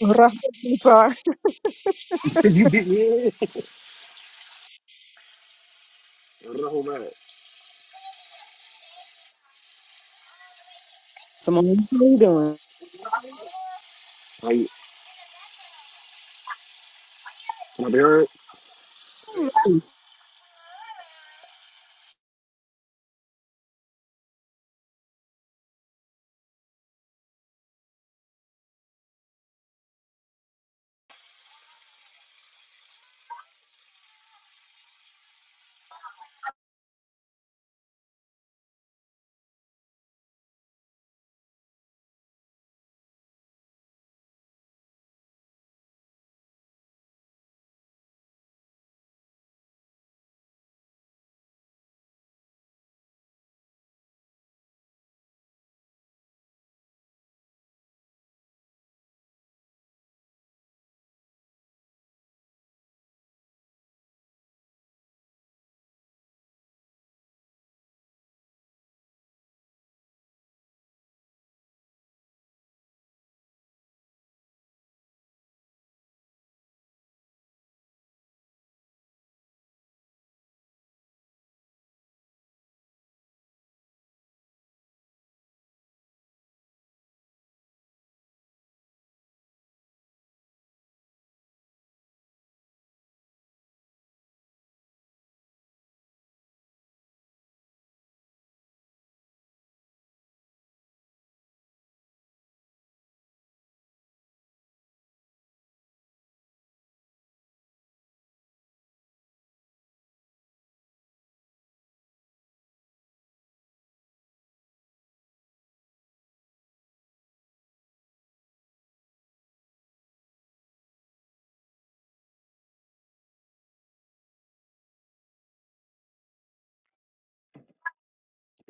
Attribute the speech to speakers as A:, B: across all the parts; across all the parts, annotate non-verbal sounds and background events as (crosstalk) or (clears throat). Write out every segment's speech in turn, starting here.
A: Right, I'm sorry.
B: Did you get yeah? Roll that.
A: Simone, how you
B: Are my parent?
A: doing?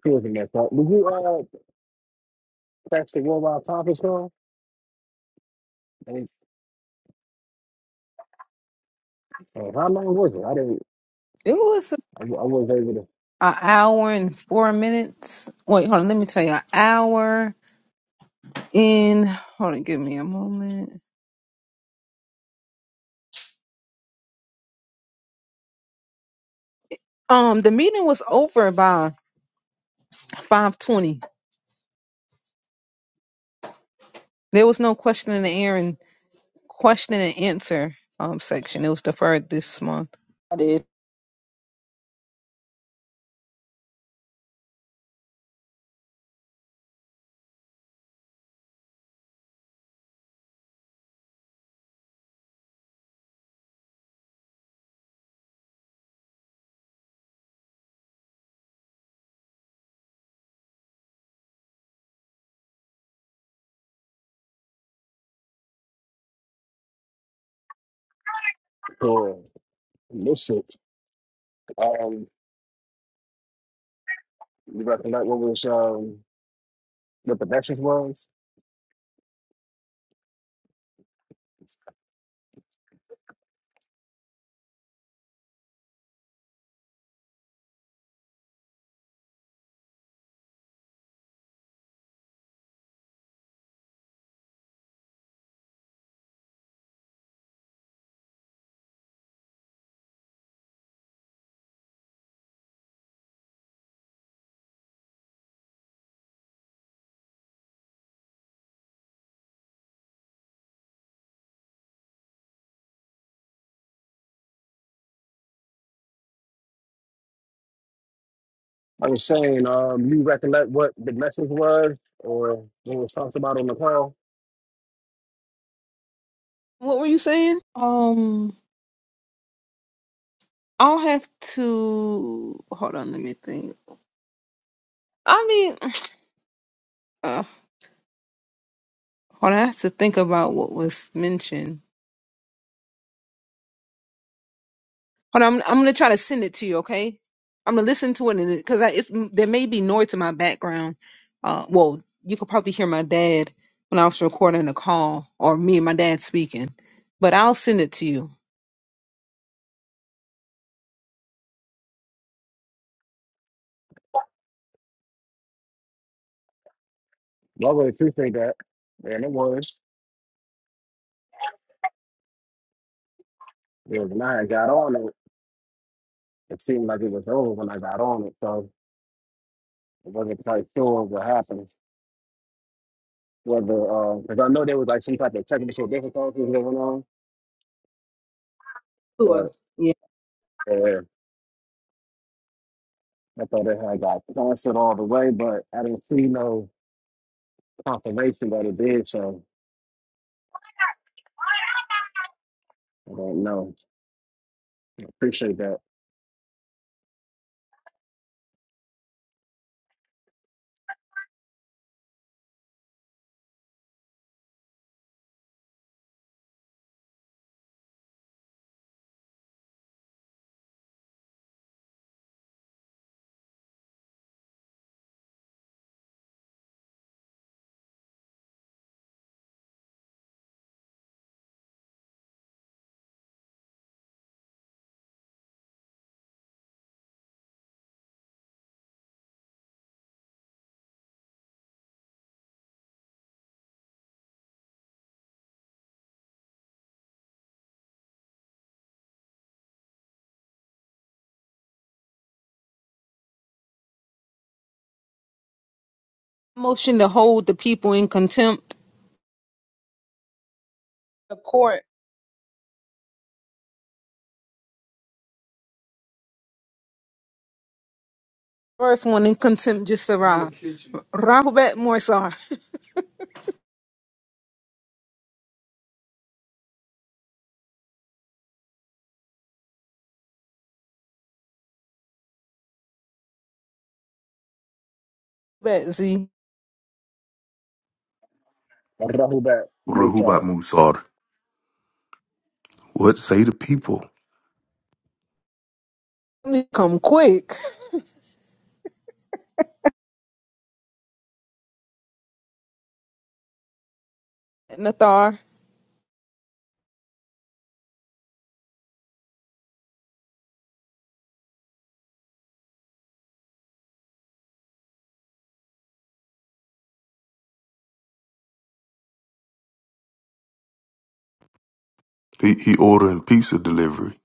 B: He was in that part. Did you uh catch the worldwide conference call? And uh, how long was it? I didn't.
A: It was an
B: I, I wasn't able
A: hour and four minutes. Wait, hold on. Let me tell you. An hour in. Hold on. Give me a moment. Um, the meeting was over by five twenty. There was no question in the air and question and answer um section. It was deferred this month. I did.
B: to uh, miss it. Um, you recollect what was um what the message was? I was saying, um, you recollect what the message was, or what was talked about on the call?
A: What were you saying? Um, I'll have to hold on. Let me think. I mean, (sighs) (tsk) uh, hold on. I have to think about what was mentioned. Hold on, I'm, I'm gonna try to send it to you, okay? I'm gonna listen to it because it's there may be noise in my background. Uh, well, you could probably hear my dad when I was recording the call, or me and my dad speaking. But I'll send it to you.
B: Well, I really appreciate that, and it was. It was when I got on it. It seemed like it was over when I got on it, so I wasn't quite sure what happened. Whether, because I know there was like some type of technical difficulties going on, but
A: Sure. Yeah.
B: uh, I thought it had got canceled all the way, but I didn't see no confirmation that it did, so I don't know. I appreciate that.
A: Motion to hold the people in contempt. The court first one in contempt just arrived. Robert Morsar. Bet Z.
B: I hope that most uh,
C: Rahubat Musar. What say the people?
A: Come quick. Nathar.
C: He, he ordering pizza delivery.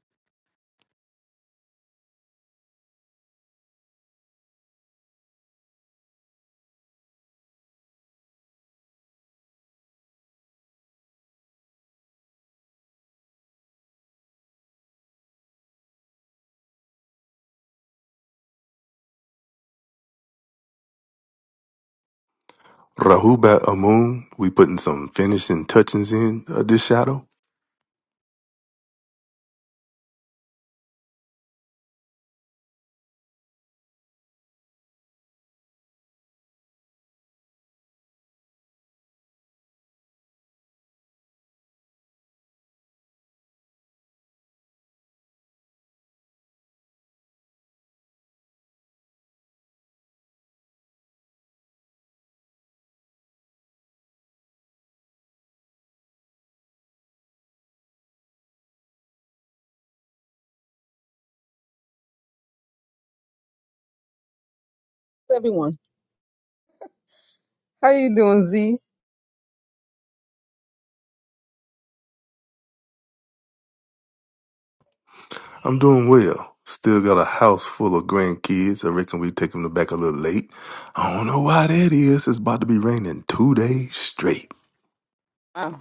C: Rahubat Amun, we putting some finishing touches in uh, this shadow.
A: Everyone. How you doing, Z?
C: I'm doing well. Still got a house full of grandkids. I reckon we take them back a little late. I don't know why that is. It's about to be raining two days straight.
A: Wow.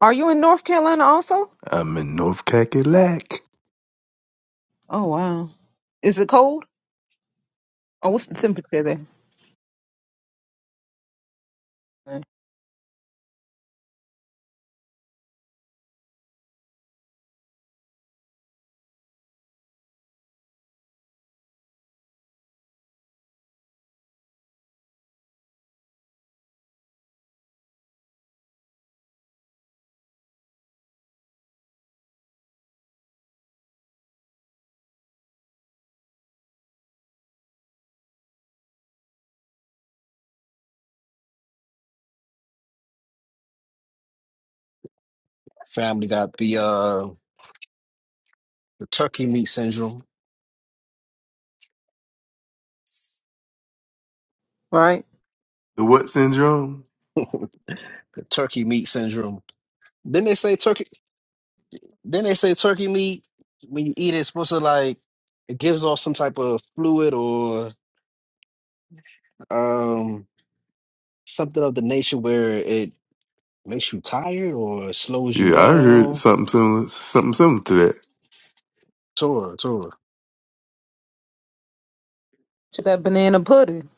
A: Are you in North Carolina also?
C: I'm in North Cackalack.
A: Oh wow. Is it cold? Oh, what's the temperature there? Mm.
B: family got the uh the turkey meat syndrome,
A: Right.
C: The what syndrome?
B: the turkey meat syndrome. Then they say turkey. Then they say turkey meat when you eat it, it's supposed to like it gives off some type of fluid or um something of the nature where it Makes you tired or slows you
C: Yeah, I heard
B: down.
C: something similar, something similar to that.
B: Tora, Tora.
A: To that banana pudding.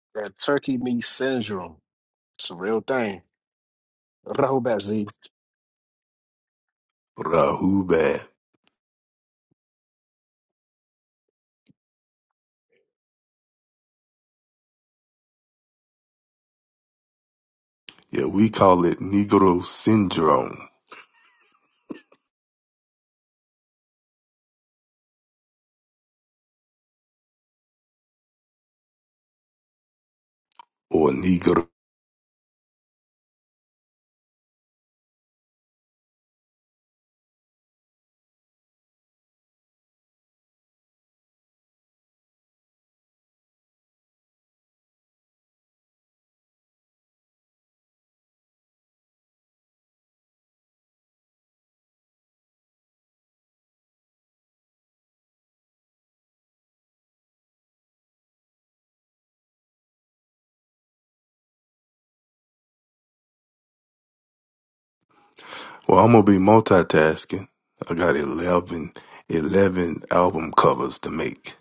B: That turkey meat syndrome. It's a real thing. Rahubat
C: Rahubat. Yeah, we call it Negro syndrome or Negro. Well, I'm gonna be multitasking. I got 11, 11 album covers to make.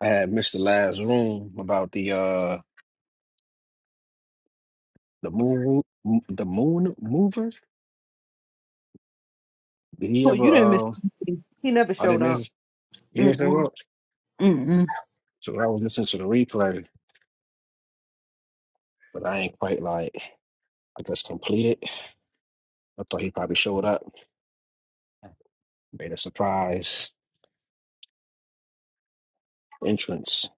B: I had missed the last room about the uh the moon the moon mover. Did he
A: Oh, you didn't miss.
B: ever uh
A: anything. He never
B: I
A: showed
B: didn't
A: up.
B: miss you didn't say
A: Mm-mm.
B: what?
A: Mm-mm.
B: So I was listening to the replay, but I ain't quite like I just completed. I thought he probably showed up, made a surprise entrance,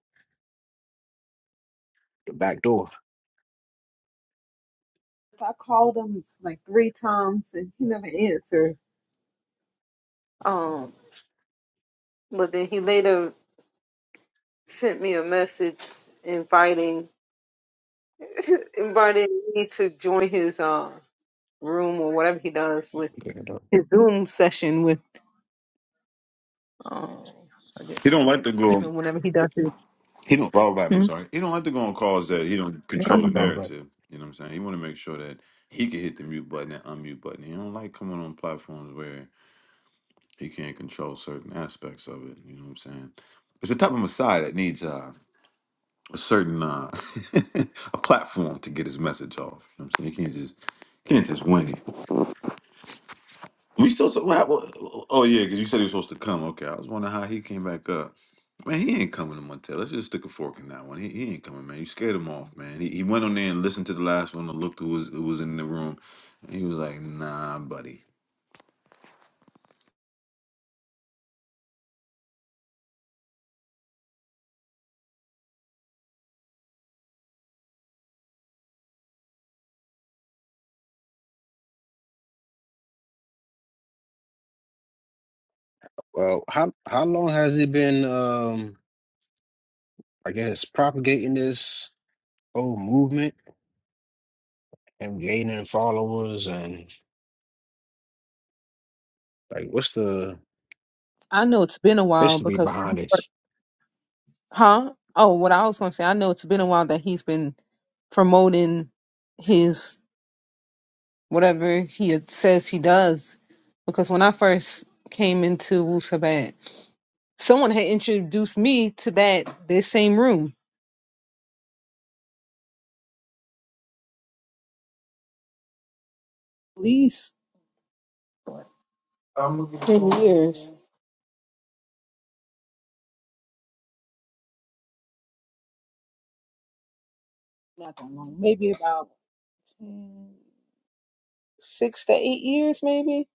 B: the back door.
A: I called him like three times and he never answered. Um, but then he later sent me a message inviting (laughs) inviting me to join his uh room or whatever he does with his Zoom session with. Um,
D: He don't like to go.
A: you know, whenever he does his.
D: He don't follow back
A: Hmm?
D: Musari. He don't like to go on calls that he don't
A: Go
D: control the
A: ahead.
D: narrative. You know what I'm saying? He want to make sure that he can hit the mute button and unmute button. He don't like coming on platforms where he can't control certain aspects of it. You know what I'm saying? It's the type of Messiah that needs uh, a certain uh, (laughs) a platform to get his message off. You know what I'm saying? He can't just can't just wing it. We still. So, What happened? Oh yeah, because you said he was supposed to come. Okay, I was wondering how he came back up. Man, he ain't coming to Montel. Let's just stick a fork in that one. He, he ain't coming, man. You scared him off, man. He, he went on there and listened to the last one and looked who was who was in the room. And he was like, nah, buddy.
B: Well, how how long has he been um I guess propagating this whole movement and gaining followers and like what's the
A: I know it's been a while
B: history
A: because,
B: behind this?
A: huh? Oh, what I was going to say, I know it's been a while that he's been promoting his whatever he had- says he does. Because when I first came into Wu Sabat, someone had introduced me to that this same room. At least ten years, not that long, maybe about 10, six to eight years, maybe.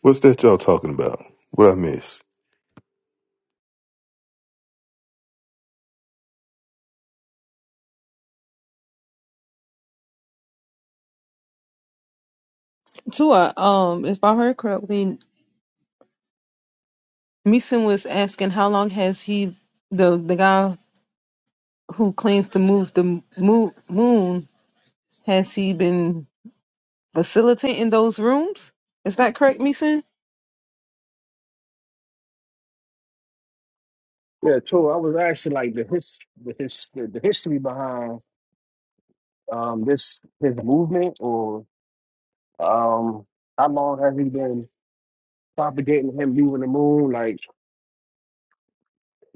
C: What's that y'all talking about? What I miss?
A: Tua, um, if I heard correctly, Meeson was asking how long has he the the guy who claims to move the mo- moon has he been facilitating those rooms? Is that correct, Meeson?
B: Yeah, too. I was asking like the his the his the, the history behind um this his movement or um how long has he been propagating him leaving the moon? Like,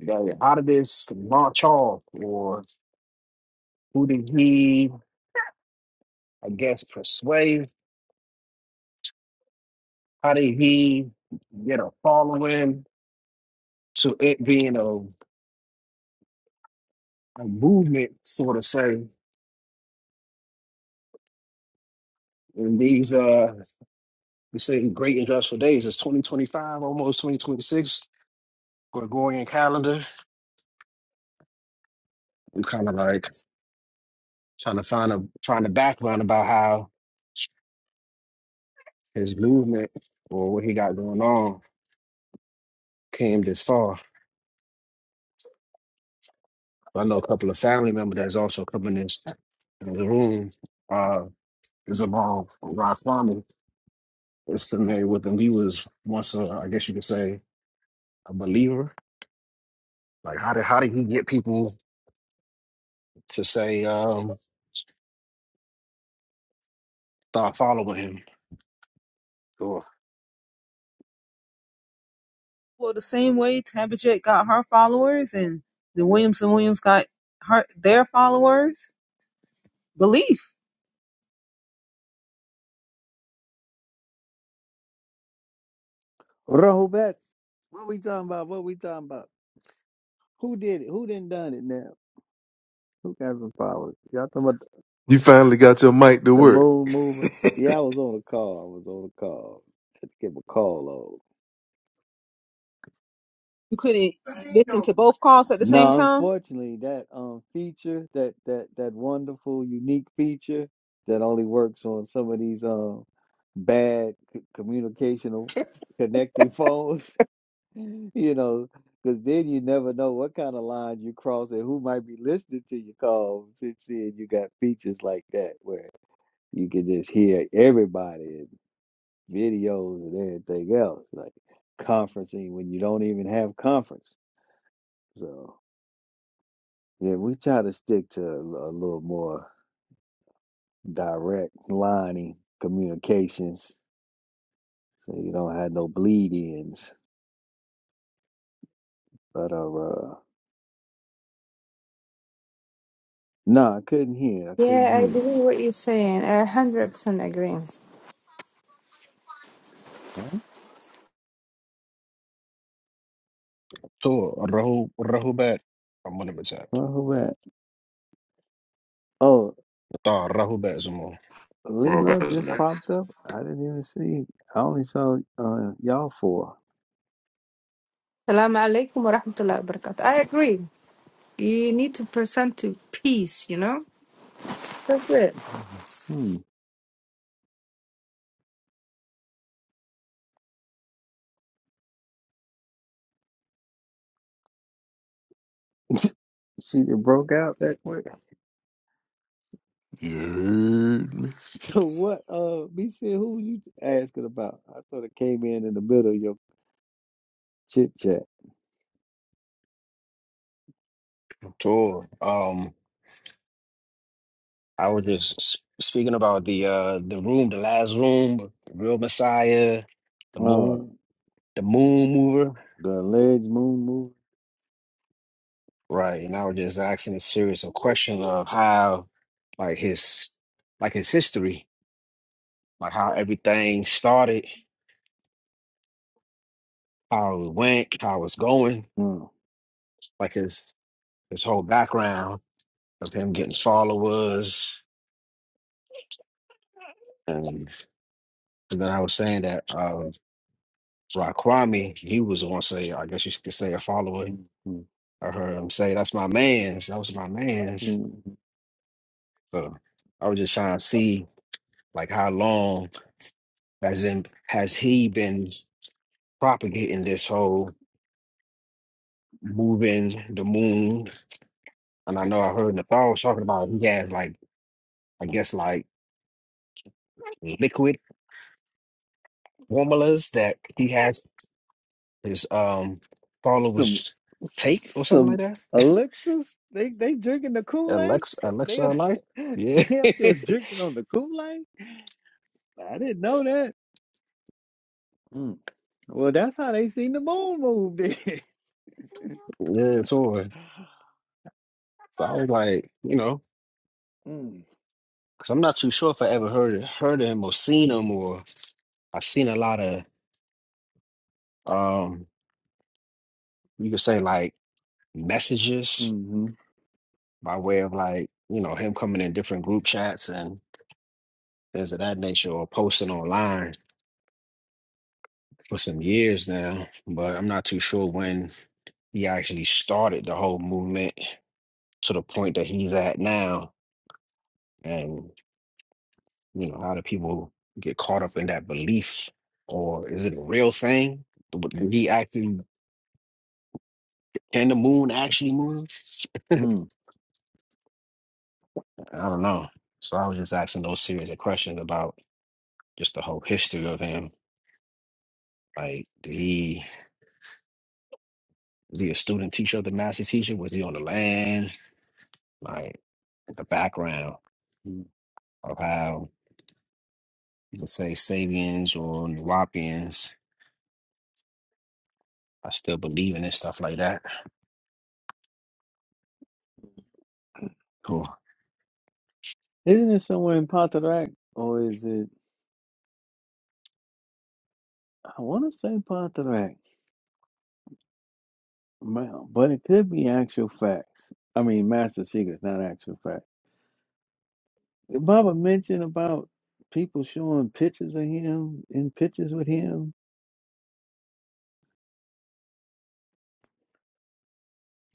B: like how did this launch off or who did he I guess persuade How did he get a following to it being a, a movement, sort of say, in these uh you say great industrial days, it's 2025, almost 2026, Gregorian calendar. I'm kind of like trying to find a trying to background about how his movement or what he got going on came this far. I know a couple of family members that's also coming in, the room. Uh, is about Rock is familiar with him. He was once, a, I guess you could say, a believer. Like, how did how did he get people to say um, start following him? To
A: Well, the same way Tabitha got her followers and the Williams and Williams got her their followers. Belief
E: Rollback. What we talking about? What we talking about? Who did it? Who didn't done it now? Who got some powers? Y'all talking about the
C: You finally got your mic to
E: the
C: work.
E: moon mover? Yeah, I was on a call. I was on a call. Had to give a call over.
A: you couldn't listen to both calls at the same
E: No,
A: time.
E: unfortunately, that um feature, that that that wonderful, unique feature that only works on some of these um bad c- communicational connecting phones. (laughs) (laughs) you know, because then you never know what kind of lines you cross and who might be listening to your calls. And seeing you got features like that where you can just hear everybody and videos and everything else, like conferencing when you don't even have conference. So yeah, we try to stick to a, l- a little more direct lining communications so you don't have no bleed ins. But uh, uh no, I couldn't hear. I couldn't
F: Yeah, I
E: hear.
F: believe what you're saying. I 100% agree.
E: Huh?
B: to Rahu Rahubat, I'm gonna attack.
E: Well, who that? Oh,
B: To Rahubat Zamo.
D: We're all about
E: Lila just
D: to
E: popped up. I didn't even see. I only saw uh, y'all four.
F: Salaam alaikum wa rahmatullahi wa barakatuh. I agree. You need to present to peace, you know? That's it.
E: Hmm. See, it broke out that quick. (laughs)
C: You heard me.
E: So what? Uh, me said, who were you asking about? I thought it came in in the middle of your chit chat.
B: To um, I was just s- speaking about the uh the room, the last room, real Messiah, the
E: Oh,
B: moon, the moon mover,
E: the alleged moon move.
B: right? And I was just asking a series of questions of how, like his, like his history. like how everything started, how it went, how it's going,
E: Mm,
B: like his his whole background of him getting followers. And, and then I was saying that uh Raquami, he was on say, I guess you could say a follower.
E: mm, mm,
B: I heard him say, That's my man's, that was my man's.
E: mm.
B: So I was just trying to see like how long has in has he been propagating this whole moving the moon? And I know I heard Nathal was talking about he has like I guess like liquid formulas that he has his um
E: Some,
B: followers take or something like
E: some
B: that.
E: elixirs. They they drinking the Kool Aid.
B: Alexa,
E: They they (laughs)
B: Alexa
E: up-
B: Life. Yeah,
E: they
B: (laughs)
E: up
B: yeah,
E: there drinking on the Kool Aid. I didn't know that. Well, that's how they seen the bone move then. (laughs)
B: it's on. So I was like, you know,
E: mm,
B: because I'm not too sure if I ever heard heard of him or seen him or I've seen a lot of um you could say like messages
E: mm-hmm,
B: by way of like, you know, him coming in different group chats and things of that nature or posting online. for some years now, but I'm not too sure when he actually started the whole movement to the point that he's at now. And, you know, how do people get caught up in that belief? Or is it a real thing? But Did he actually, can the moon actually move?
E: mm,
B: I don't know. So I was just asking those series of questions about just the whole history of him. Like, did he, was he a student teacher of the master teacher? Was he on the land? Like, the background
E: mm.
B: of how You can say Sabians or Nuwapians. I still believe in it, stuff like that. Cool.
E: Isn't it somewhere in Pontarac? Or is it, I want to say Pontarac, Ma- but it could be actual facts. I mean, Master Secrets, not actual facts. Did Baba mentioned about people showing pictures of him in pictures with him.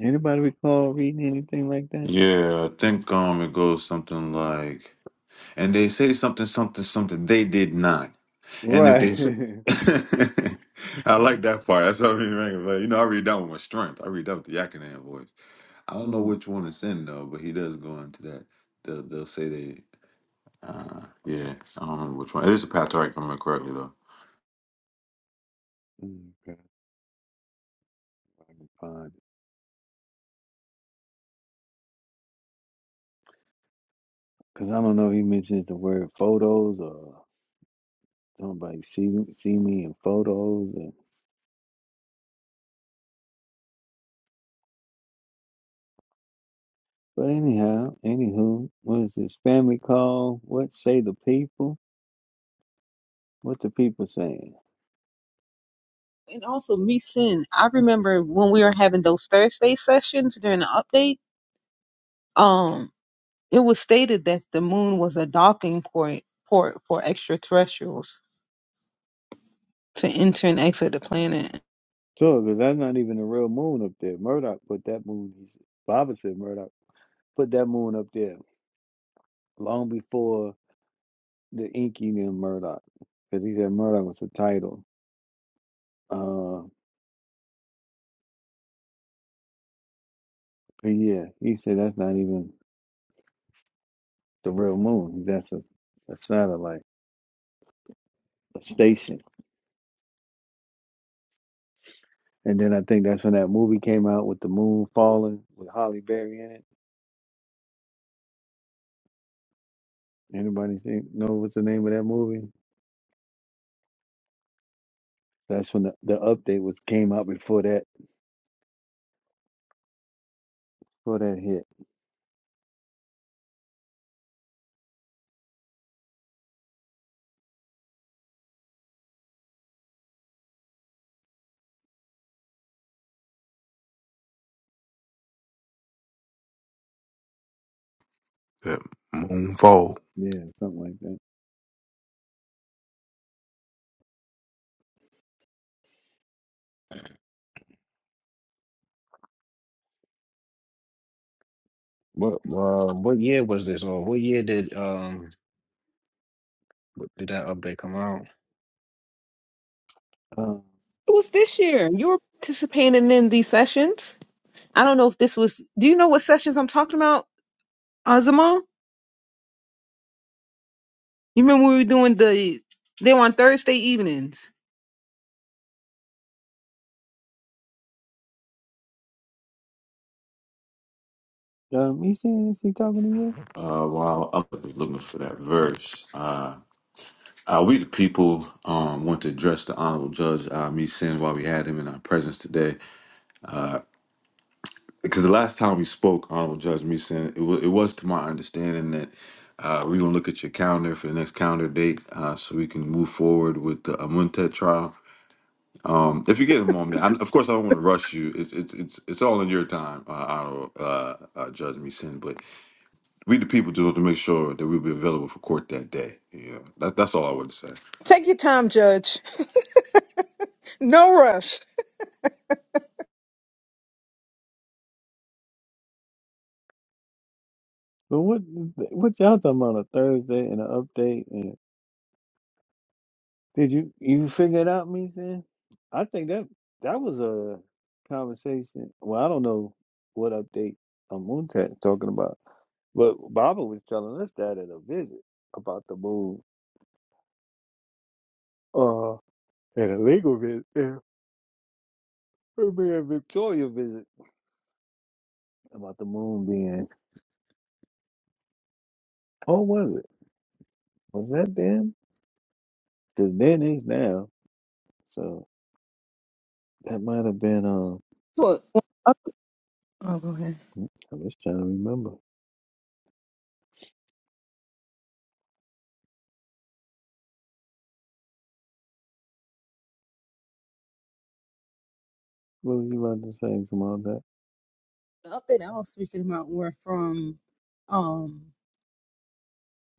E: Anybody recall reading anything like that?
D: Yeah, I think um it goes something like, and they say something, something, something. They did not. And if they,
E: Right.
D: say- (laughs) I like that part. That's what I mean, man. But you know, I read that one with strength. I read that with the Yakinen voice. I don't know
E: (laughs)
D: which one it's in though, but he does go into that. They'll, they'll say they, uh, yeah, I don't remember which one. It is a Patriarch, if I remember correctly though.
E: Because I don't know if he mentions the word photos or. nobody see see me in photos. And, but anyhow, anywho, what is this family call? What say the people? What the people saying?
A: And also, Meeson, I remember when we were having those Thursday sessions during the update. um, It was stated that the moon was a docking port, port for extraterrestrials to enter and exit the planet.
E: Sure, because that's not even a real moon up there. Murdoch put that moon. He said, Baba said Murdoch put that moon up there long before the Inky named Murdoch, because he said Murdoch was the title. Uh, but yeah, he said that's not even the real moon. That's a, a satellite, a station. And then I think that's when that movie came out with the moon falling with Holly Berry in it. Anybody see, know what's the name of that movie? That's when the, the update was came out before that before that hit.
C: That moonfall.
E: Yeah, something like that.
B: What uh, what year was this, or what year did um what, did that update come out?
E: Um,
A: It was this year. You were participating in these sessions. I don't know if this was. Do you know what sessions I'm talking about, Azamal? You remember we were doing the. They were on Thursday evenings.
E: um he saying is he talking to you?
D: Uh, while I was looking for that verse, uh, uh, we the people um want to address the honorable judge uh, me sin while we had him in our presence today. Uh, because the last time we spoke, honorable judge me sin, it was it was to my understanding that. Uh, we're gonna look at your calendar for the next calendar date, uh, so we can move forward with the Amuntet trial. Um, if you get a moment, I, of course, I don't want to rush you. It's it's it's it's all in your time. Uh, I don't uh, uh, judge me sin, but we the people do have to make sure that we'll be available for court that day. Yeah, that, that's all I wanted to say.
A: Take your time, Judge. No rush.
E: But what what y'all talking about a Thursday and an update? And did you you figure it out, me saying? I think that that was a conversation. Well, I don't know what update um, Moon Moontat talking about. But Baba was telling us that at a visit about the moon, uh, at a legal visit, and her being Victoria visit about the moon being. Oh, was it? Was that then? Because then is now. So that might have been. Um,
A: Look, when up, oh, go ahead.
E: I'm just trying to remember. What was you about to say about that?
A: The update I was speaking about were from um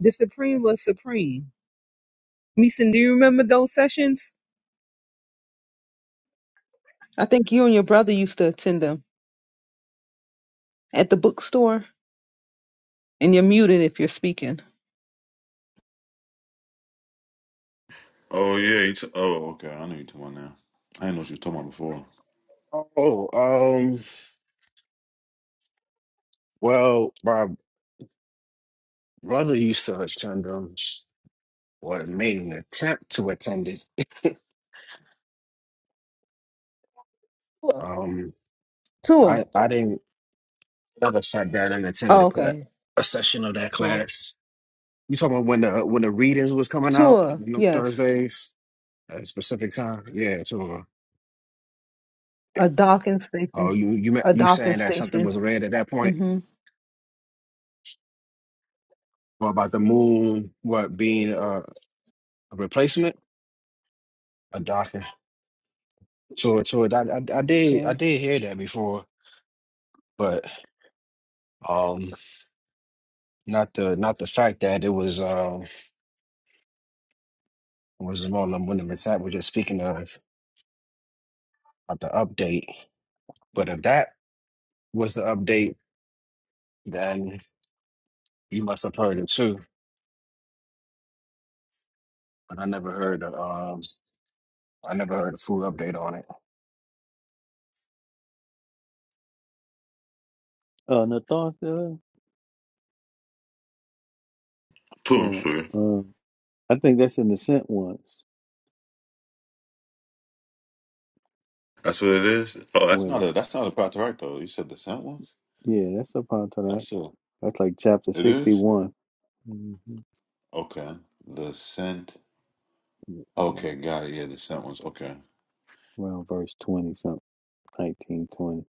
A: the Supreme was Supreme. Meeson, do you remember those sessions? I think you and your brother used to attend them at the bookstore, and you're muted if you're speaking.
D: Oh yeah. You t- oh okay. I know you talking about now. I didn't know what you were talking about before.
B: Oh, um, well, my brother used to attend them, or made an attempt to attend it. (laughs)
A: Tua,
B: um,
A: Tua.
B: I I didn't ever sat down and attended
A: Oh,
B: a, cla
A: okay.
B: a session of that
A: Tua,
B: class. You talking about when the when the readings was coming out
A: Tua.
B: on
A: Yes.
B: Thursdays at a specific time? Yeah, sure.
A: A docking
B: Oh,
A: station.
B: you you ma-
A: A
B: you
A: docking
B: saying that something
A: station.
B: was read at that point,
A: hmm
B: or about the moon, what being a, a replacement, a docking So so to I, I I did I
A: So
B: did hear that before, but um, not the not the fact that it was um was more than when the Messiah was just speaking of of the update. But if that was the update, then you must have heard it too. But I never heard the um I never heard a full update on it.
E: Uh, Nathan still.
D: two. I'm
E: Uh,
D: sure.
E: uh, I think that's in the sent once. Verse
D: That's what it is. Oh, that's not
E: Twenty.
D: a that's not a part right though. You said the scent ones.
E: Yeah, that's up onto that.
D: That's a
E: That's like chapter
D: it is.
E: sixty-one.
D: Okay, the scent.
E: Mm-hmm.
D: Okay, got it. Yeah, the scent ones. Okay,
E: around verse 20 something 19 20,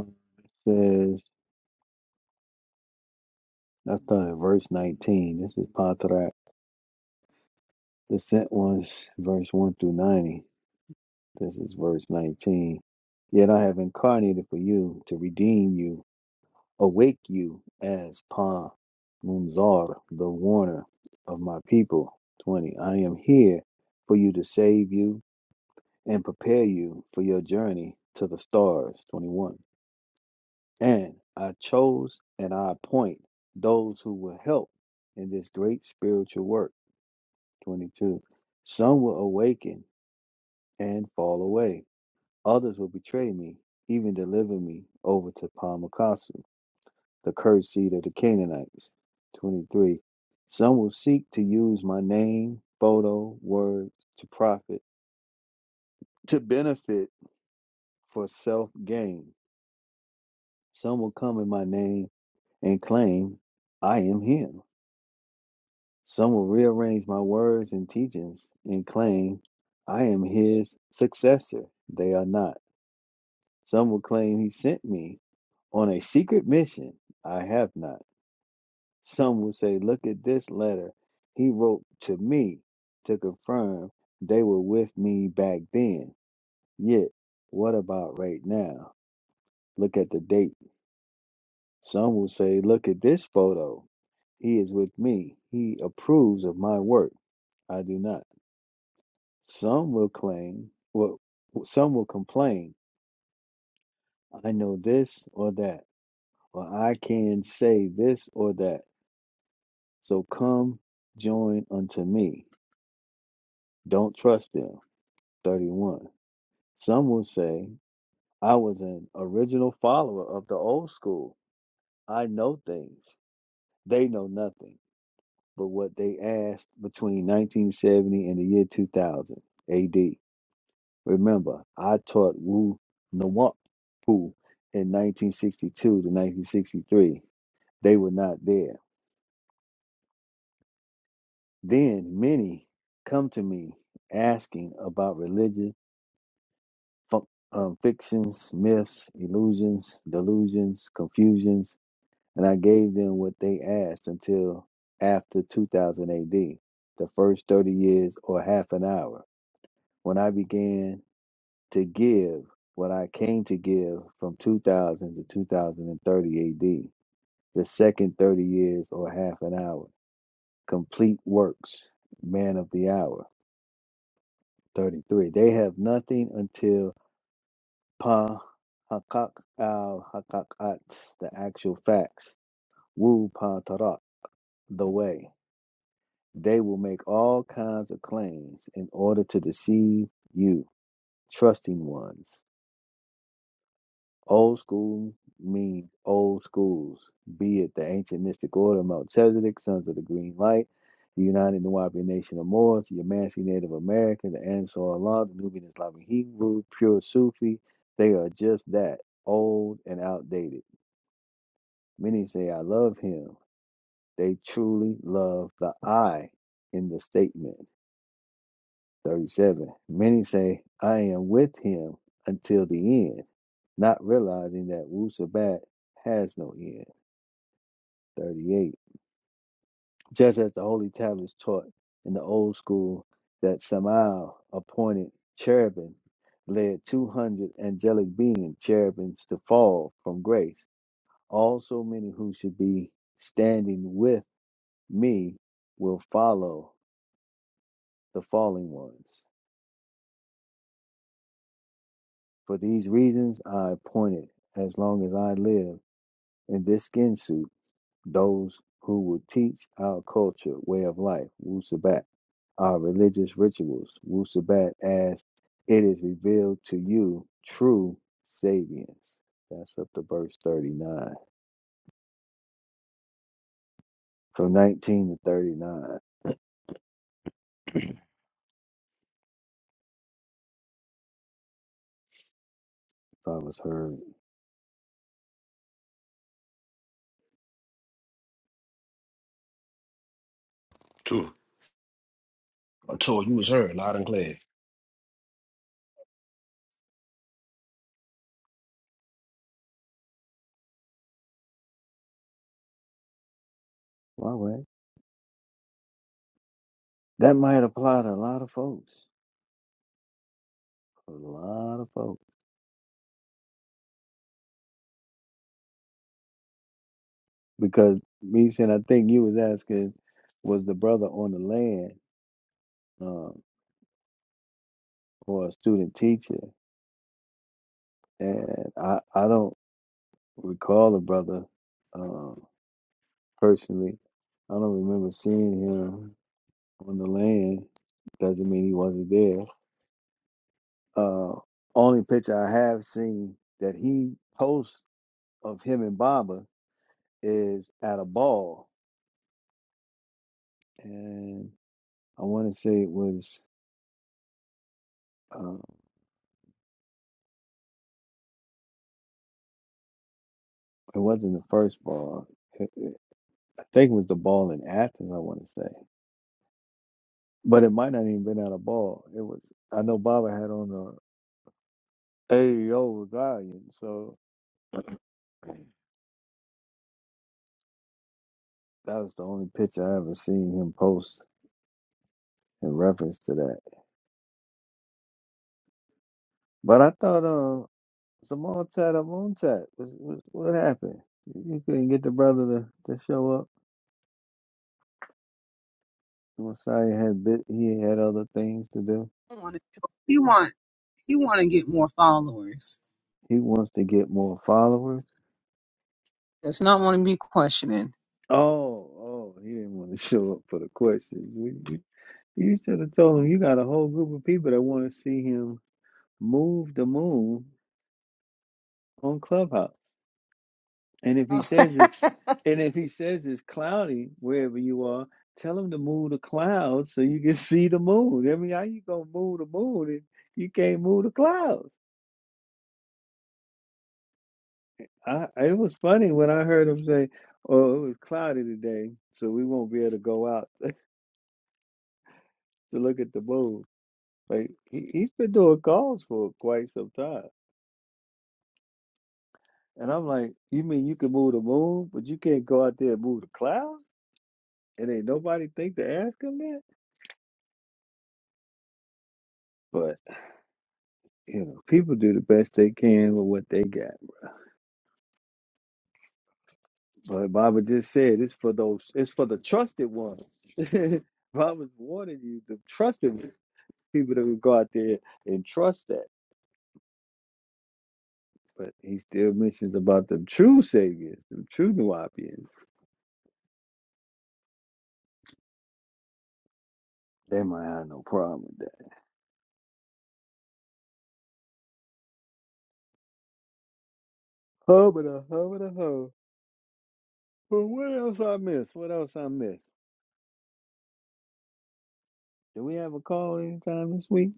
E: um, it says i started at verse 19 this is patrak the sent ones verse 1 through 90 this is verse 19 yet i have incarnated for you to redeem you awake you as pa Munzar, the warner of my people 20 i am here for you to save you and prepare you for your journey to the stars 21 And I chose and I appoint those who will help in this great spiritual work. 22. Some will awaken and fall away. Others will betray me, even deliver me over to Palmacasu, the cursed seed of the Canaanites. 23. Some will seek to use my name, photo, words to profit, to benefit for self gain. Some will come in my name and claim I am him. Some will rearrange my words and teachings and claim I am his successor. They are not. Some will claim he sent me on a secret mission. I have not. Some will say, Look at this letter he wrote to me to confirm they were with me back then. Yet, what about right now? Look at the date. Some will say, Look at this photo. He is with me. He approves of my work. I do not. Some will claim, well, some will complain, I know this or that, or I can say this or that. So come join unto me. Don't trust them. 31. Some will say, I was an original follower of the old school. I know things. They know nothing but what they asked between 1970 and the year 2000 AD. Remember, I taught Wu Nawampu in 1962 to 1963. They were not there. Then many come to me asking about religion, fu- um, fictions, myths, illusions, delusions, confusions, and I gave them what they asked until after 2000 AD, the first 30 years or half an hour, when I began to give what I came to give from 2000 to 2030 AD, the second 30 years or half an hour. Complete works, man of the hour, 33. They have nothing until Pa Hakak al Hakakat, the actual facts, Wu Pa Tarak, the way. They will make all kinds of claims in order to deceive you, trusting ones. Old school means old schools, be it the ancient mystic order of Melchizedek, Sons of the Green Light, the United Nuwapian Nation of Moors, the Yamasee Native American, the Ansar Allah, the Nubian Islamic Hebrew, pure Sufi. They are just that, old and outdated. Many say, I love him. They truly love the I in the statement. 37. Many say, I am with him until the end, not realizing that Wu Sabat has no end. 38. Just as the holy tablets taught in the old school that Samael appointed cherubim led 200 angelic beings, cherubims to fall from grace. Also, many who should be standing with me will follow the falling ones. For these reasons, I appointed, as long as I live in this skin suit, those who will teach our culture, way of life, Wu Sabat uh, religious rituals. Wu Sabat asks, It is revealed to you true sapience. That's up to verse 39. From 19 to 39, if I was heard
D: two.
B: I told you was heard loud and clear.
E: why? way, that might apply to a lot of folks. A lot of folks. Because me saying, I think you was asking, was the brother on the land um, or a student teacher? And I, I don't recall the brother um, personally. I don't remember seeing him on the land doesn't mean he wasn't there. Uh, only picture I have seen that he posts of him and Baba is at a ball, and I want to say it was uh, it wasn't the first ball. It- it- I think it was the ball in Athens. I want to say, but it might not even been at a ball. It was. I know Baba had on a AEO medallion, so that was the only picture I ever seen him post in reference to that. But I thought, um, Zamontat Amontat. What, what, what happened? You couldn't get the brother to, to show up. Messiah had bit, he had other things to do.
A: She wanna- she want he want to get more followers.
E: He wants to get more followers.
A: Does not want to be questioning.
E: Oh, oh, he didn't want to (laughs) show up for the questions. You, you you should have told him you got a whole group of people that want to see him move the moon on Clubhouse. And if
A: (laughs)
E: he says it's and if he says it's cloudy wherever you are, tell him to move the clouds so you can (laughs) see the moon. I mean, how you gonna move the moon if you can't move the clouds? I it was funny when I heard him say, "Oh, it was cloudy today, so we won't be able to go out (laughs) to look at the moon." Like he, he's been doing calls for quite some time, and I'm like, "You mean you can move the moon, but you can't go out there and move the clouds?" And ain't nobody think to ask him that, but. you know, people do the best they can with what they got. But Baba just said it's for those, it's for the trusted ones. (laughs) Baba's warning you, the trusted people that would go out there and trust that. But he still mentions about the true saviors, the true Nubians. They might have no problem with that. Hubba hubba ho. But what else I missed? What else I missed? Do we have a call anytime this week?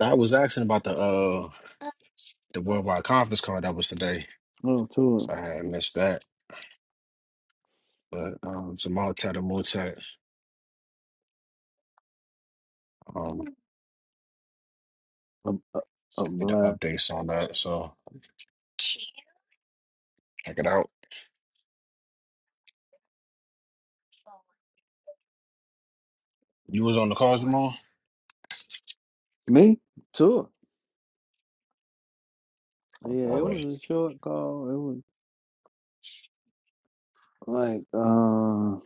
B: I was asking about the uh the worldwide conference call that was today,
E: Oh,
B: so
E: to
B: I had missed that. But um, Jamal Ted and Motet um
E: a, a, a
B: sent me the
E: blind
B: updates on that, so check it out. You was on the call, Jamal?
E: me? Sure. Yeah,
B: All
E: it was
B: right.
E: a short call. like uh, I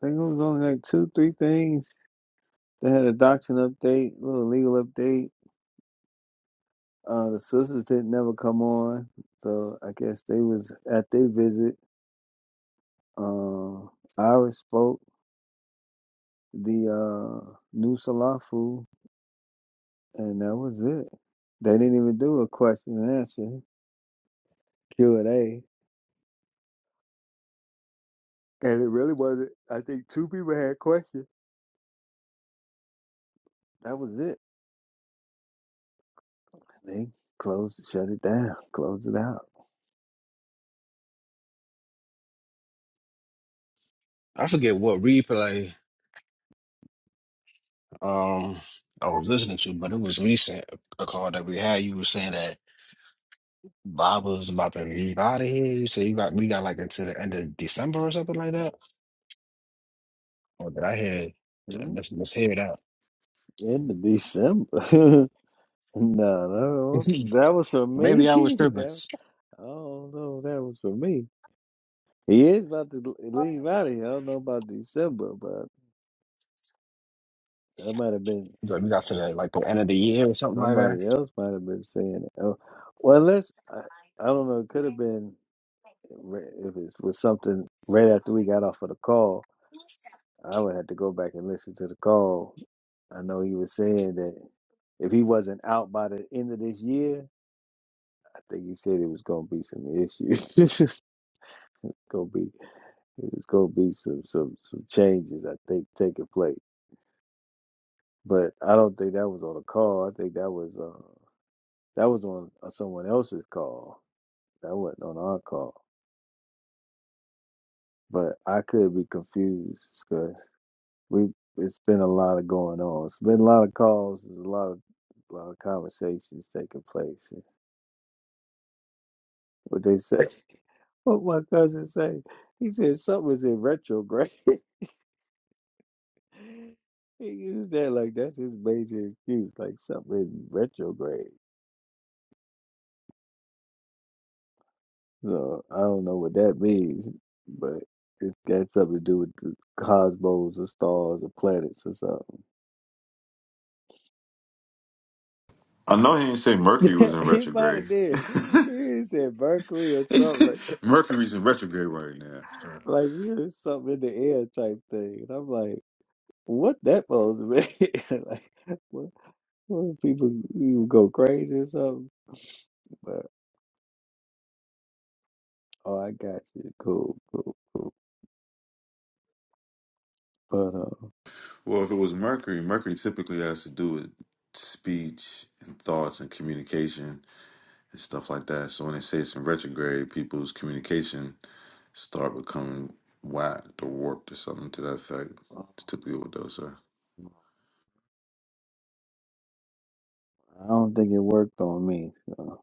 E: think it was only like two, three things. They had a doctrine update, a little legal update. Uh, the sisters didn't never come on, so I guess they was at their visit. Uh, Iris spoke the uh, new Salafu, and that was it. They didn't even do a question and answer Q and A, and it really wasn't. I think two people had questions. That was it. They closed, shut it down, closed it out.
B: I forget what replay. um I was listening to, but it was recent a call that we had. You were saying that Bob was about to leave out of here. You said you got we got like until the end of December or something like that. Or did I hear let's let's hear it out.
E: In of December. (laughs) no,
B: (laughs)
E: no, that was for me.
B: Maybe
E: (laughs)
B: I was tripping.
E: that, I don't know. That was for me. He is about to l- leave out of here. I don't know about December, but that might have been
B: Like we got to the, like the end of the year or something like that.
E: somebody else. Might have been saying it. Oh, well, unless I, I don't know. It could have been ri- if it was something right after we got off of the call. I would have to go back and listen to the call. I know he was saying that if he wasn't out by the end of this year. think he said it was gonna be some issues. (laughs) gonna be it was gonna be some some some changes I think taking place. But I don't think that was on a call. I think that was uh that was on uh, someone else's call. That wasn't on our call. But I could be confused because we it's been a lot of going on. It's been a lot of calls. There's a lot of a lot of conversations taking place. And what they say, (laughs) what my cousin say, he said something was in retrograde. (laughs) (laughs) He used that like that's his major excuse, like something retrograde. So I don't know what that means, but it's got something to do with the cosmos or stars or planets or
D: I know he didn't say Mercury was
E: something. (laughs)
D: in
E: he might
D: retrograde.
E: have did.
D: (laughs)
E: He said Mercury or something like
D: (laughs) Mercury's in retrograde right now. Uh,
E: (laughs) like here's something in the air type thing. And I'm like, what that supposed to mean? (laughs) like what what if people you go crazy or something? But oh I got you. Cool, cool, cool. But uh
D: well, if it was Mercury, Mercury typically has to do with speech and thoughts and communication and stuff like that. So when they say it's in retrograde, people's communication start becoming whacked or warped or something to that effect. It's
E: um,
D: typically what those are.
E: I don't think it worked on me. So.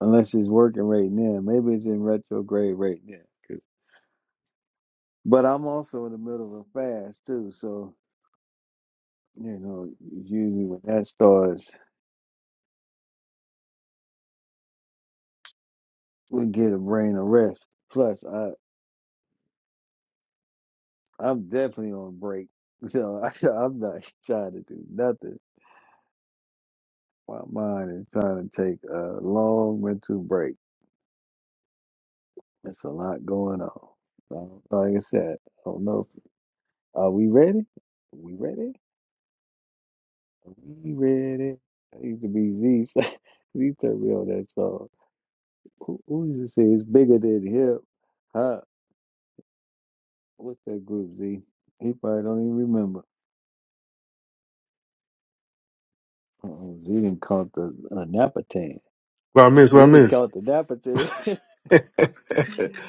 E: Unless it's working right now. Maybe it's in retrograde right now. 'cause- but I'm also in the middle of a fast too. So, you know, usually when that starts, we get a brain arrest. Plus, I, I'm definitely on break. So (laughs) I, I'm not trying to do nothing. My mind is trying to take a long mental break. It's a lot going on. So, like I said, I don't know. If, are we ready? we ready? We ready? it. That used to be Z. (laughs) Z turned me on that song. Who, who used to say it's bigger than hip? Huh? What's that group, Z? He probably don't even remember. Uh-oh, Z didn't caught the uh, Napatan.
C: What I miss?
E: Z
C: What I
E: didn't
C: miss?
E: caught the Napatan.
C: (laughs)
E: (laughs)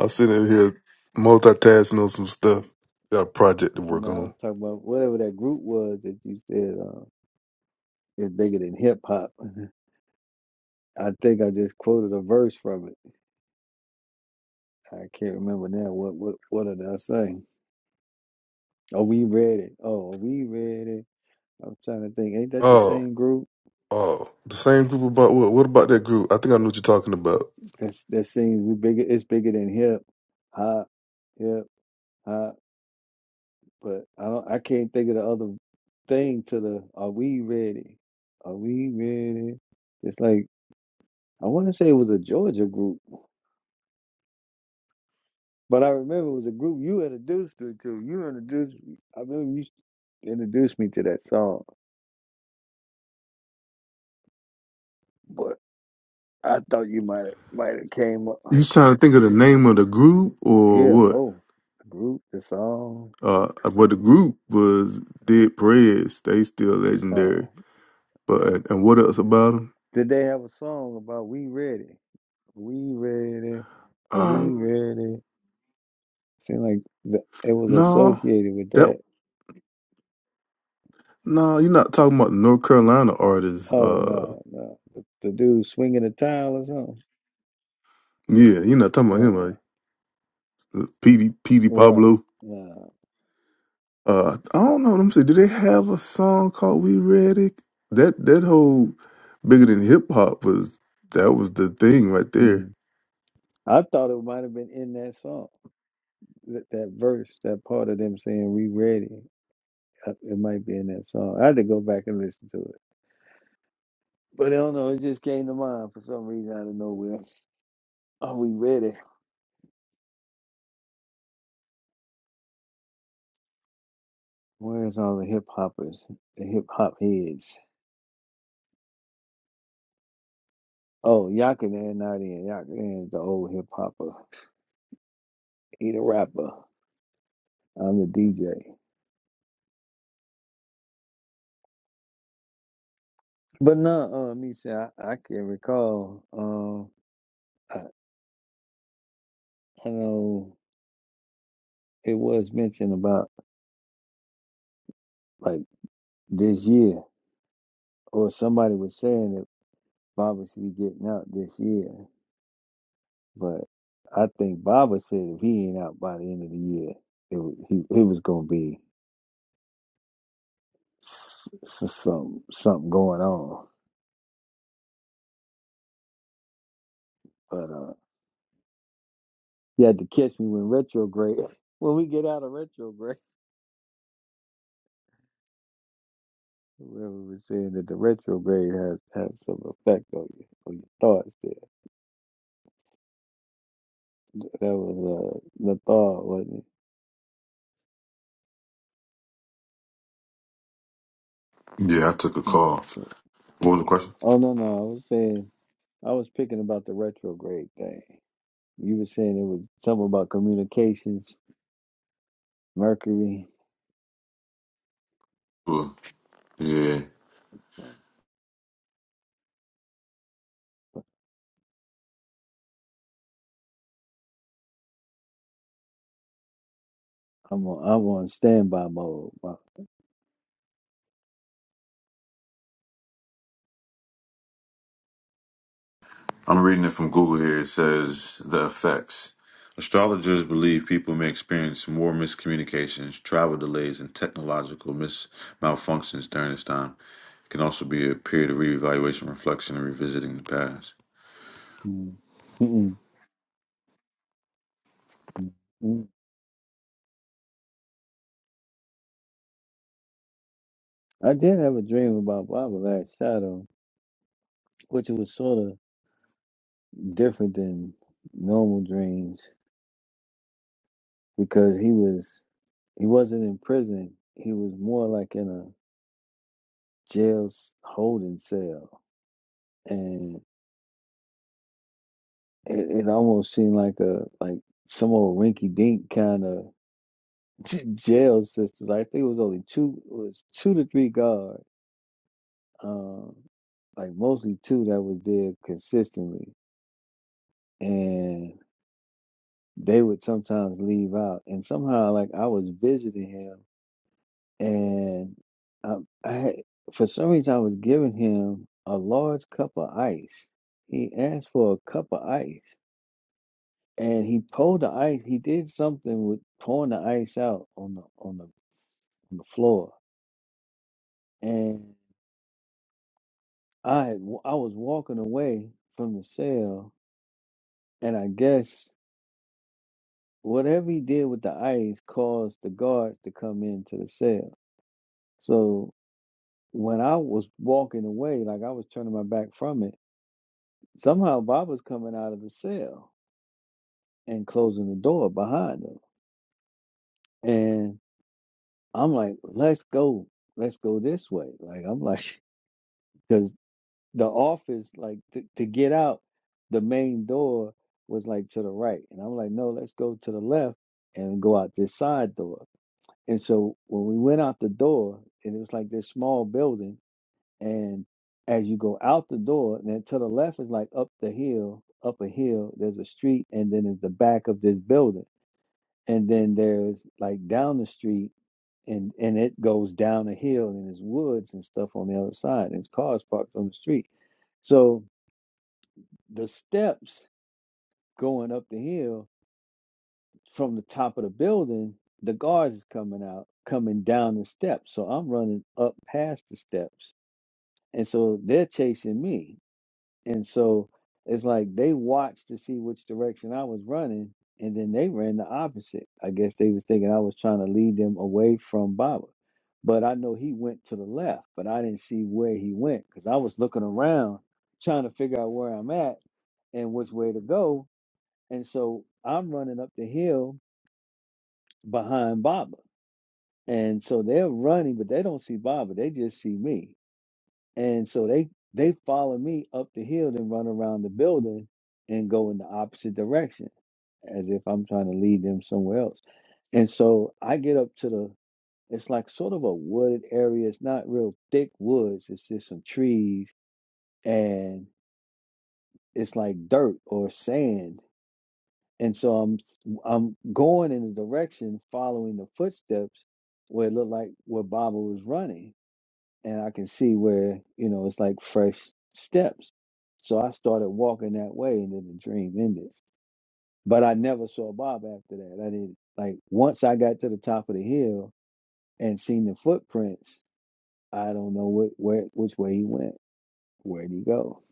C: I'm sitting in here multitasking on some stuff. Got a project to
E: no,
C: work
E: I'm
C: on.
E: talking about whatever that group was that you said uh, it's bigger than hip hop. (laughs) I think I just quoted a verse from it. I can't remember now. What what what did I say? Are we ready? Oh, are we ready? I'm trying to think. Ain't that the
C: Oh,
E: same group?
C: oh, the same group about what? What about that group? I think I know what you're talking about.
E: That's that seems we bigger. It's bigger than hip hop, hip hop. But I don't. I can't think of the other thing to the. Are we ready? Are we ready? It's like I want to say it was a Georgia group, but I remember it was a group you introduced me to. You introduced. me- I remember you introduced me to that song, but I thought you might might have came up.
C: You trying to think of the name of the group or
E: Yeah,
C: what?
E: both the group, the song.
C: Uh, what the group was did prayers? They still legendary.
E: Oh.
C: But and what else about them?
E: Did they have a song about "We Ready"? We ready? Are we
C: Um,
E: ready? Seemed like the, it was
C: no,
E: associated with that.
C: that no, you're not talking about North Carolina artists.
E: Oh
C: Uh,
E: no, no, the, the dude swinging a tile or something.
C: yeah, you're not talking about him.
E: Uh-uh.
C: Like PD PD
E: Right?
C: Pablo.
E: No.
C: Uh, I don't know. Let me see. Do they have a song called "We Ready"? That that whole bigger than hip hop was that was the thing right
E: Hmm.
C: there.
E: I thought it might have been in that song, that, that verse, that part of them saying "We ready." Uh, It might be in that song. I had to go back and listen to it, but I don't know. It just came to mind for some reason out of nowhere. Are we ready? Where's all the hip hoppers, the hip hop heads? Oh, Yaka, they're not in. Yaka is the old hip hopper. He the rapper. I'm the DJ. But no, uh, Nisha, I, I can recall. Um, I, I know it was mentioned about like this year, or somebody was saying that Baba should be getting out this year. But I think Baba said if he ain't out by the end of the year, it wa- he it was gonna be s- s- some something going on. But uh, you had to catch me when retrograde. (laughs) When we get out of retrograde, (laughs) whoever was saying that the retrograde has has some effect on you, on your thoughts. There, that was uh, the thought, wasn't
D: Yeah, I took a
E: it? Mm,
D: call.
E: so-
D: What was the question?
E: Oh no, no, I was saying I was picking about the retrograde thing. You were saying it was something about communications, Mercury.
D: Cool. Yeah.
E: So I'm on, I'm on standby mode. Wow.
D: I'm reading it from Google here. It says the effects. Astrologers believe people may experience more miscommunications, travel delays, and technological mis- malfunctions during this time. It can also be a period of reevaluation, reflection, and revisiting the past.
E: Mm, mm, mm, mm. mm. I did have a dream about Baba Black Shadow, which it was sort of. different than normal dreams because he was he wasn't in prison. He was more like in a jail holding cell, and it, it almost seemed like a like some old rinky dink kind of (laughs) jail system. Like, I think it was only two it was two to three guards, um, like mostly two that was there consistently, and they would sometimes leave out, and somehow like I was visiting him and um, I had, for some reason I was giving him a large cup of ice. He asked for a cup of ice, and he pulled the ice. He did something with pouring the ice out on the on the on the floor, and I had w- I was walking away from the cell, and I guess whatever he did with the ice caused the guards to come into the cell. So when I was walking away, like I was turning my back from it. Somehow Bob was coming out of the cell and closing the door behind him. And I'm like, let's go, let's go this way. Like, I'm like, (laughs) because the office, like, to, to get out, the main door was like to the right. And I'm like, no, let's go to the left and go out this side door. And so when we went out the door, and it was like this small building And as you go out the door, and then to the left is like up the hill, up a hill, there's a street, and then is the back of this building. And then there's like down the street and and it goes down a hill and there's woods and stuff on the other side. And it's cars parked on the street. So the steps going up the hill from the top of the building, the guards is coming out, coming down the steps. So I'm running up past the steps. And so they're chasing me And so it's like they watched to see which direction I was running, and then they ran the opposite. I guess they was thinking I was trying to lead them away from Baba. But I know he went to the left, but I didn't see where he went because I was looking around trying to figure out where I'm at and which way to go. And so I'm running up the hill behind Baba. And so they're running, but they don't see Baba. They just see me. And so they they follow me up the hill and run around the building and go in the opposite direction as if I'm trying to lead them somewhere else. And so I get up to the it's like sort of a wooded area. It's not real thick woods. It's just some trees and it's like dirt or sand. And so I'm I'm going in the direction following the footsteps where it looked like where Baba was running. and I can see where you know it's like fresh steps. So I started walking that way, and then the dream ended. But I never saw Bob after that. I didn't like once I got to the top of the hill and seen the footprints. I don't know what where which way he went. Where'd he go?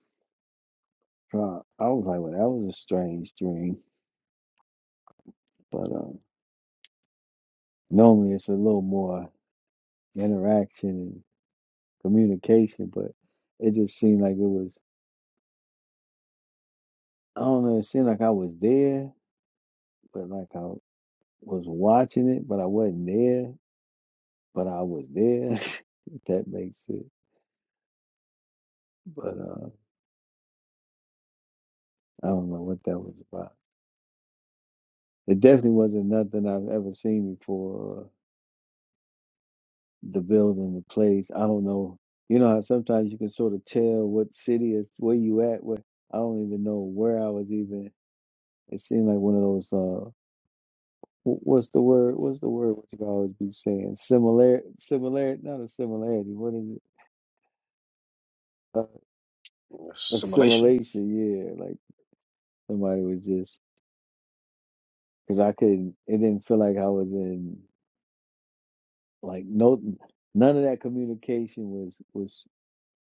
E: Uh, I was like, well, that was a strange dream. But um, normally it's a little more interaction and communication. But it just seemed like it was. I don't know. It seemed like I was there, but like I was watching it, but I wasn't there, but I was there. (laughs) if that makes it. But uh, I don't know what that was about. It definitely wasn't nothing I've ever seen before. uh, The building, the place. I don't know. You know how sometimes you can sort of tell what city is where you at. Where I don't even know where I was even. It seemed like one of those. Uh, wh- what's the word? What's the word? What you always be saying? Similar, similar, not a similarity. What is it? Uh,
B: Simulation.
E: assimilation. Yeah, like somebody was just because I couldn't. It didn't feel like I was in like no none of that communication was was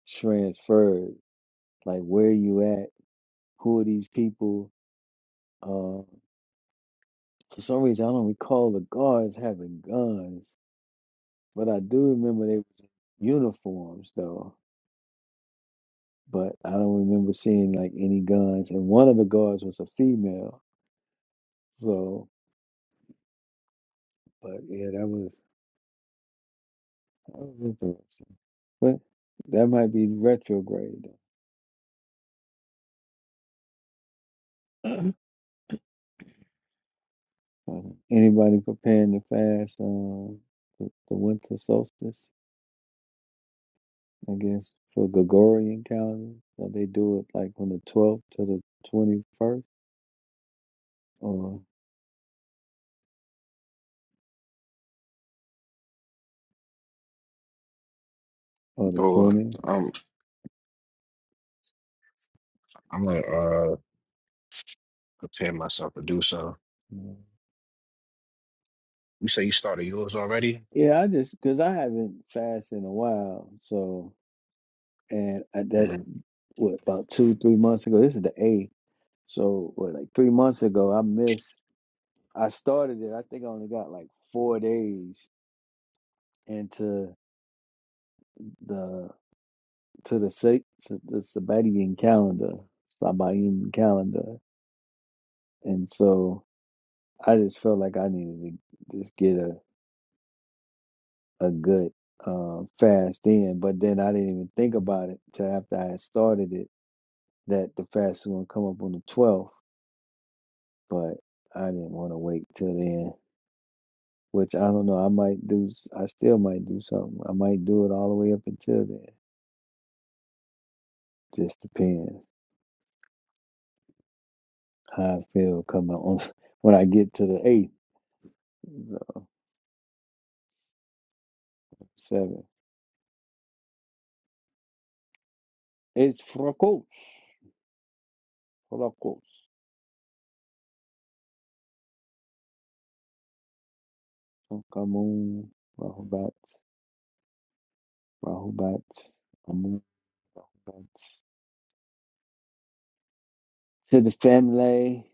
E: transferred. Like where you at? Who are these people? Uh, for some reason, I don't recall the guards having guns, but I do remember they was in uniforms though. But I don't remember seeing like any guns, and one of the guards was a female. So, but yeah, that was that was interesting. But that might be retrograde. though. (clears throat) Um, anybody preparing to fast um, the, the winter solstice, I guess, for Gregorian calendar? So they do it like on the 12th to the 21st or, or the
B: Or
E: 20th.
B: um I'm gonna uh prepare myself to do so.
E: Yeah,
B: You say you started yours already?
E: Yeah, I just, because I haven't fasted in a while. So, and I, that,
B: Mhm.
E: what, about two, three months ago? This is the eighth. So, what, like three months ago, I missed, I started it. I think I only got like four days into. the. to the sec to the Sabbatian calendar, Sabbatian calendar, and so I just felt like I needed to just get a a good uh, fast in. But then I didn't even think about it till after I had started it that the fast was gonna come up on the twelfth. But I didn't want to wait till then. Which I don't know. I might do. I still might do something. I might do it all the way up until then. Just depends how I feel coming on (laughs) when I get to the eighth, so seventh. It's Frakos. Frakos. Amun Rahubat. Rahubat. Amun Rahubat. To the family.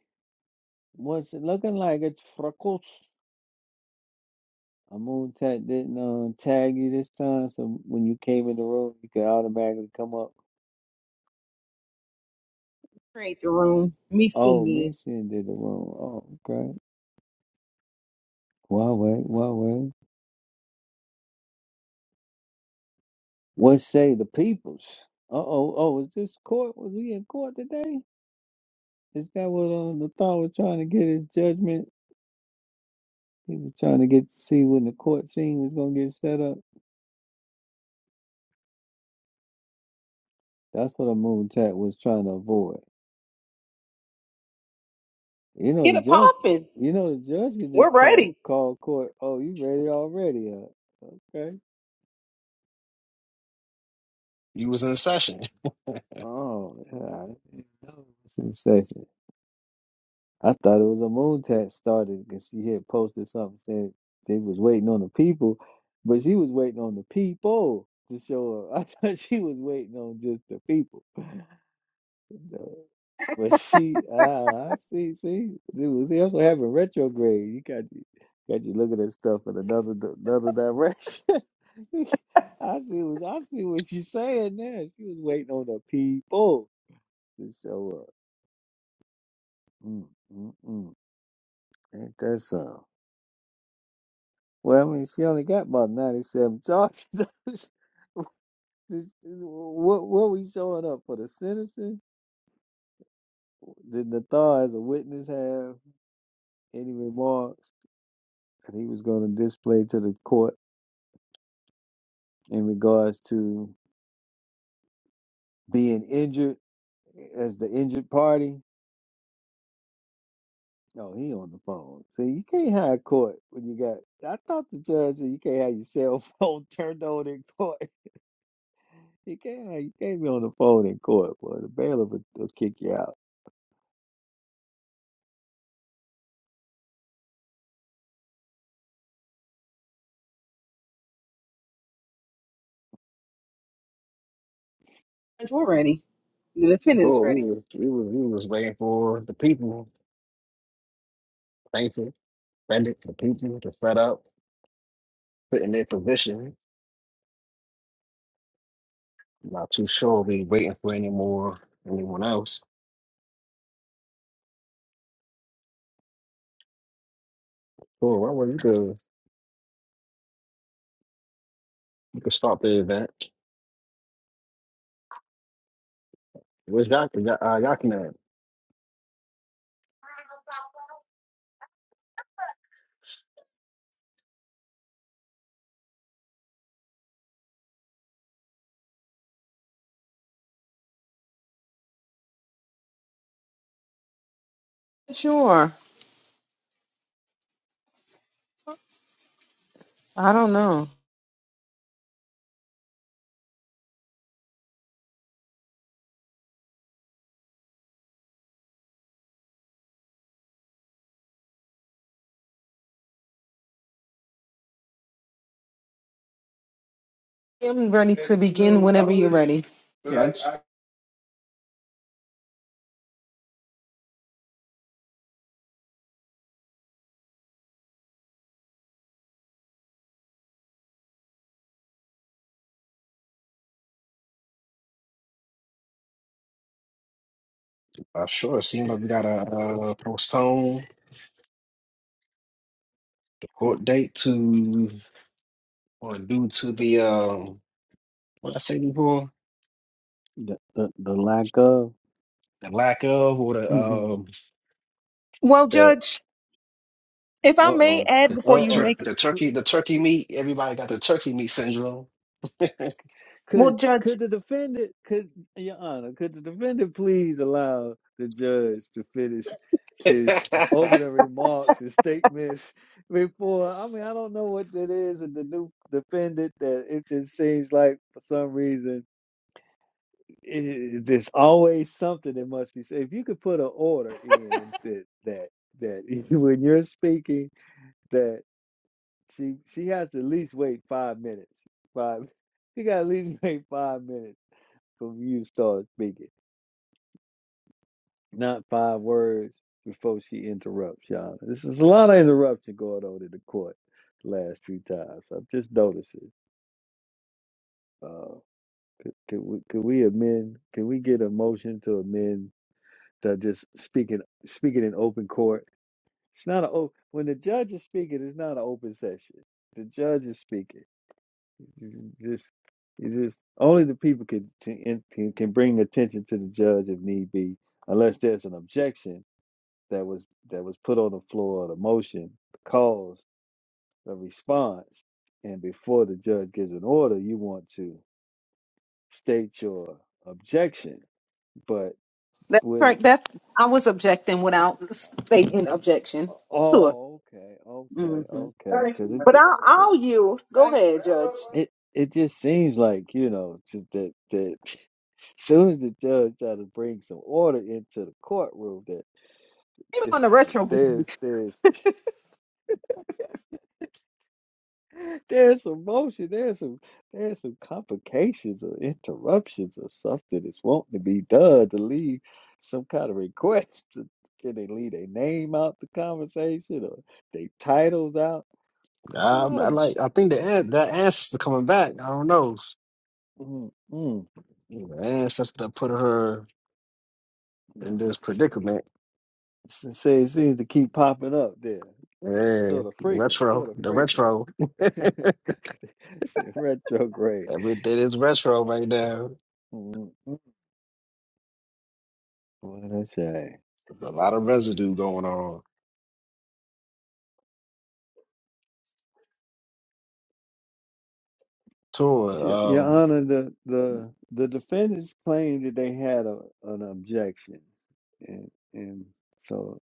E: What's it looking like? It's Frakos. Amun tag didn't uh, tag you this time, so when you came in the room, you could automatically come up.
A: Create the room. Me send
E: Oh, me
A: it.
E: seeing did the room. Oh, okay. Well, wait, well, wait. What say the peoples? Uh oh, oh, is this court? Was we in court today? Is that what uh, the thought was trying to get his judgment? He was trying to get to see when the court scene was going to get set up. That's what a moon tat was trying to avoid. You know
A: Get
E: the
A: it
E: judge.
A: popping.
E: You know the judge could just
A: We're
E: call
A: ready.
E: call court. Oh, you ready already? Huh? Okay.
B: You was in a session. (laughs)
E: Oh, yeah, I didn't know it was in session. I thought it was a moon tat started because she had posted something saying they was waiting on the people, but she was waiting on the people to show up. (laughs) I thought she was waiting on just the people. But she, ah, I see, see, see, what- see, that's what happened. Retrograde. You got you got you looking at stuff in another di- another direction. (laughs) I see what I see what she's saying now. She was waiting on the people to show up. Mm, mm, mm. Ain't that something? Well, I mean, she only got about ninety-seven charges. (laughs) This- this- what what we showing up for the citizen? Did Nathar as a witness have any remarks? that he was going to display to the court in regards to being injured eh, as the injured party. Oh, he on the phone. See, you can't have court when you got. I thought the judge said you can't have your cell phone (laughs) turned on in court. You can't. have- You can't be on the phone in court, boy. The bailiff will, will kick you out.
A: We're ready. The defendant's
B: Oh,
A: ready.
B: we was, we was we was waiting for the people. Thankful. Send it to people to set up, put in their position. I'm not too sure. We waiting for any more anyone else. Cool. Well, well, you could you could start the event. Where's Yak? Yak- Uh, Yakinan?
A: Sure. I don't know. I'm ready to begin whenever you're ready. Judge.
B: Uh, sure. It seems like we got a uh, postpone court date to or due to the um, what I say before
E: The the, the lack of.
B: the lack of or
E: (laughs)
B: the
E: uh
B: um
A: Well,
B: the
A: Judge, if I may
E: oh.
A: add
B: the,
E: Uh
A: before
B: the
A: you
B: turkey
E: oh.
A: make
B: the turkey the turkey meat. Everybody got the turkey meat syndrome.
A: well,
E: Could
A: Judge.
E: could the defendant could your honor, could the defendant please allow the judge to finish
B: (laughs)
E: his (laughs) opening remarks and statements before I mean I don't know what it is with the new defendant that it just seems like for some reason it, there's always something that must be said. If you could put an order in that that that (laughs) when you're speaking that she she has to at least wait five minutes. Five (laughs) you gotta at least (laughs) wait five minutes from you start speaking. Not five words before she interrupts y'all. This is a lot of interruption going on in the court the last few times. I'm just noticing. Uh, can we can we amend? Can we get a motion to amend to just speaking speaking in open court? It's not a o- when the judge is speaking. It's not an open session. The judge is speaking. Just it's just only the people can can can bring attention to the judge if need be, unless there's an objection that was that was put on the floor, the motion, the cause, the response, and before the judge gives an order, you want to state your objection. But
A: That's
E: when
A: correct.
E: it's
A: That's I was objecting without stating objection. Sure.
E: oh okay,
A: hmm
E: okay, okay, because it
A: But
E: ju-
A: I'll, I'll you go ahead, Judge.
E: it it just seems like you know just that that (laughs) (sniffs) soon as the judge try to bring some order into the courtroom, that
A: Even
E: it's,
A: on the retro
E: there's there's (laughs) There's some motion. There's some there's some complications or interruptions or something that's wanting to be done to leave some kind of request. Can they leave their name out the conversation or their titles out? There's a
B: um,
E: lot
B: I
E: of
B: like. I think the an- the answers are coming back. I don't know.
E: mm, mm,
B: Man, that's that put her in this predicament.
E: s- say it seems to keep popping up there.
B: Yeah, the
E: Sort of frequent,
B: retro,
E: sort of
B: the
E: frequent.
B: retro.
E: (laughs) Retrograde.
B: Everything is retro right now.
E: Mm, mm, What a shame.
B: There's a lot of residue going on. Tour,
E: Your Your
B: um,
E: Honor, the the the defendants claimed that they had a, an objection, and and so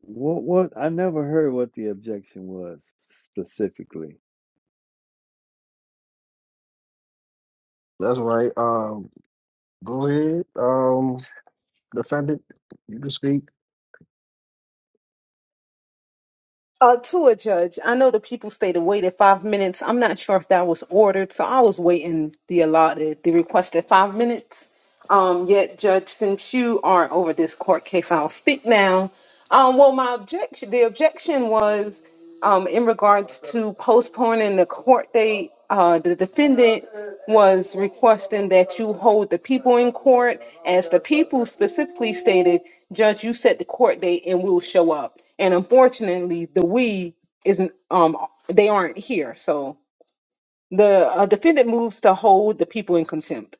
E: what what I never heard what the objection was specifically.
B: that's right. Um, go ahead, um, defendant, you can speak.
A: uh, to a judge. I know the people stayed and waited five minutes. I'm not sure if that was ordered, so I was waiting the allotted, the requested five minutes. Um, yet, Judge, since you are over this court case, I'll speak now. Um, well, my objection, the objection was um, in regards to postponing the court date. Uh, the defendant was requesting that you hold the people in court. As the people specifically stated, Judge, you set the court date and we'll show up. And unfortunately, the we isn't, um, they aren't here. So the uh, defendant moves to hold the people in contempt.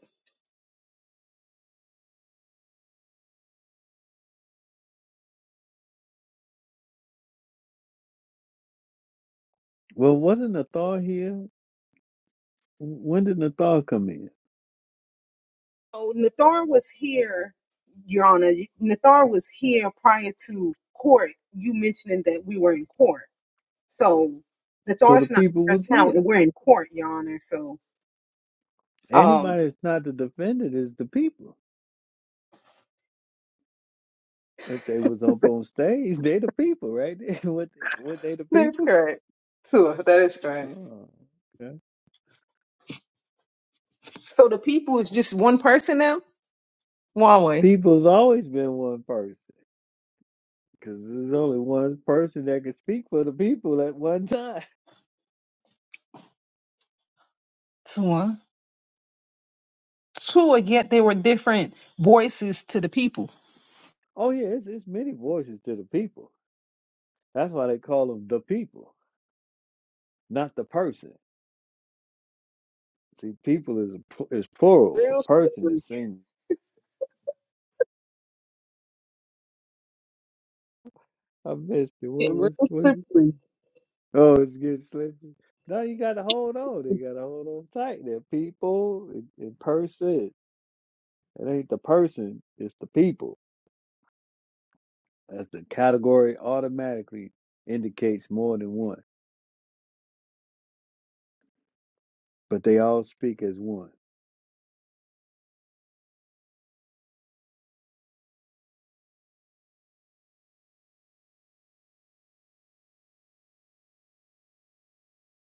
E: Well, wasn't Nathal here? When did Nathal come in?
A: So Nathar was here, Your Honor. Nathar was here prior to court. You mentioning that we were in court. So
E: So the
A: Nathar's not
E: people
A: here
E: was
A: now,
E: here.
A: and we're in court, Your Honor. So. um.
E: Anybody that's not the defendant is the people. If they was up on stage, (laughs) they the people, right? (laughs) what what they the
A: That's
E: people?
A: correct. Tua, that is correct.
E: Oh, okay.
A: So the people is just one person now? Huawei.
E: People's always been one person. Because there's only one person that can speak for the people at one time. (laughs)
A: Tua. Tua, yet they were different voices to the people.
E: Oh, yeah, it's, it's many voices to the people. That's why they call them the people, not the person. See, people is a pl- is plural for
A: Real
E: person is
A: slippery.
E: singular. I missed it. What
A: Real
E: was what? you-
A: slippery.
E: Oh, it's getting slippery. Now you got to hold on. They got to hold on tight. They're people and, and person. It ain't the person. It's the people. As the category automatically indicates more than one, but they all speak as one.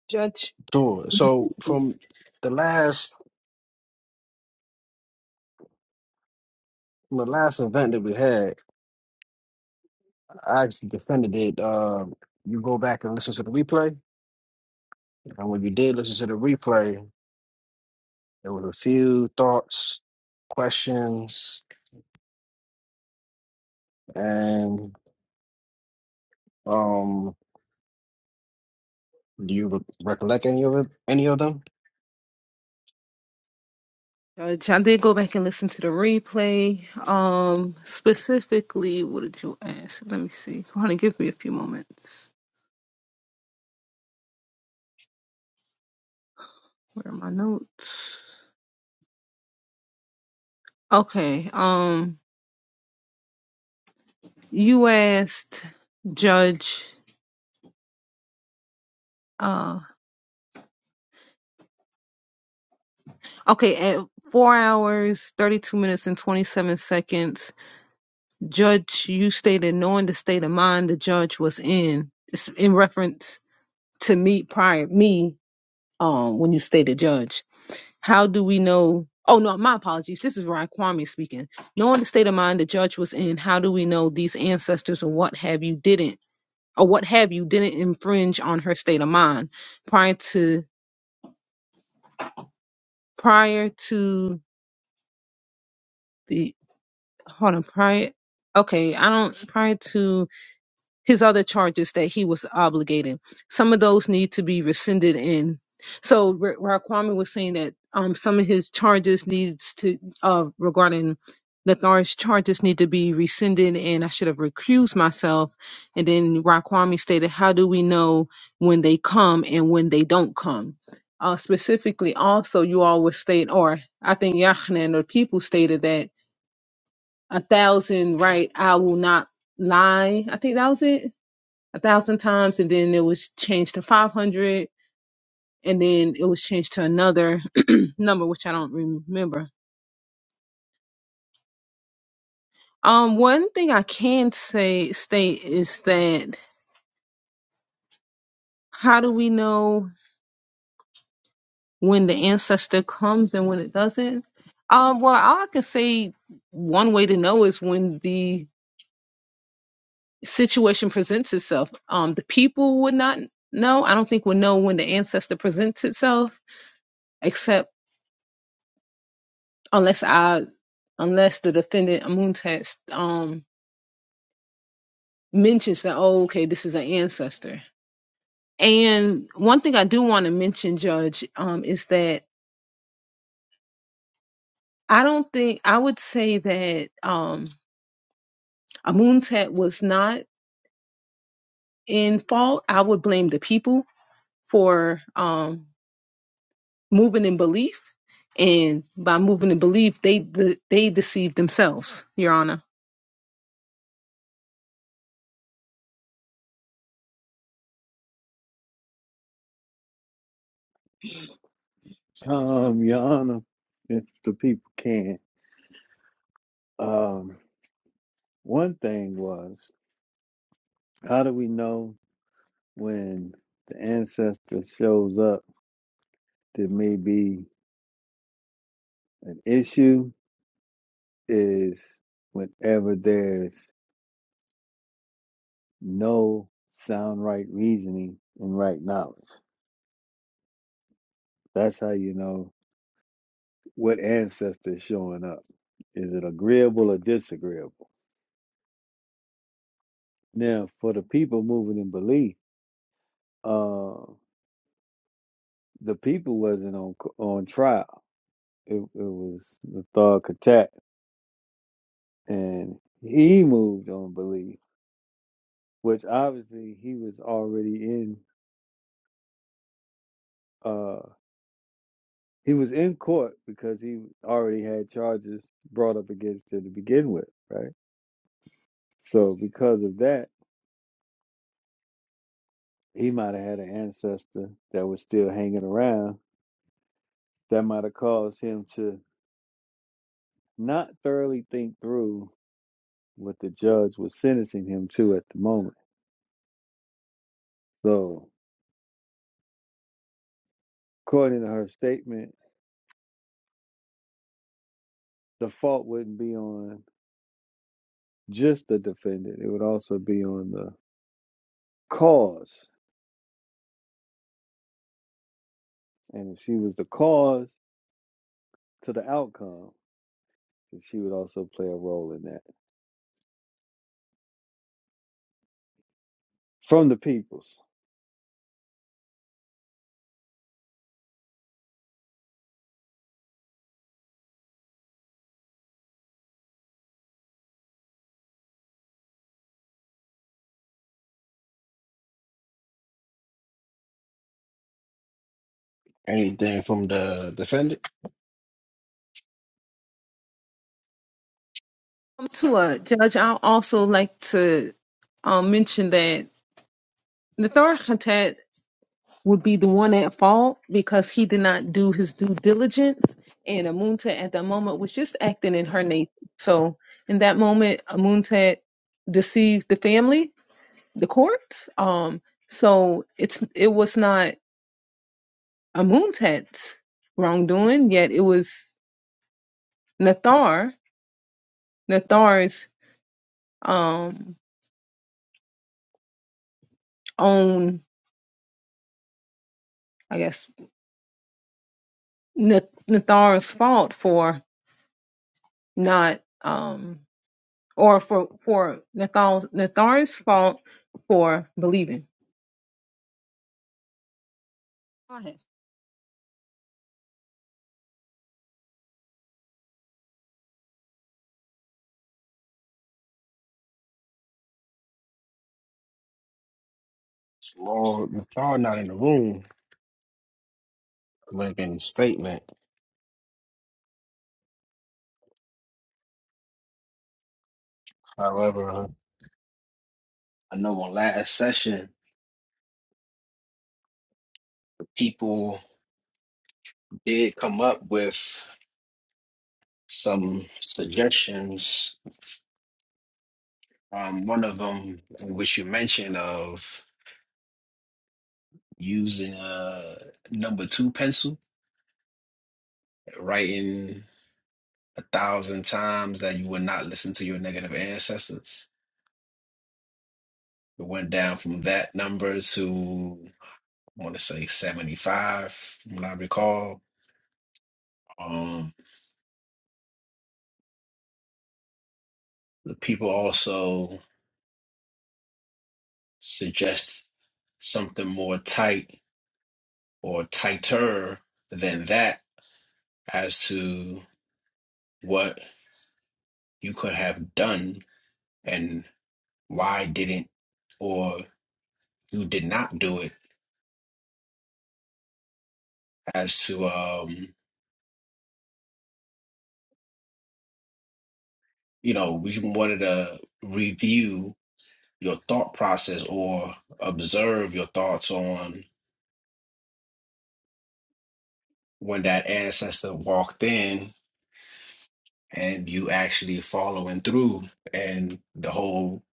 A: Judge.
B: Sure. So from the last from the last event that we had, I actually defended it. Um, you go back and listen to the replay, and when you did listen to the replay, there was a few thoughts, questions, and um. Do you re- recollect any of it? Any of them?
A: Judge, I did go back and listen to the replay. Um, specifically, what did you ask? Let me see. Go ahead and give me a few moments. Where are my notes? Okay. Um, you asked Judge. uh, Okay, at four hours, 32 minutes, and 27 seconds, Judge, you stated knowing the state of mind the judge was in, it's in reference to me prior, me, um, when you stated judge. How do we know? Oh, no, my apologies. This is Ryan Kwame speaking. Knowing the state of mind the judge was in, how do we know these ancestors or what have you didn't, or what have you didn't infringe on her state of mind prior to, prior to. hold on prior okay i don't prior to his other charges that he was obligated some of those need to be rescinded in so where where Kwame was saying that um some of his charges needs to uh regarding Lathar's charges need to be rescinded and I should have recused myself. And then Raquami stated, How do we know when they come and when they don't come? Uh, specifically, also, you all was state, or I think Yachanan or people stated that a thousand right i will not lie i think that was it a thousand times and then it was changed to 500 and then it was changed to another (clears throat) number which i don't remember um one thing i can say state is that how do we know when the ancestor comes and when it doesn't um well all i can say one way to know is when the situation presents itself um the people would not know i don't think would know when the ancestor presents itself except unless I unless the defendant Amuntet um mentions that oh okay this is an ancestor. And one thing I do want to mention, Judge, um, is that I don't think I would say that um Amuntet was not in fault. I would blame the people for um moving in belief, and by moving in belief, they de- they deceive themselves, Your Honor.
E: Um, Your Honor, if the people can. Um, one thing was, how do we know when the ancestor shows up? There may be an issue is whenever there's no sound right reasoning and right knowledge. That's how you know what ancestor is showing up. Is it agreeable or disagreeable? Now, for the people moving in belief, uh, the people wasn't on on trial. It, it was the thug attack, and he moved on belief, which obviously he was already in. Uh, he was in court because he already had charges brought up against him to begin with, right? So because of that, he might have had an ancestor that was still hanging around that might have caused him to not thoroughly think through what the judge was sentencing him to at the moment. So According to her statement, the fault wouldn't be on just the defendant, it would also be on the cause. And if she was the cause to the outcome, then she would also play a role in that from the peoples.
B: Anything from the defendant?
A: Um, To a judge, I also like to um, mention that the Thor would be the one at fault because he did not do his due diligence. And Amuntet at that moment was just acting in her nature. So in that moment, Amuntet deceived the family, the courts. Um, so it's it was not Amuntet's wrongdoing, yet it was Nathar, Nathar's um, own, I guess, Nath- Nathar's fault for not. Um, or for for Nathan's, Nathan's fault for believing. Go ahead.
B: Well, McCall not in the room making a statement. However, I know on last session, people did come up with some suggestions Um, one of them, which you mentioned, of using a number two pencil, writing a thousand times that you would not listen to your negative ancestors. It went down from that number to, I want to say 75, from what I recall. Um, the people also suggest something more tight or tighter than that as to what you could have done and. why didn't or you did not do it as to um you know we wanted to review your thought process or observe your thoughts on when that ancestor walked in and you actually following through and the whole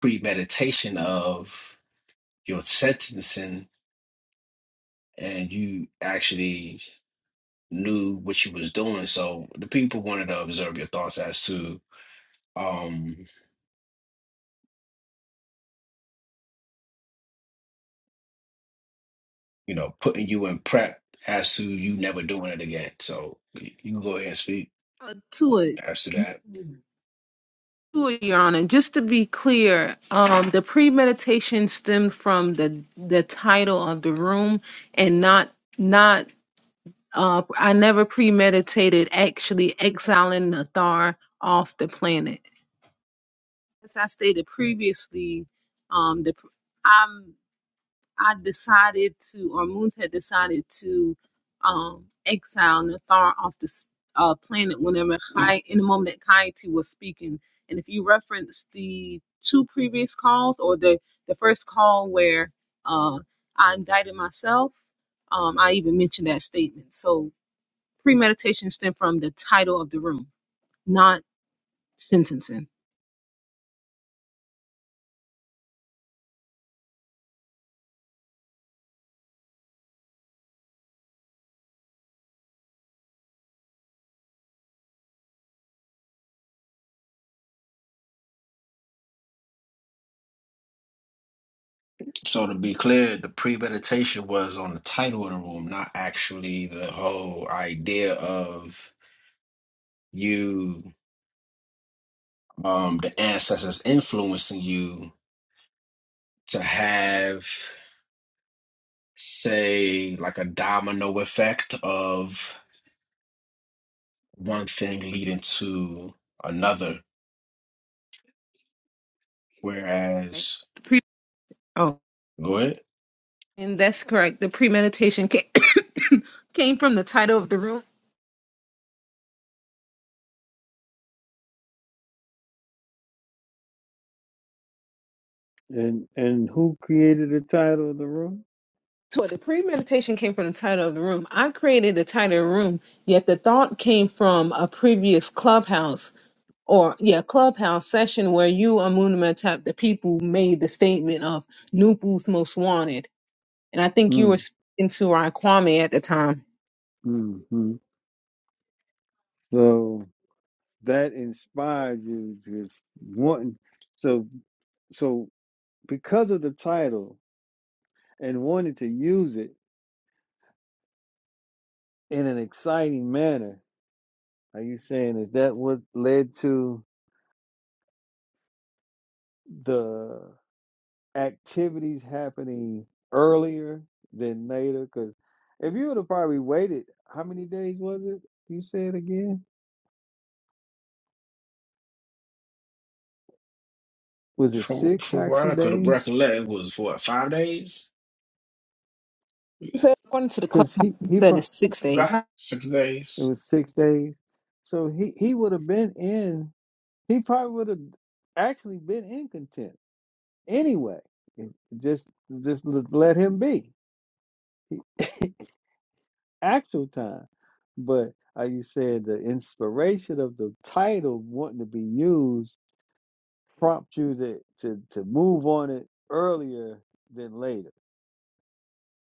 B: premeditation of your sentencing and you actually knew what you was doing so the people wanted to observe your thoughts as to um. you know, putting you in prep as to you never doing it again. So you you can go ahead and speak
A: Uh, to it,
B: as to that.
A: to it, Your Honor. Just to be clear, um, the premeditation stemmed from the the title of the room, and not not. Uh, I never premeditated actually exiling Nathar off the planet. As I stated previously, um, the I'm I decided to, or Muth had decided to um, exile Nathar off the s- uh, planet whenever Kai, in the moment that Kaiti was speaking. And if you reference the two previous calls or the, the first call where uh, I indicted myself, um, I even mentioned that statement. So premeditation stemmed from the title of the room, not sentencing.
B: So to be clear, the premeditation was on the title of the room, not actually the whole idea of you, um, the ancestors influencing you to have, say, like a domino effect of one thing leading to another.
A: Right?
B: Whereas,
A: The pre- oh,
B: go ahead.
A: and that's correct. The premeditation came, (coughs) came from the title of the room
E: And and who created the title of the room?
A: So the premeditation came from the title of the room. I created the title of the room, yet the thought came from a previous clubhouse or yeah, clubhouse session where you Amuna Matap, the people made the statement of Nupu's most wanted. And I think you
E: Mm,
A: were speaking to Ron Kwame at the time.
E: mm, mm. So that inspired you to wanting. So so because of the title and wanting to use it in an exciting manner, Are you saying is that what led to the activities happening earlier than later? Because if you would have probably waited, how many days was it? You said again? Was it
B: From
E: six
B: from what
E: actual
B: I could
E: days?
B: recollect, it was for what five days,
A: You said according to the
E: Because
A: clubhouse
E: he
A: you
E: he
A: said
E: pro-
A: it's six days.
B: six
E: it
B: days.
E: was six days, so he he would have been in. He probably would have actually been in contempt anyway. It- Just just l- let him be. (laughs) actual time. But are you saying the inspiration of the title wanting to be used prompt you to to, to move on it earlier than later?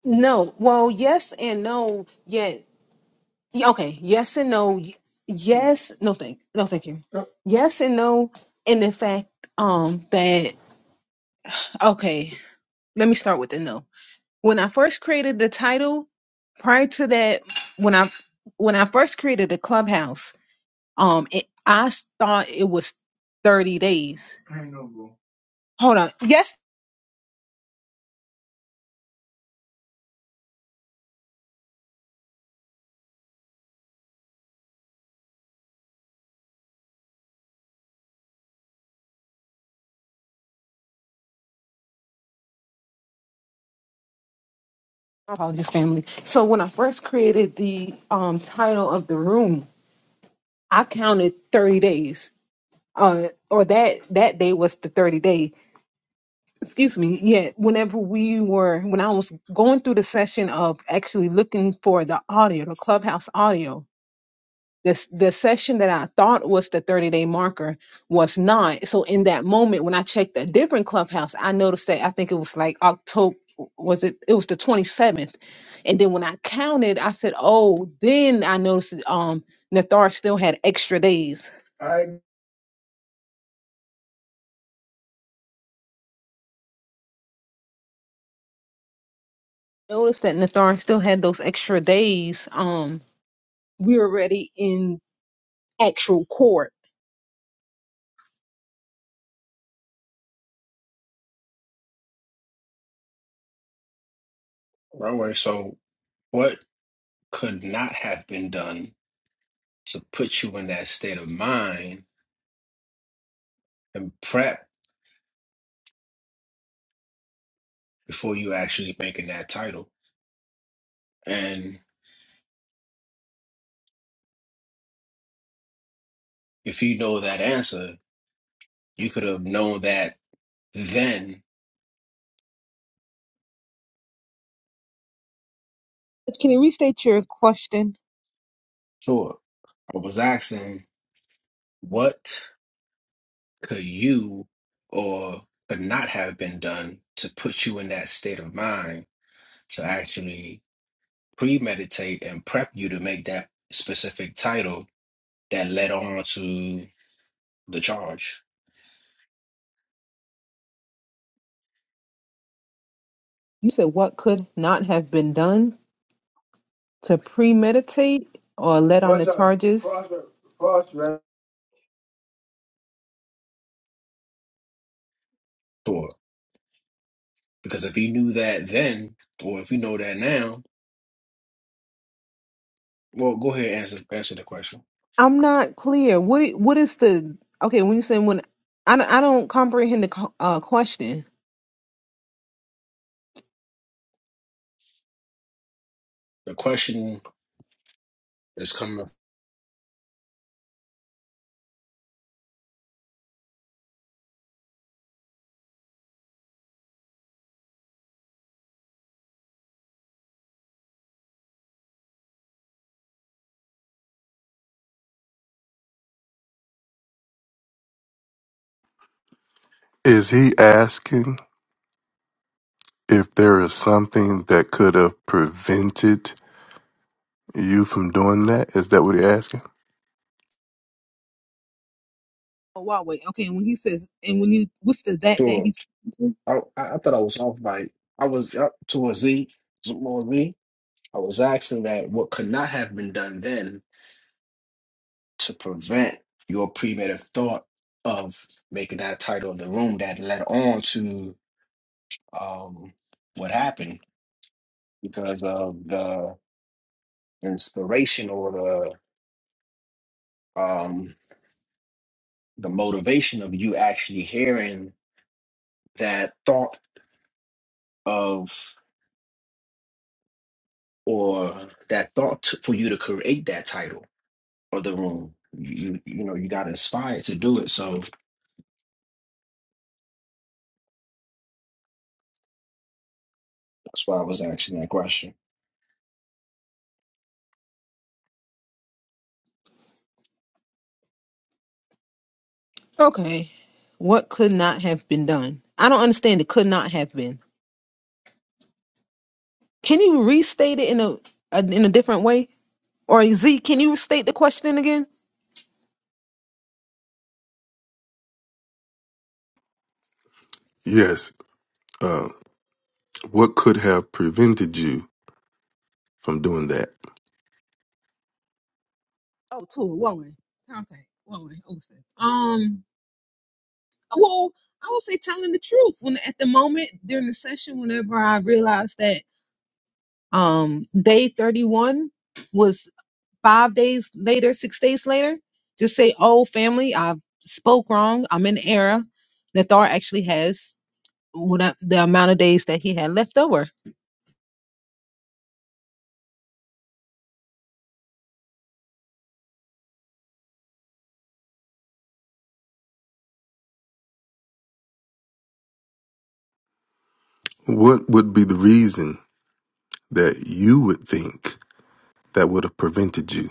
A: No. Well yes and no, yet yeah, okay, yes and no. y- Yes, no thank no thank you. Yes and no in the fact um that Okay, let me start with the no. When I first created the title, prior to that, when I when I first created the clubhouse, um, it, I s- thought it was thirty days. Hold on, yes, my apologies, family. So when I first created the um title of the room, I counted thirty days. Uh, or that that day was the thirty day. Excuse me. Yeah, whenever we were when I was going through the session of actually looking for the audio, the clubhouse audio This the session that I thought was the 30 day marker was not. So in that moment when I checked a different clubhouse, I noticed that I think it was like October was it it was the 27th. And then when I counted, I said, Oh, then I noticed that, um Nathar still had extra days. Noticed that Nathar still had those extra days. Um we're already in actual court.
B: Right away. So, what could not have been done to put you in that state of mind and prep before you actually making that title? And if you know that answer, you could have known that then.
A: Can you restate your question?
B: Sure. I was asking, what could you or could not have been done to put you in that state of mind to actually premeditate and prep you to make that specific title that led on to the charge.
A: You said what could not have been done to premeditate or let on the charges?
B: Sure. Because if he knew that then, or if you know that now, well, go ahead and answer answer the question.
A: I'm not clear. What i- what is the okay when you say when I don't, I don't comprehend the co- uh, question.
B: The question is coming.
C: Is he asking if there is something that could have prevented? you from doing that? Is that what you're asking?
A: Oh, wow, wait. Okay, when he says and when you what's the that that
B: up.
A: he's?
B: I, I I thought I was off by I was up to a Z more Z. I was asking that what could not have been done then to prevent your premeditative thought of making that title of the room that led on to um what happened because of the inspiration or the um the motivation of you actually hearing that thought of or that thought to, for you to create that title Of the room. You you know you got to aspire to do it. So that's why I was asking that question.
A: Okay. What could not have been done? I don't understand. It could not have been. Can you restate it in a, a in a different way? Or Z, can you restate the question again?
C: Yes. Uh, what could have prevented you from doing that?
A: Oh, to a woman. Contact. Woman. Osa. Um, Well, I would say telling the truth. When at the moment during the session, whenever I realized that um day 31 was five days later, six days later, just say, Oh, family, I spoke wrong. I'm in error. Nathar actually has what the amount of days that he had left over.
C: What would be the reason that you would think that would have prevented you?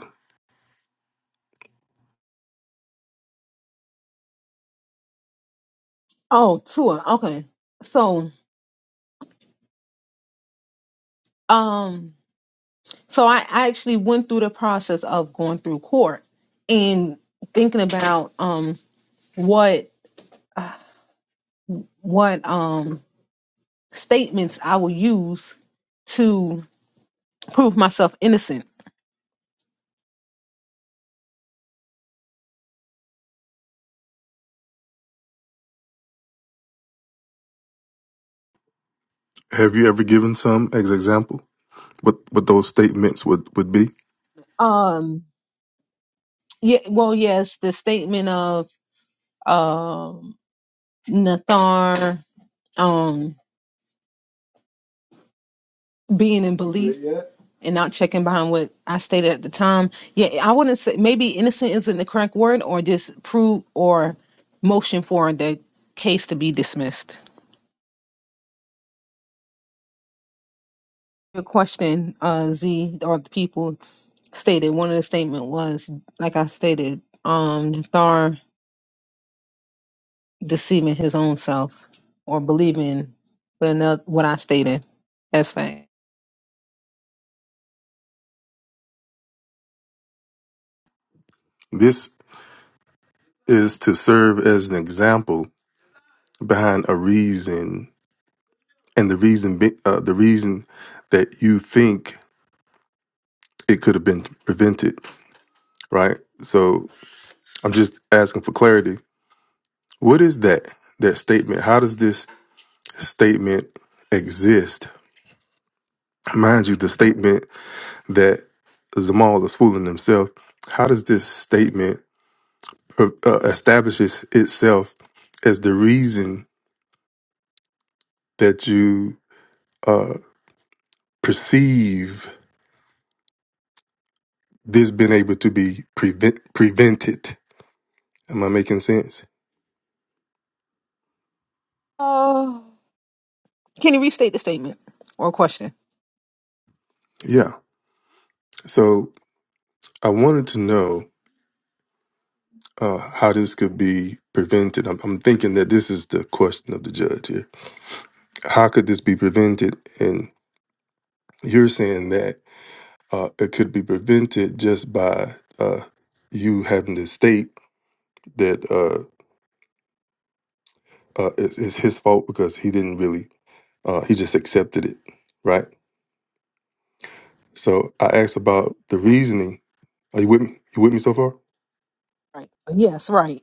A: Oh, tour. Okay. So, um, so I, I actually went through the process of going through court and thinking about um what uh, what um statements I will use to prove myself innocent.
C: Have you ever given some as example? What what those statements would would be?
A: Um, yeah, well, yes, the statement of um Nathar, um, being in belief and not checking behind what I stated at the time. Yeah, I wouldn't say maybe innocent isn't the correct word, or just prove or motion for the case to be dismissed. Your question, uh, Z or the people stated one of the statement was like I stated, um, Thar deceiving his own self or believing what ano- what I stated as fact.
C: This is to serve as an example behind a reason, and the reason be, uh, the reason that you think it could have been prevented, right? So I'm just asking for clarity What is that? That statement? How does this statement exist? Mind you, the statement that Zamal is fooling himself. How does this statement uh, uh, establishes itself as the reason that you uh, perceive this being able to be prevent prevented? Am I making sense?
A: Uh, can you restate the statement or question?
C: Yeah. So I wanted to know uh, how this could be prevented. I'm, I'm thinking that this is the question of the judge here how could this be prevented? And you're saying that uh, it could be prevented just by uh, you having to state that uh, uh, it's, it's his fault because he didn't really, uh, he just accepted it, right? So I asked about the reasoning. Are you with me? You with me so far?
A: Right. Yes, right.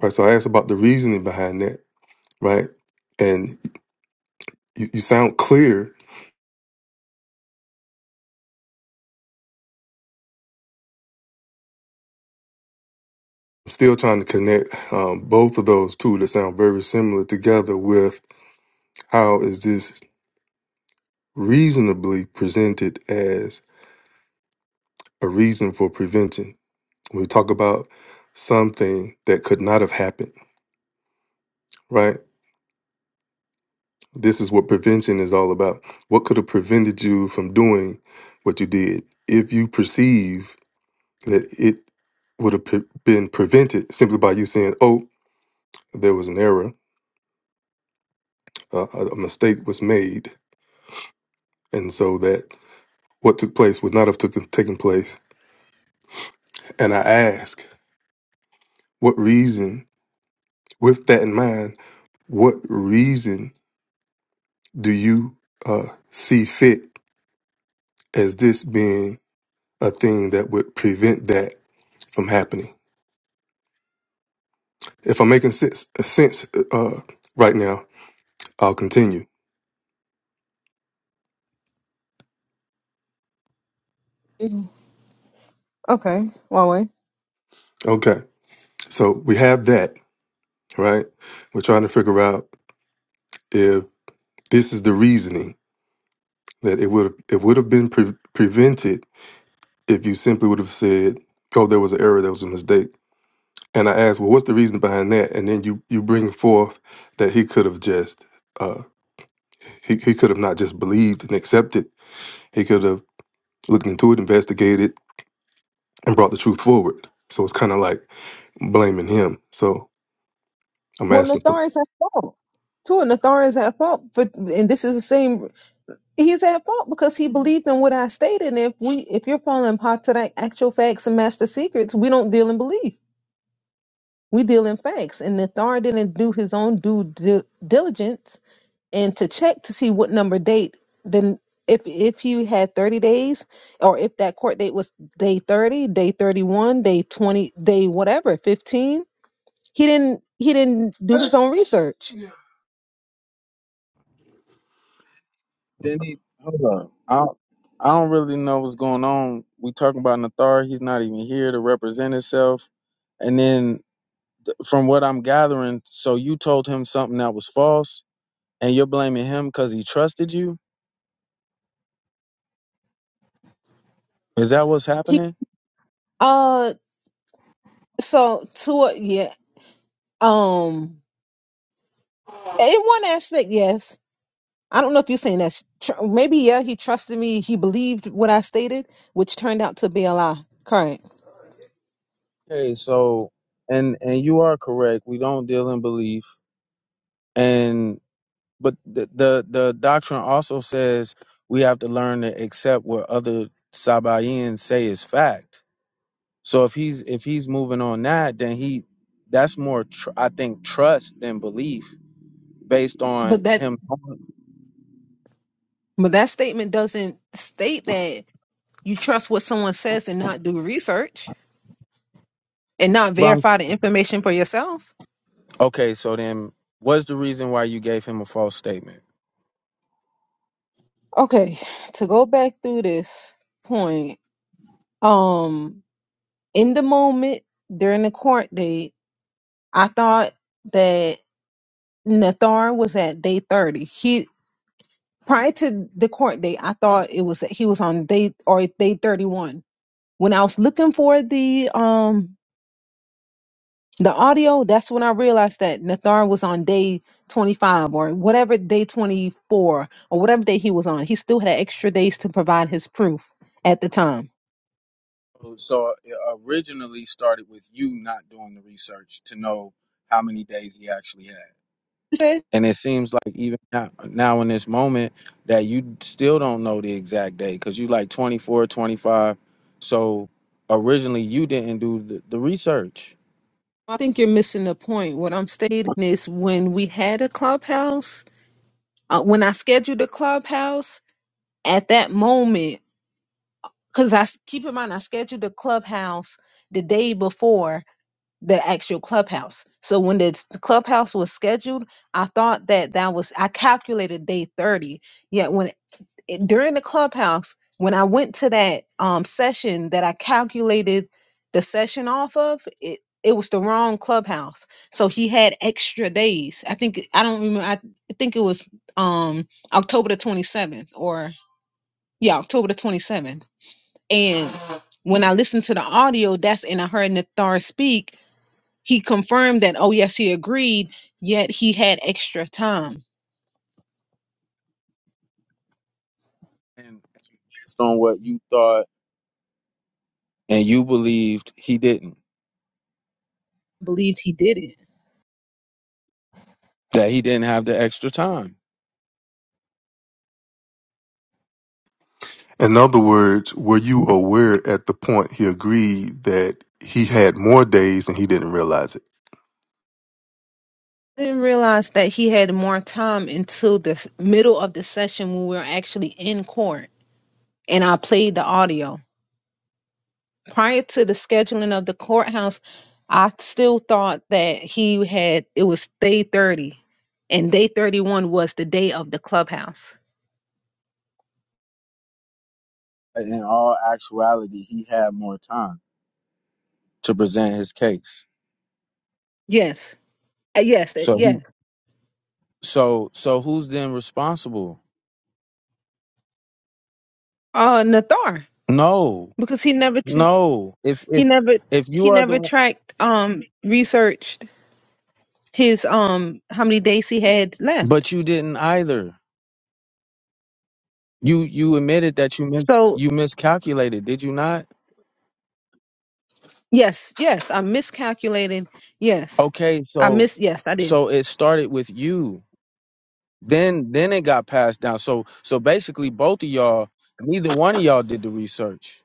C: Right. So I asked about the reasoning behind that, right? And you, you sound clear. I'm still trying to connect um, both of those two that sound very similar together with how is this reasonably presented as a reason for prevention. When we talk about something that could not have happened, right? This is what prevention is all about. What could have prevented you from doing what you did if you perceive that it would have pre- been prevented simply by you saying, oh, there was an error, uh, a a mistake was made, and so that what took place would not have took, taken place. And I ask, what reason, with that in mind, What reason do you uh, see fit as this being a thing that would prevent that from happening? If I'm making sense, sense uh, right now, I'll continue.
A: Mhm. Okay, one
C: Okay, so we have that right. We're trying to figure out if this is the reasoning that it would it would have been pre- prevented if you simply would have said, "Oh, there was an error, there was a mistake." And I asked, "Well, what's the reason behind that?" And then you you bring forth that he could have just. uh, He, he could have not just believed and accepted. He could have looked into it, investigated, and brought the truth forward. So it's kind of like blaming him. So I'm
A: Well,
C: asking for.
A: Nathar is at fault. Too, Nathar is at fault for, and this is the same. He's at fault because he believed in what I stated. And if we, if you're following Patrick, actual facts and master secrets, we don't deal in belief. We deal in facts, and the Thar didn't do his own due di- diligence and to check to see what number date. Then, if if you had thirty days, or if that court date was day thirty, day thirty one, day twenty, day whatever, fifteen, he didn't he didn't do his own research. Yeah.
G: Denny, hold on. I don't- I don't really know what's going on. We talking about Nathar. He's not even here to represent himself. And then, from what I'm gathering, so you told him something that was false, and you're blaming him because he trusted you. Is that what's
A: He
G: happening?
A: uh so to yeah um in one aspect yes. I don't know if you're saying that's tr- maybe yeah he trusted me he believed what I stated which turned out to be a lie. Correct.
G: Okay, so and and you are correct. We don't deal in belief, and but the the, the doctrine also says we have to learn to accept what other Sabaeans say is fact So if he's if he's moving on that, then he that's more tr- I think trust than belief based
A: But
G: on
A: that
G: him.
A: but that statement doesn't state that you trust what someone says and not do research and not
G: But I'm-
A: verify the information for yourself.
G: okay, so then what's the reason why you gave him a false statement?
A: Okay, to go back through this point, um, in the moment during the court date, I thought that Nathar was at day thirty. He prior to the court date, I thought it was he was on day or day thirty one. When I was looking for the um The audio, that's when I realized that Nathar was on day 25 or whatever day 24 or whatever day he was on. He still had extra days to provide his proof at the time.
G: So it originally started with you not doing the research to know how many days he actually had.
A: He said,
G: And it seems like even now, now in this moment that you still don't know the exact day because you like 24, 25. So originally you didn't do the, the research
A: I think you're missing the point. What I'm stating is when we had a clubhouse, uh, when I scheduled a clubhouse at that moment, because I s- keep in mind, I scheduled the clubhouse the day before the actual clubhouse. So when the the clubhouse was scheduled, I thought that that was I calculated day 30. Yet when it, during the clubhouse, when I went to that um session that I calculated the session off of, it it was the wrong clubhouse. So he had extra days. I think I don't remember I think it was um October the 27th or yeah, October the 27th. And when I listened to the audio, that's and I heard Nathar speak, he confirmed that, oh, yes, he agreed, yet he had extra time.
G: and based on what you thought and you believed he didn't,
A: Believed he did it.
G: that he didn't have the extra time.
C: In other words, were you
G: But
C: aware at the point he agreed that he had more days and he didn't realize it?
A: didn't realize that he had more time until the s- middle of the session when we were actually in court and I played the audio. Prior to the scheduling of the courthouse, I still thought that he had it was day 30 and day 31 was the day of the clubhouse.
G: In all actuality, he had more time to present his case.
A: Yes. Uh, Yes, uh,
G: So he,
A: yes.
G: so so who's then responsible?
A: Uh Nathar
G: No,
A: because he never tr-
G: no. If if
A: he never
G: if you
A: he
G: are the
A: never tracked um researched his um how many days he had left.
G: But you didn't either. You you admitted that you mis-
A: So.
G: you miscalculated, did you not?
A: Yes, yes, I miscalculated. Yes,
G: Okay,
A: I
G: so
A: miss. Yes, I did.
G: so it started with you. Then then it got passed down. So so basically both of y'all, neither one of y'all did the research.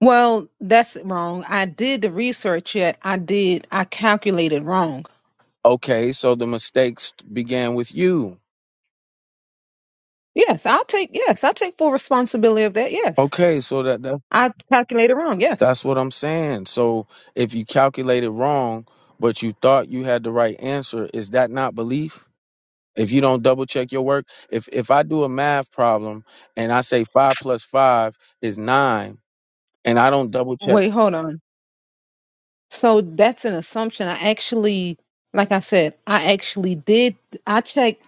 A: Well, that's wrong. I did the research yet. I did. I calculated wrong.
G: Okay, so the mistakes began with you.
A: Yes, I'll take. Yes, I'll take full responsibility of that. Yes,
G: Okay, so that, that
A: I calculated wrong. Yes.
G: that's what I'm saying. So if you calculated wrong, but you thought you had the right answer, is that not belief? if you don't double check your work if if i do a math problem and i say five plus five is nine and i don't double check
A: Wait, hold on. So that's an assumption. I actually, like I said, I actually did. I checked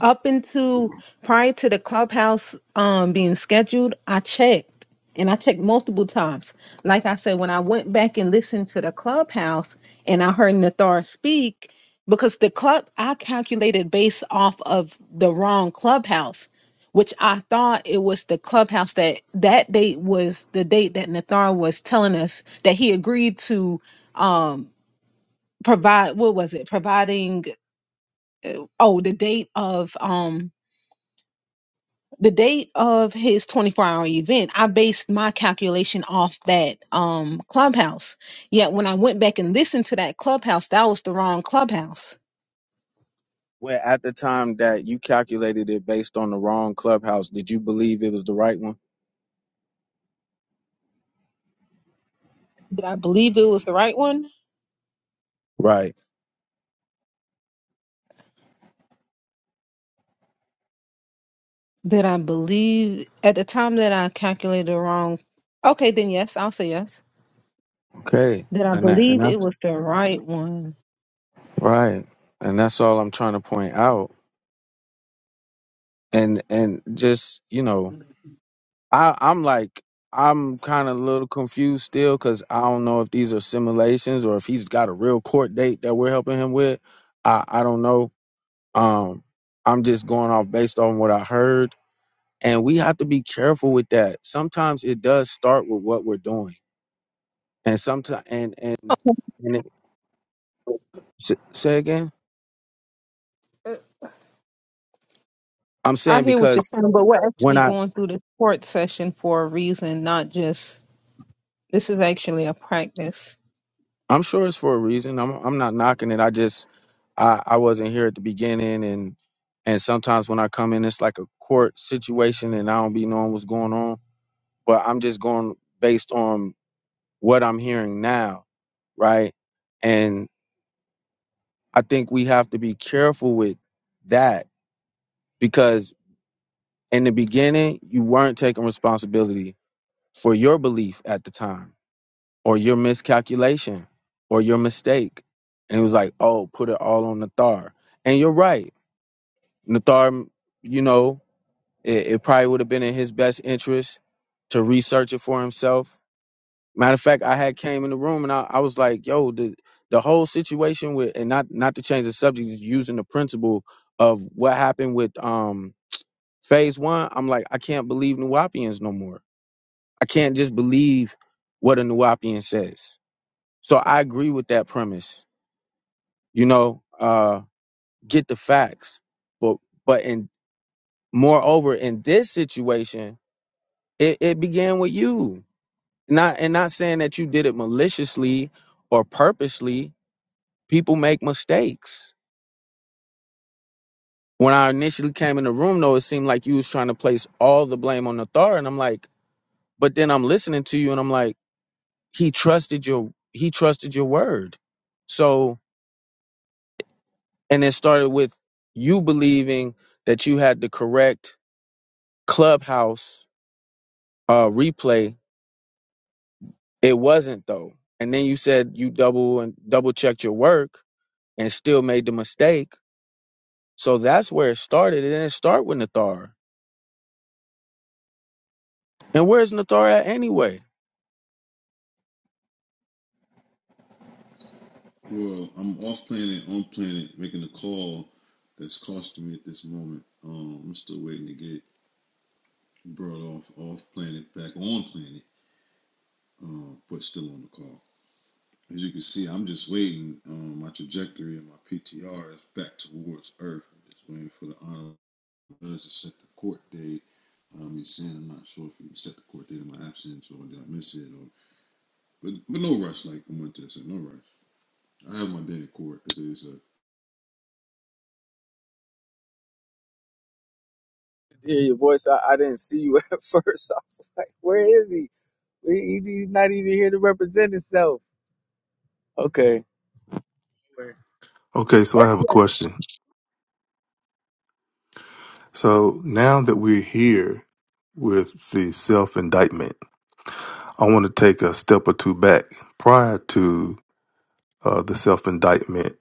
A: up into prior to the clubhouse um being scheduled. I checked and I checked multiple times. Like I said, when I went back and listened to the clubhouse and I heard Nathar speak, because the club I calculated based off of the wrong clubhouse. Which I thought it was the clubhouse that that date was the date that Nathar was telling us that he agreed to um provide what was it providing oh the date of um the date of his 24 hour event i based my calculation off that um clubhouse yet when i went back and listened to that clubhouse that was the wrong clubhouse
G: well at the time that you calculated it based on the wrong clubhouse did you believe it was the right one
A: did i believe it was the right one
G: right
A: did i believe at the time that i calculated the wrong okay then yes i'll say yes
G: okay
A: did i
G: and that and
A: believe it
G: that's
A: was the right one
G: right and that's all i'm trying to point out and and just you know i i'm like I'm kind of a little confused still because I don't know if these are simulations or if he's got a real court date that we're helping him with. I, I don't know Um, I'm just going off based on what I heard. And we have to be careful with that. Sometimes it does start with what we're doing. And sometimes, and, and, and it, s- say again, I'm
A: I
G: saying
A: hear what
G: because
A: you're saying, but we're
G: when
A: actually
G: I,
A: going through this court session for a reason, not just this is actually a practice.
G: I'm sure it's for a reason. I'm, I'm not knocking it. I just, I, I wasn't here at the beginning and, and sometimes when I come in, it's like a court situation and I don't be knowing what's going on, but I'm just going based on what I'm hearing now. Right. I think we have to be careful with that because in the beginning, you weren't taking responsibility for your belief at the time or your miscalculation or your mistake. And it was like, oh, put it all on Nathar. And you're right. Nathar, you know, it, it probably would have been in his best interest to research it for himself Matter of fact, I had came in the room and I, I was like, yo, the the whole situation with and not not to change the subject, just using the principle of what happened with um phase one, I'm like, I can't believe Nuwapians no more. I can't just believe what a Nuwapian says. So I agree with that premise. You know, uh get the facts. But but in moreover, in this situation, it, it began with you. Not and not saying that you did it maliciously or purposely, people make mistakes. When I initially came in the room, though, it seemed like you was trying to place all the blame on the Thar, and I'm like, but then I'm listening to you, and I'm like, he trusted your he trusted your word. So, and it started with you believing that you had the correct clubhouse uh, replay. It wasn't though, and then you said you double and double checked your work and still made the mistake. So that's where it started. It didn't start with Nathar. And where's Nathar at anyway?
D: Well, I'm off planet, on planet, making a call that's costing me at this moment. Um, I'm still waiting to get brought off off planet, back on planet, um, but still on the call. As you can see, I'm just waiting. Um, my trajectory and my PTR is back towards Earth. I'm just waiting for the honorable judge to set the court date. Um, he's saying I'm not sure if he set the court date in my absence or did I miss it. Or, but but no rush, like I'm to say, no rush. I have my day in court. It's, a, it's a,
G: hear your voice. I, I didn't see you (laughs) at first. I was like, where is he? He- He's not even here to represent himself. Okay.
C: Okay, so I have a question. So now that we're here with the self indictment, I want to take a step or two back prior to uh, the self indictment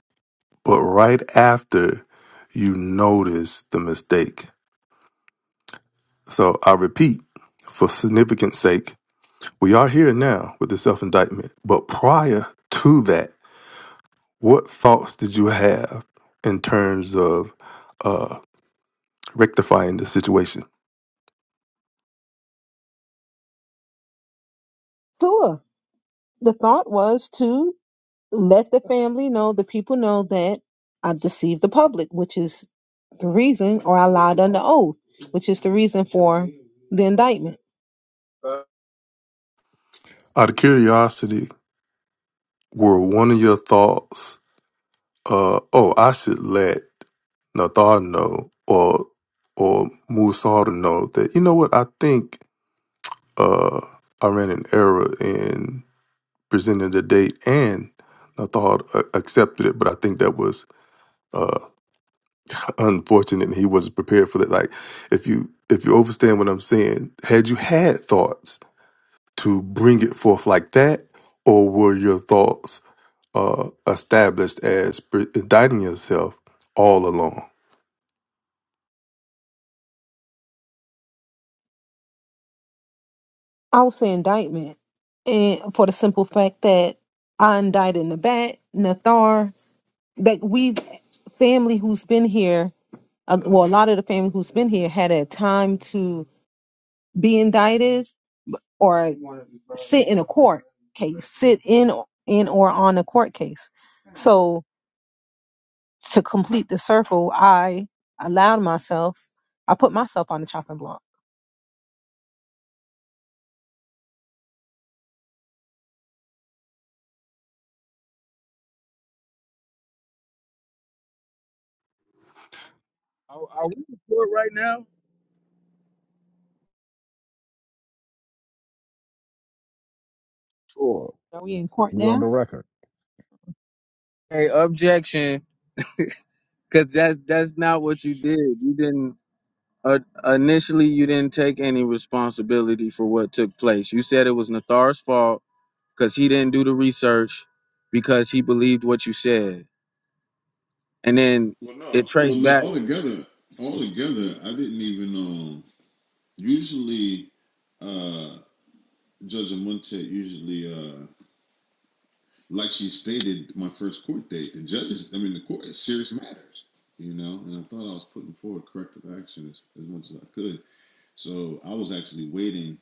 C: but right after you notice the mistake. So I repeat, for significance sake, we are here now with the self indictment, but prior to that, what thoughts did you have in terms of uh, rectifying the situation?
A: Sure. The thought was to let the family know, the people know that I deceived the public, which is the reason, or I lied under oath, which is the reason for the indictment.
C: Out of curiosity, were one of your thoughts, uh, oh, I should let Nathar know or or Musar know that, you know what, I think uh, I ran an error in presenting the date, and I thought uh, accepted it, but I think that was uh, unfortunate, and he wasn't prepared for that. Like, if you if you understand what I'm saying, had you had thoughts to bring it forth like that, or were your thoughts uh, established as pre- indicting yourself all along?
A: I would say indictment, and for the simple fact that I indicted Nabat, Nathar, that we family who's been here uh, well, a lot of the family who's been here had a time to be indicted or sit in a court case, sit in in or on a court case. So to complete the circle, I allowed myself, I put myself on the chopping block.
G: Are, are we recording right now?
B: Sure.
A: Are we in court
B: We on
A: now?
B: the record.
G: Hey, objection, because that that's not what you did. You didn't. Uh, initially, you didn't take any responsibility for what took place. You said it was Nathar's fault because he didn't do the research because he believed what you said, and then
D: well, no,
G: it
D: well,
G: traced
D: no.
G: back.
D: Altogether, altogether, I didn't even. Um, usually, uh, Judge Amonte usually. uh, like she stated, my first court date, the judges, I mean, the court, it's serious matters, you know, and I thought I was putting forward corrective action as, as much as I could. So I was actually waiting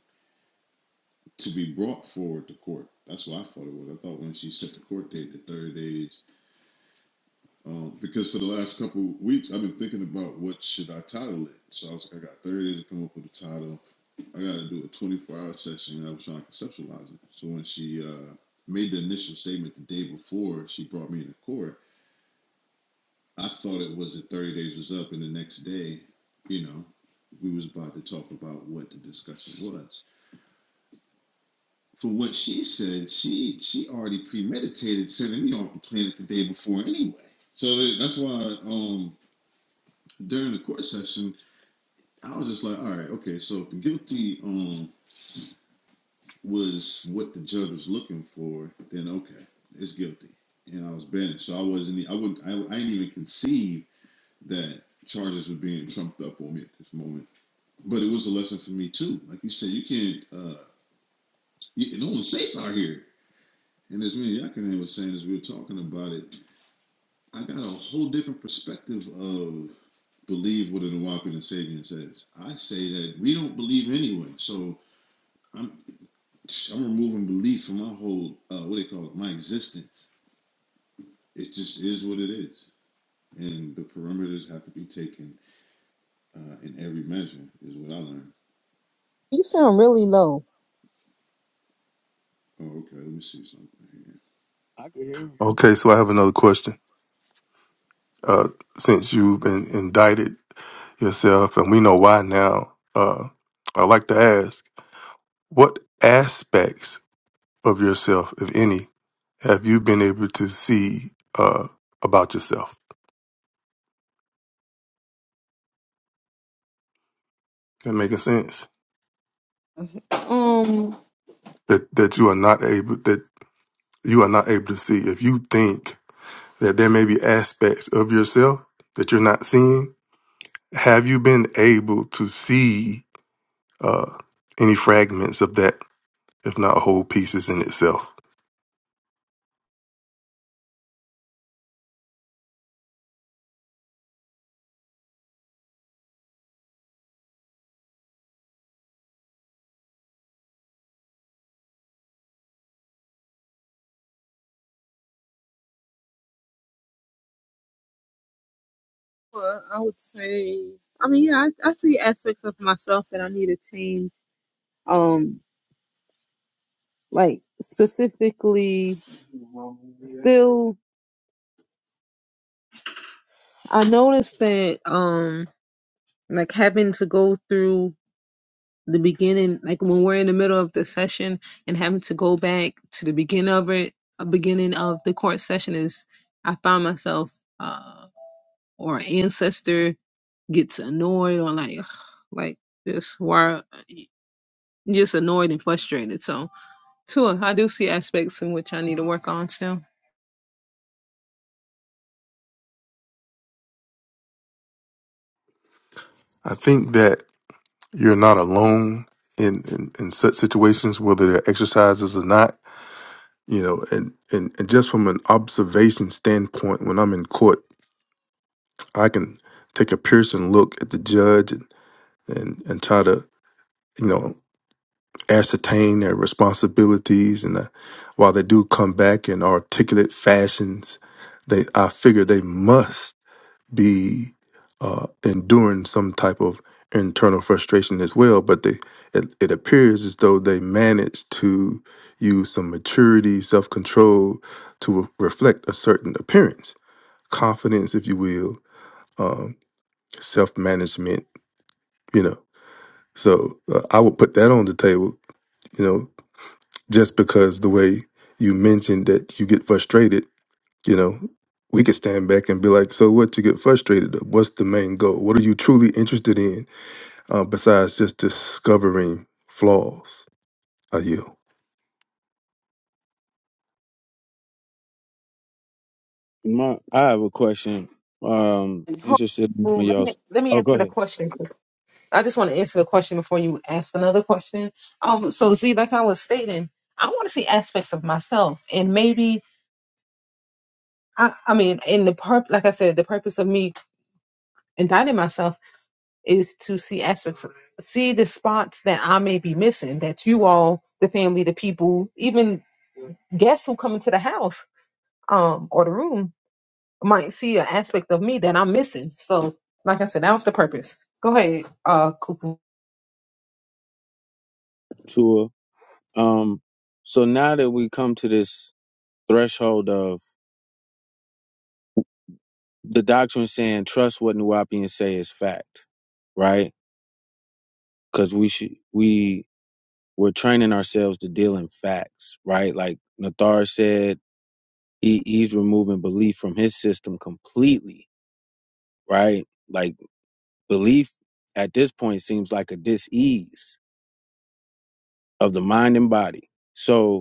D: to be brought forward to court. That's what I thought it was. I thought when she set the court date to 30 days, um, because for the last couple of weeks, I've been thinking about what should I title it. So I was like, I got 30 days to come up with a title. I got to do a 24 hour session, and I was trying to conceptualize it. So when she uh, made the initial statement the day before she brought me into court, I thought it was that 30 days was up, and the next day, you know, we was about to talk about what the discussion was. From what she said, she she already premeditated sending me off the planet the day before anyway. So that's why um, during the court session, I was just like, all right, okay, so if the guilty um, was what the judge was looking for, then okay, it's guilty, and I was banished. So I wasn't, e, I would, I, I didn't even conceive that charges were being trumped up on me at this moment But it was a lesson for me too. Like you said, you can't. Uh, you, no one's safe out here. And as me and Yakanan was saying, as we were talking about it, I got a whole different perspective of believe what an Awaken and Sabian says. I say that we don't believe anyway. So I'm I'm removing belief from my whole uh, what do they call it, my existence. It just is what it is, and the perimeters have to be taken uh, in every measure. Is what I learned.
A: You sound really low.
D: Oh, okay. Let me see something here.
G: I can hear. him.
C: Okay, so I have another question. Uh, since you've been indicted yourself, and we know why now. Uh, I like to ask What aspects of yourself, if any, have you been able to see uh, about yourself? That making sense?
A: Um,
C: That that you are not able that you are not able to see. If you think that there may be aspects of yourself that you're not seeing, have you been able to see uh, any fragments of that, if not whole pieces in itself?
A: well, I would say, I mean, yeah, I, I see aspects of myself that I need to change. Um, Like specifically still I noticed that um like having to go through the beginning like when we're in the middle of the session and having to go back to the beginning of it a beginning of the court session is I find myself uh or ancestor gets annoyed or like (sighs) like just why just annoyed and frustrated. So Sure, I do see aspects in which I need to work on still.
C: I think that you're not alone in, in, in such situations, whether they're exercises or not you know and, and and just from an observation standpoint when i'm in court i can take a piercing look at the judge and and, and try to you know ascertain their responsibilities and uh, while they do come back in articulate fashions they i figure they must be uh, enduring some type of internal frustration as well. But they, it, it appears as though they managed to use some maturity, self control to re- reflect a certain appearance, confidence, if you will, um, self management. You know, so uh, I would put that on the table. You know, just because the way you mentioned that you get frustrated, you know, we could stand back and be like, so what? You get frustrated. of? What's the main goal? What are you truly interested in? uh, besides just discovering flaws. I yield.
G: My, I have a question. Um,
A: And ho-
G: interested in
A: well, let me
G: y'all's.
A: let me
G: Oh, go
A: answer the
G: ahead,
A: question. I just want to answer the question before you ask another question. Um, so Z, like I was stating, I want to see aspects of myself, and maybe I, I mean, in the purp, like I said, the purpose of me indicting myself is to see aspects, of, see the spots that I may be missing, that you all, the family, the people, even guests who come into the house um or the room might see an aspect of me that I'm missing. So, like I said, that was the purpose. Go ahead, uh, Kufu.
G: Tua. Um, so now that we come to this threshold of the doctrine saying trust what Nuwapians say is fact, right? Because we should we we're training ourselves to deal in facts, right? Like Nathar said, he, he's removing belief from his system completely, right? Like belief at this point seems like a disease of the mind and body. So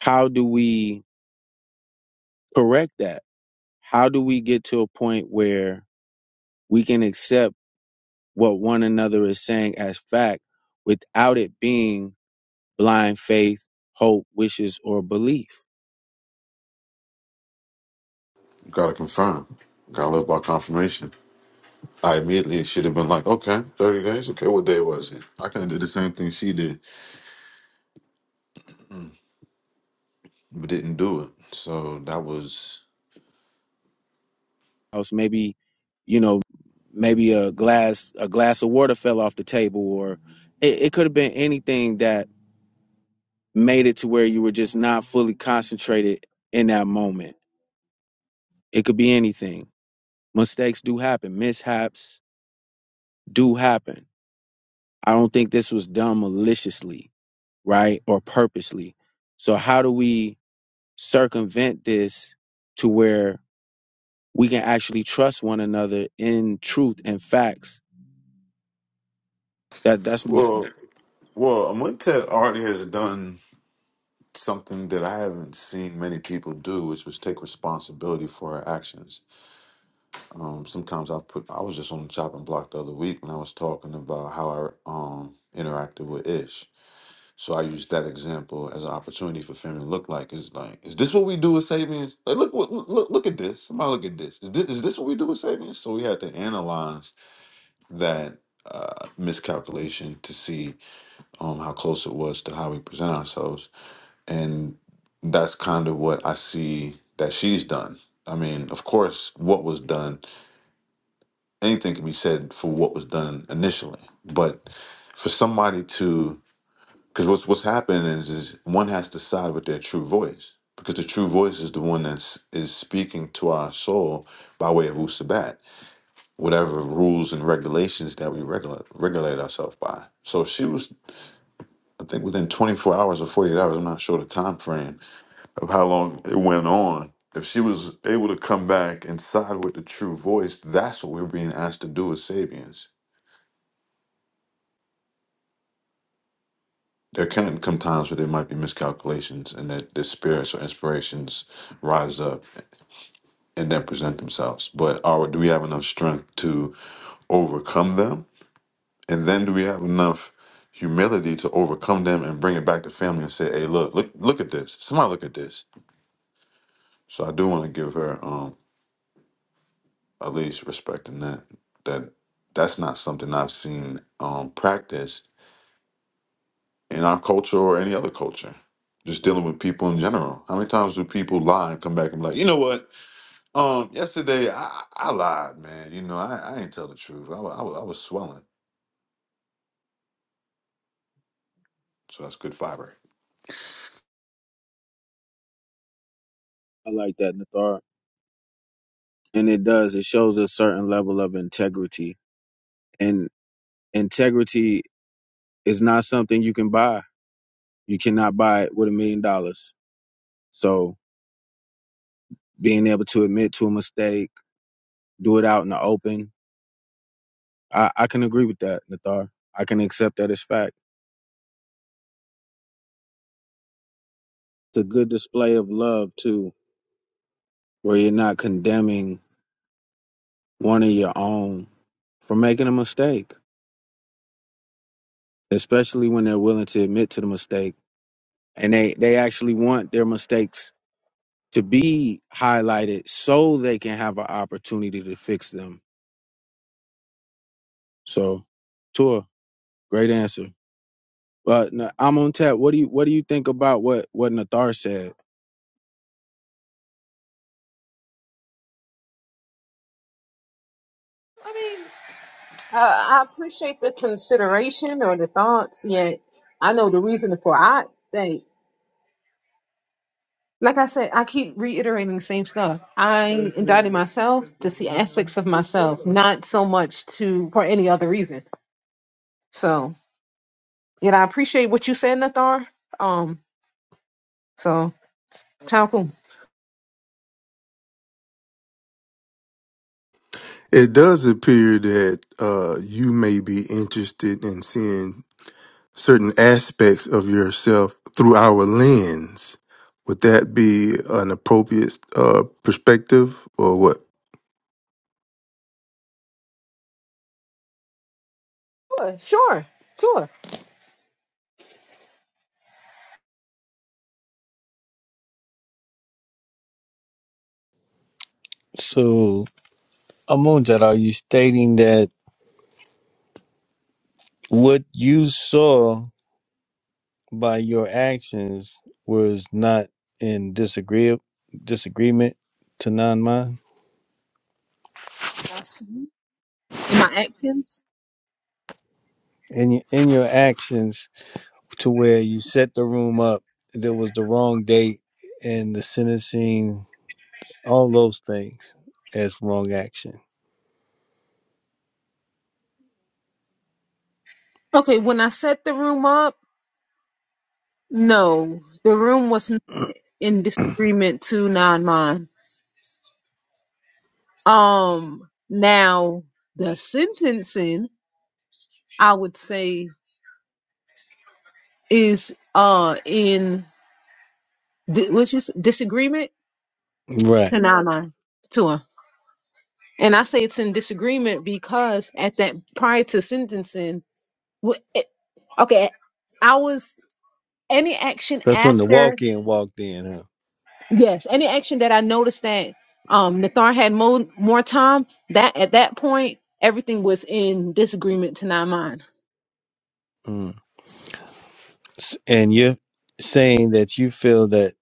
G: how do we correct that? How do we get to a point where we can accept what one another is saying as fact without it being blind faith, hope, wishes, or belief?
D: Gotta confirm. Gotta live by confirmation. I immediately should have been like, okay, 30 days. Okay, what day was it? I kind of did the same thing she did, but didn't do it. So that was,
G: Else maybe, you know, maybe a glass a glass of water fell off the table or it, it could have been anything that made it to where you were just not fully concentrated in that moment. It could be anything. Mistakes do happen, mishaps do happen I don't think this was done maliciously, right? Or purposely. So how do we circumvent this to where we can actually trust one another in truth and facts? That that's my
D: well,
G: question.
D: well, Amuntet already has done something that I haven't seen many people do, which was take responsibility for our actions. Um, sometimes I put, I was just on the chopping block the other week when I was talking about how I um, interacted with Ish. So I use that example as an opportunity for Finn to look like is like, is this what we do with Sabians? Like, look, what- look, look look at this. Somebody look at this. Is this, is this what we do with Sabians? So we had to analyze that uh, miscalculation to see um, how close it was to how we present ourselves, and that's kind of what I see that she's done. I mean, of course, what was done, anything can be said for what was done initially, but for somebody to Because what's what's happening is is one has to side with their true voice because the true voice is the one that's is speaking to our soul by way of Usabat, whatever rules and regulations that we regulate regulate ourselves by. So she was, I think, within 24 hours or 48 hours. I'm not sure the time frame of how long it went on. If she was able to come back and side with the true voice, that's what we're being asked to do as Sabians. There can come times where there might be miscalculations and that the spirits or inspirations rise up and then present themselves. But are do we have enough strength to overcome them? And then do we have enough humility to overcome them and bring it back to family and say, "Hey, look, look, look at this. Somebody look at this." So I do want to give her um at least respect in that that that's not something I've seen um practiced in our culture or any other culture. Just dealing with people in general. How many times do people lie and come back and be like, you know what? Um, yesterday I, I lied, man. You know, I, I ain't tell the truth. I, wa- I, wa- I was swelling. So that's good fiber.
G: I like that, Nathar. And it does. It shows a certain level of integrity. And integrity is not something you can buy. You cannot buy it with a million dollars. So being able to admit to a mistake, do it out in the open. I, I can agree with that, Nathar. I can accept that as fact. It's a good display of love too, where you're not condemning one of your own for making a mistake, especially when they're willing to admit to the mistake and they they actually want their mistakes to be highlighted so they can have an opportunity to fix them. So, Tua, great answer. But no, I'm on tap. What do you what do you think about what what Nathar said?
A: Uh, I appreciate the consideration or the thoughts. Yet, I know the reason for I think. Like I said, I keep reiterating the same stuff. I indicted myself to see aspects of myself, not so much to for any other reason. So, yet I appreciate what you said, Nathar. Um, so, Talcum.
C: It does appear that uh, you may be interested in seeing certain aspects of yourself through our lens. Would that be an appropriate uh, perspective or what?
A: Sure, sure, sure.
E: So, Amunjad, are you stating that what you saw by your actions was not in disagree disagreement to non-mind?
A: I see in my actions
E: In your, in your actions, to where you set the room up, there was the wrong date, and the sentencing. all those things as wrong action.
A: Okay, when I set the room up, no, the room was not in disagreement to non mine. Um, now the sentencing, I would say, is uh in di- what's your s- disagreement
E: Right.
A: to non mine to her, and I say it's in disagreement because at that prior to sentencing, wh- eh, okay, I was any action
E: That's when the
A: after.
E: walk in walked in, huh?
A: Yes, any action that I noticed that um Nathar had more more time, that at that point everything was in disagreement to not mine.
E: Mm. S- And you're saying that you feel that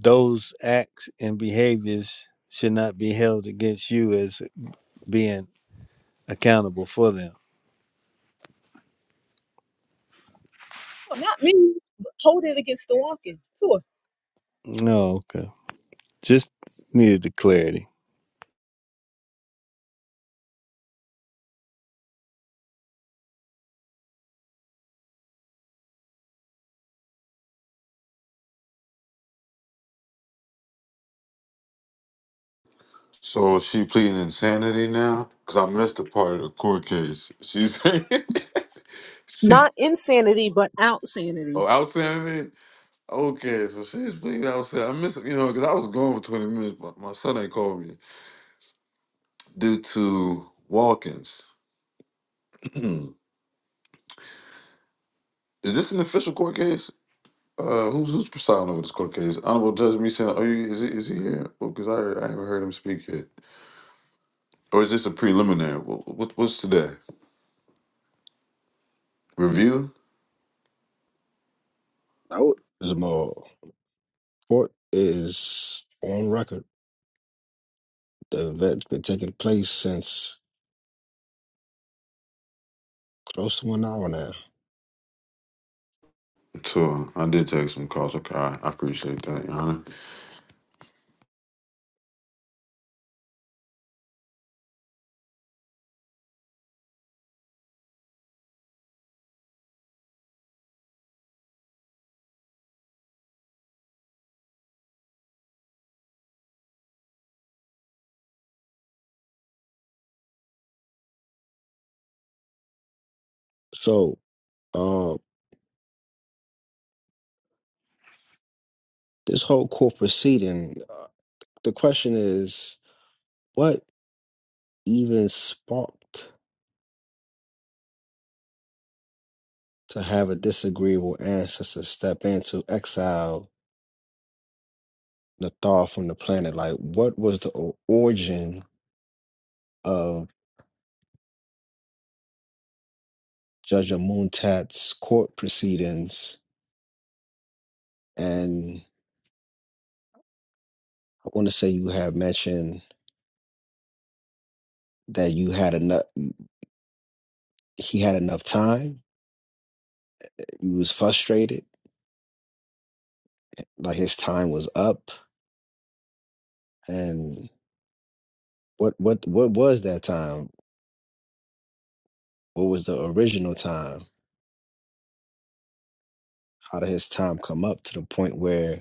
E: those acts and behaviors should not be held against you as being accountable for them.
A: Well, not me. Hold it against the walking. Sure.
E: No, okay. Just needed the clarity.
D: So is she pleading insanity now? Because I missed the part of the court case. She's (laughs) she's
A: Not insanity, but out sanity.
D: oh outstanding. Okay, so she's pleading outstanding. I missed you know because I was gone for twenty minutes, but my son ain't called me due to walk-ins. (clears throat) is this an official court case? Uh, who's who's presiding over this court case? Honorable Judge Meeson. Are you is he is he here? Because I I haven't heard him speak yet. Or is this a preliminary? What, what what's today? Review.
B: No, Zamal. Court is on record. The event's been taking place since close to an hour now.
D: So I did take some calls. Okay, I I appreciate that, Your Honor.
B: So, uh, this whole court proceeding, uh, the question is. What even sparked to have a disagreeable ancestor step in to exile Nathar from the planet? Like, what was the o- origin of Judge Amuntat's court proceedings? And I want to say you have mentioned that you had enough. He had enough time. He was frustrated, like his time was up. And what what what was that time? What was the original time? How did his time come up to the point where?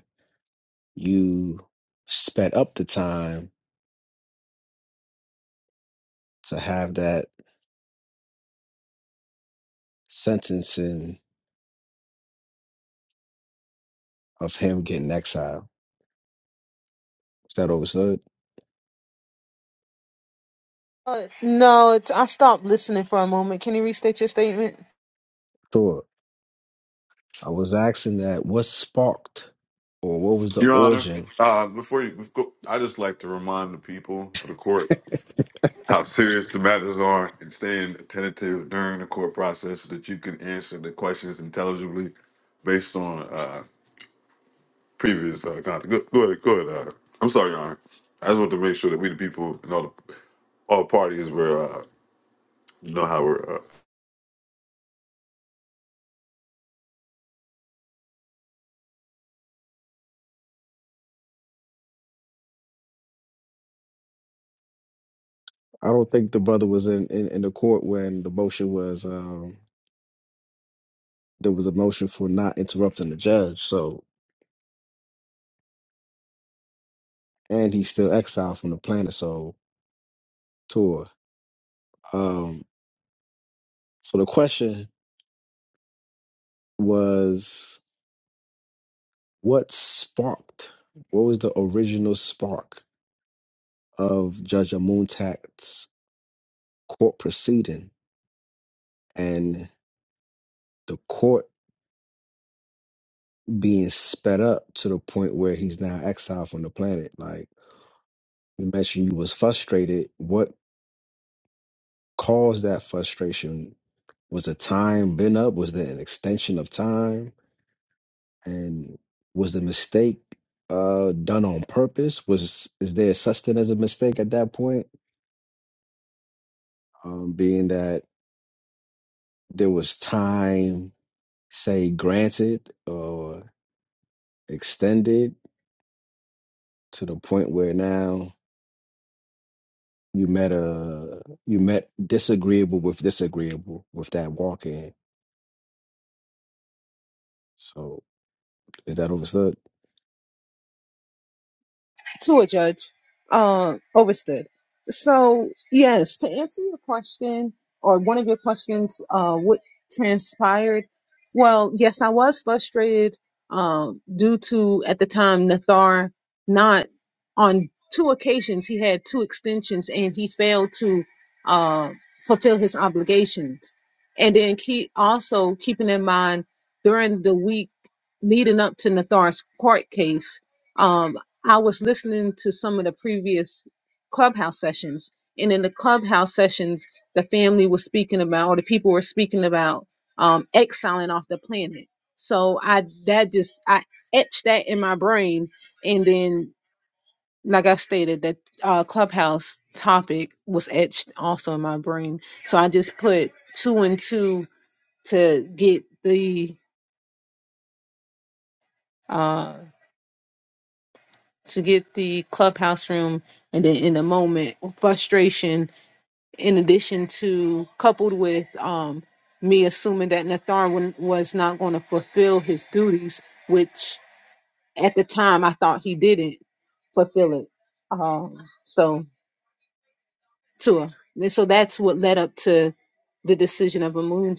B: you sped up the time to have that sentencing of him getting exiled. Is that overstood?
A: Uh, no, t- I stopped listening for a moment. Can you restate your statement?
B: Sure. I was asking that what sparked or what was the
D: Your Honor,
B: origin
D: uh, before you go, I just like to remind the people of the court how serious the matters are and staying attentive during the court process so that you can answer the questions intelligibly based on uh, previous uh, content. Go, go ahead, go ahead. Uh, I'm sorry, Your Honor. I just want to make sure that we, the people, and all, the, all parties, were uh, know how we're. Uh,
B: I don't think the brother was in, in, in the court when the motion was um, there was a motion for not interrupting the judge. So, and he's still exiled from the planet Soul tour. Um, so the question was, what sparked? What was the original spark of Judge Amuntat's court proceeding and the court being sped up to the point where he's now exiled from the planet? Like you mentioned, you was frustrated. What caused that frustration? Was the time been up? Was there an extension of time? And was the mistake uh, done on purpose? Was is there such thing as a mistake at that point? Um, being that there was time, say, granted or extended to the point where now you met a you met disagreeable with disagreeable with that walk in. So is that understood?
A: to a judge. Um, overstood. So yes, to answer your question or one of your questions, uh, what transpired? Well, yes, I was frustrated um, due to at the time Nathar not on two occasions he had two extensions and he failed to uh, fulfill his obligations. And then keep also keeping in mind during the week leading up to Nathar's court case. um, I was listening to some of the previous clubhouse sessions, and in the clubhouse sessions, the family was speaking about, or the people were speaking about, um, exiling off the planet. So I that just I etched that in my brain, and then like I stated, that uh, clubhouse topic was etched also in my brain. So I just put two and two to get the uh, to get the clubhouse room, and then in the moment frustration in addition to coupled with um, me assuming that Nathan wa- was not going to fulfill his duties, which at the time I thought he didn't fulfill it. Um, so to and so that's what led up to the decision of a moon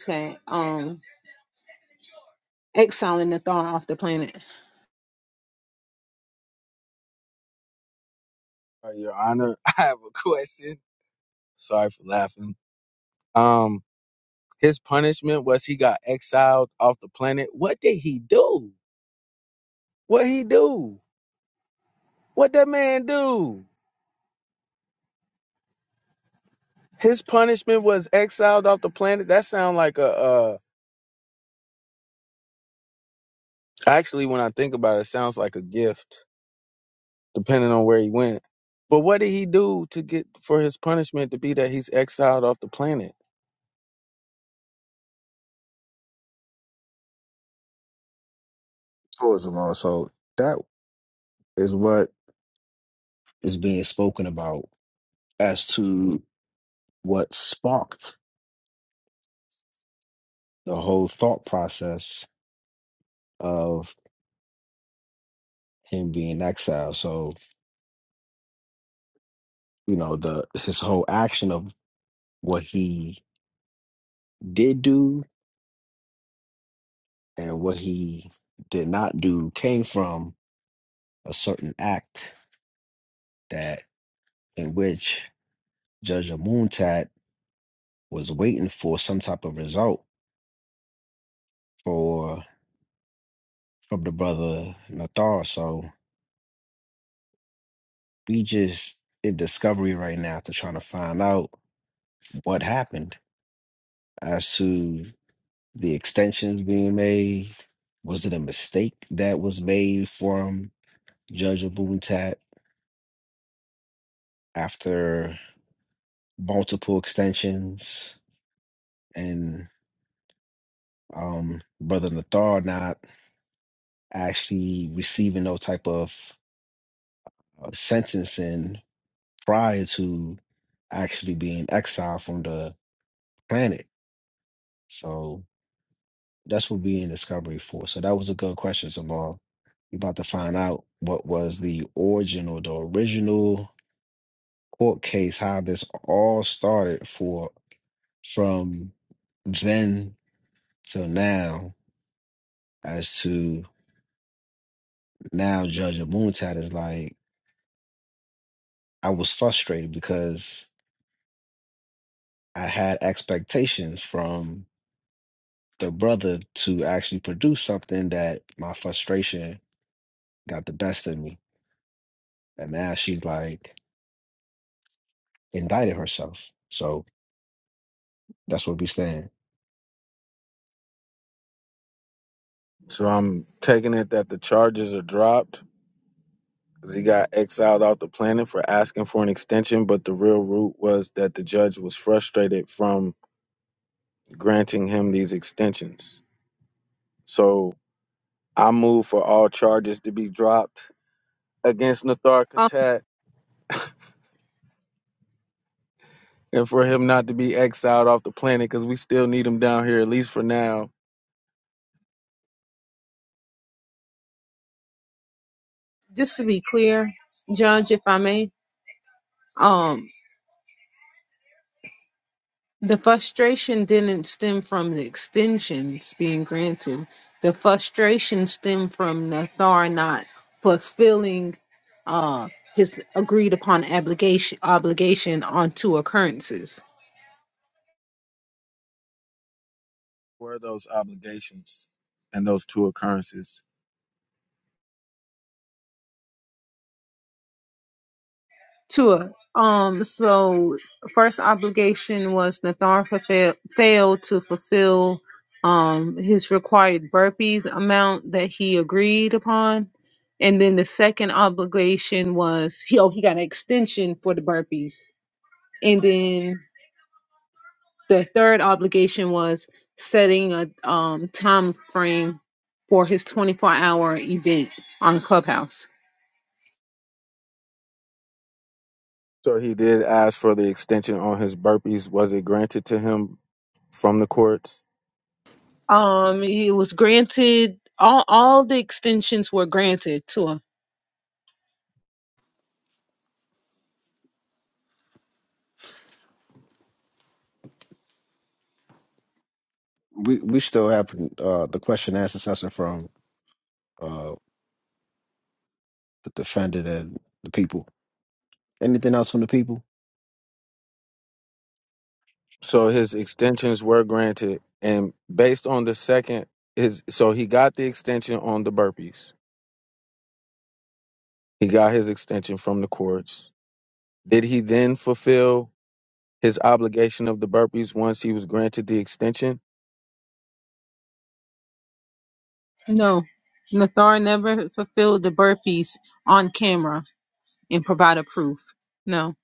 A: um, exiling Nathan off the planet.
G: Uh, your Honor, (laughs) I have a question. Sorry for laughing. Um, His punishment was he got exiled off the planet. What did he do? What he do? What that man do? His punishment was exiled off the planet. That sound like a uh actually when I think about it, it sounds like a gift, depending on where he went. But what did he do to get for his punishment to be that he's exiled off the planet?
B: Tourism also that is what is being spoken about as to what sparked the whole thought process of him being exiled. So, you know, the his whole action of what he did do and what he did not do came from a certain act that in which Judge Amuntat was waiting for some type of result for from the brother Nathar. So we just in discovery right now to trying to find out what happened as to the extensions being made? Was it a mistake that was made from Judge Abuntat after multiple extensions and um, Brother Nathar not actually receiving no type of uh, sentencing prior to actually being exiled from the planet? So that's what we're in discovery for. So that was a good question, Jamal. You're about to find out what was the original, the original court case, how this all started for from then till now, as to now Judge Abuntat is like, I was frustrated because I had expectations from the brother to actually produce something that my frustration got the best of me. And now she's like indicted herself. So that's what we stand.
G: So I'm taking it that the charges are dropped because He got exiled off the planet for asking for an extension, but the real root was that the judge was frustrated from granting him these extensions. So I move for all charges to be dropped against Nathar
A: Um,
G: Katat and for him not to be exiled off the planet because we still need him down here, at least for now.
A: just to be clear, Judge, if I may, um, The frustration didn't stem from the extensions being granted. The frustration stemmed from Nathar not fulfilling uh, his agreed upon obligation obligation on two occurrences.
G: Were those obligations and those two occurrences?
A: Sure. Um, so first obligation was Nathan fulfill, failed to fulfill um his required burpees amount that he agreed upon. And then the second obligation was he oh he got an extension for the burpees. And then the third obligation was setting a um time frame for his 24 hour event on Clubhouse.
G: So he did ask for the extension on his burpees. Was it granted to him from the courts?
A: Um, he was granted all all the extensions were granted to him.
B: We we still have uh, the question and answer session from uh, the defendant and the people. Anything else from the people?
G: So his extensions were granted. And based on the second, his, so he got the extension on the burpees. He got his extension from the courts Did he then fulfill his obligation of the burpees once he was granted the extension?
A: No, Nathar never fulfilled the burpees on camera and provided proof. No.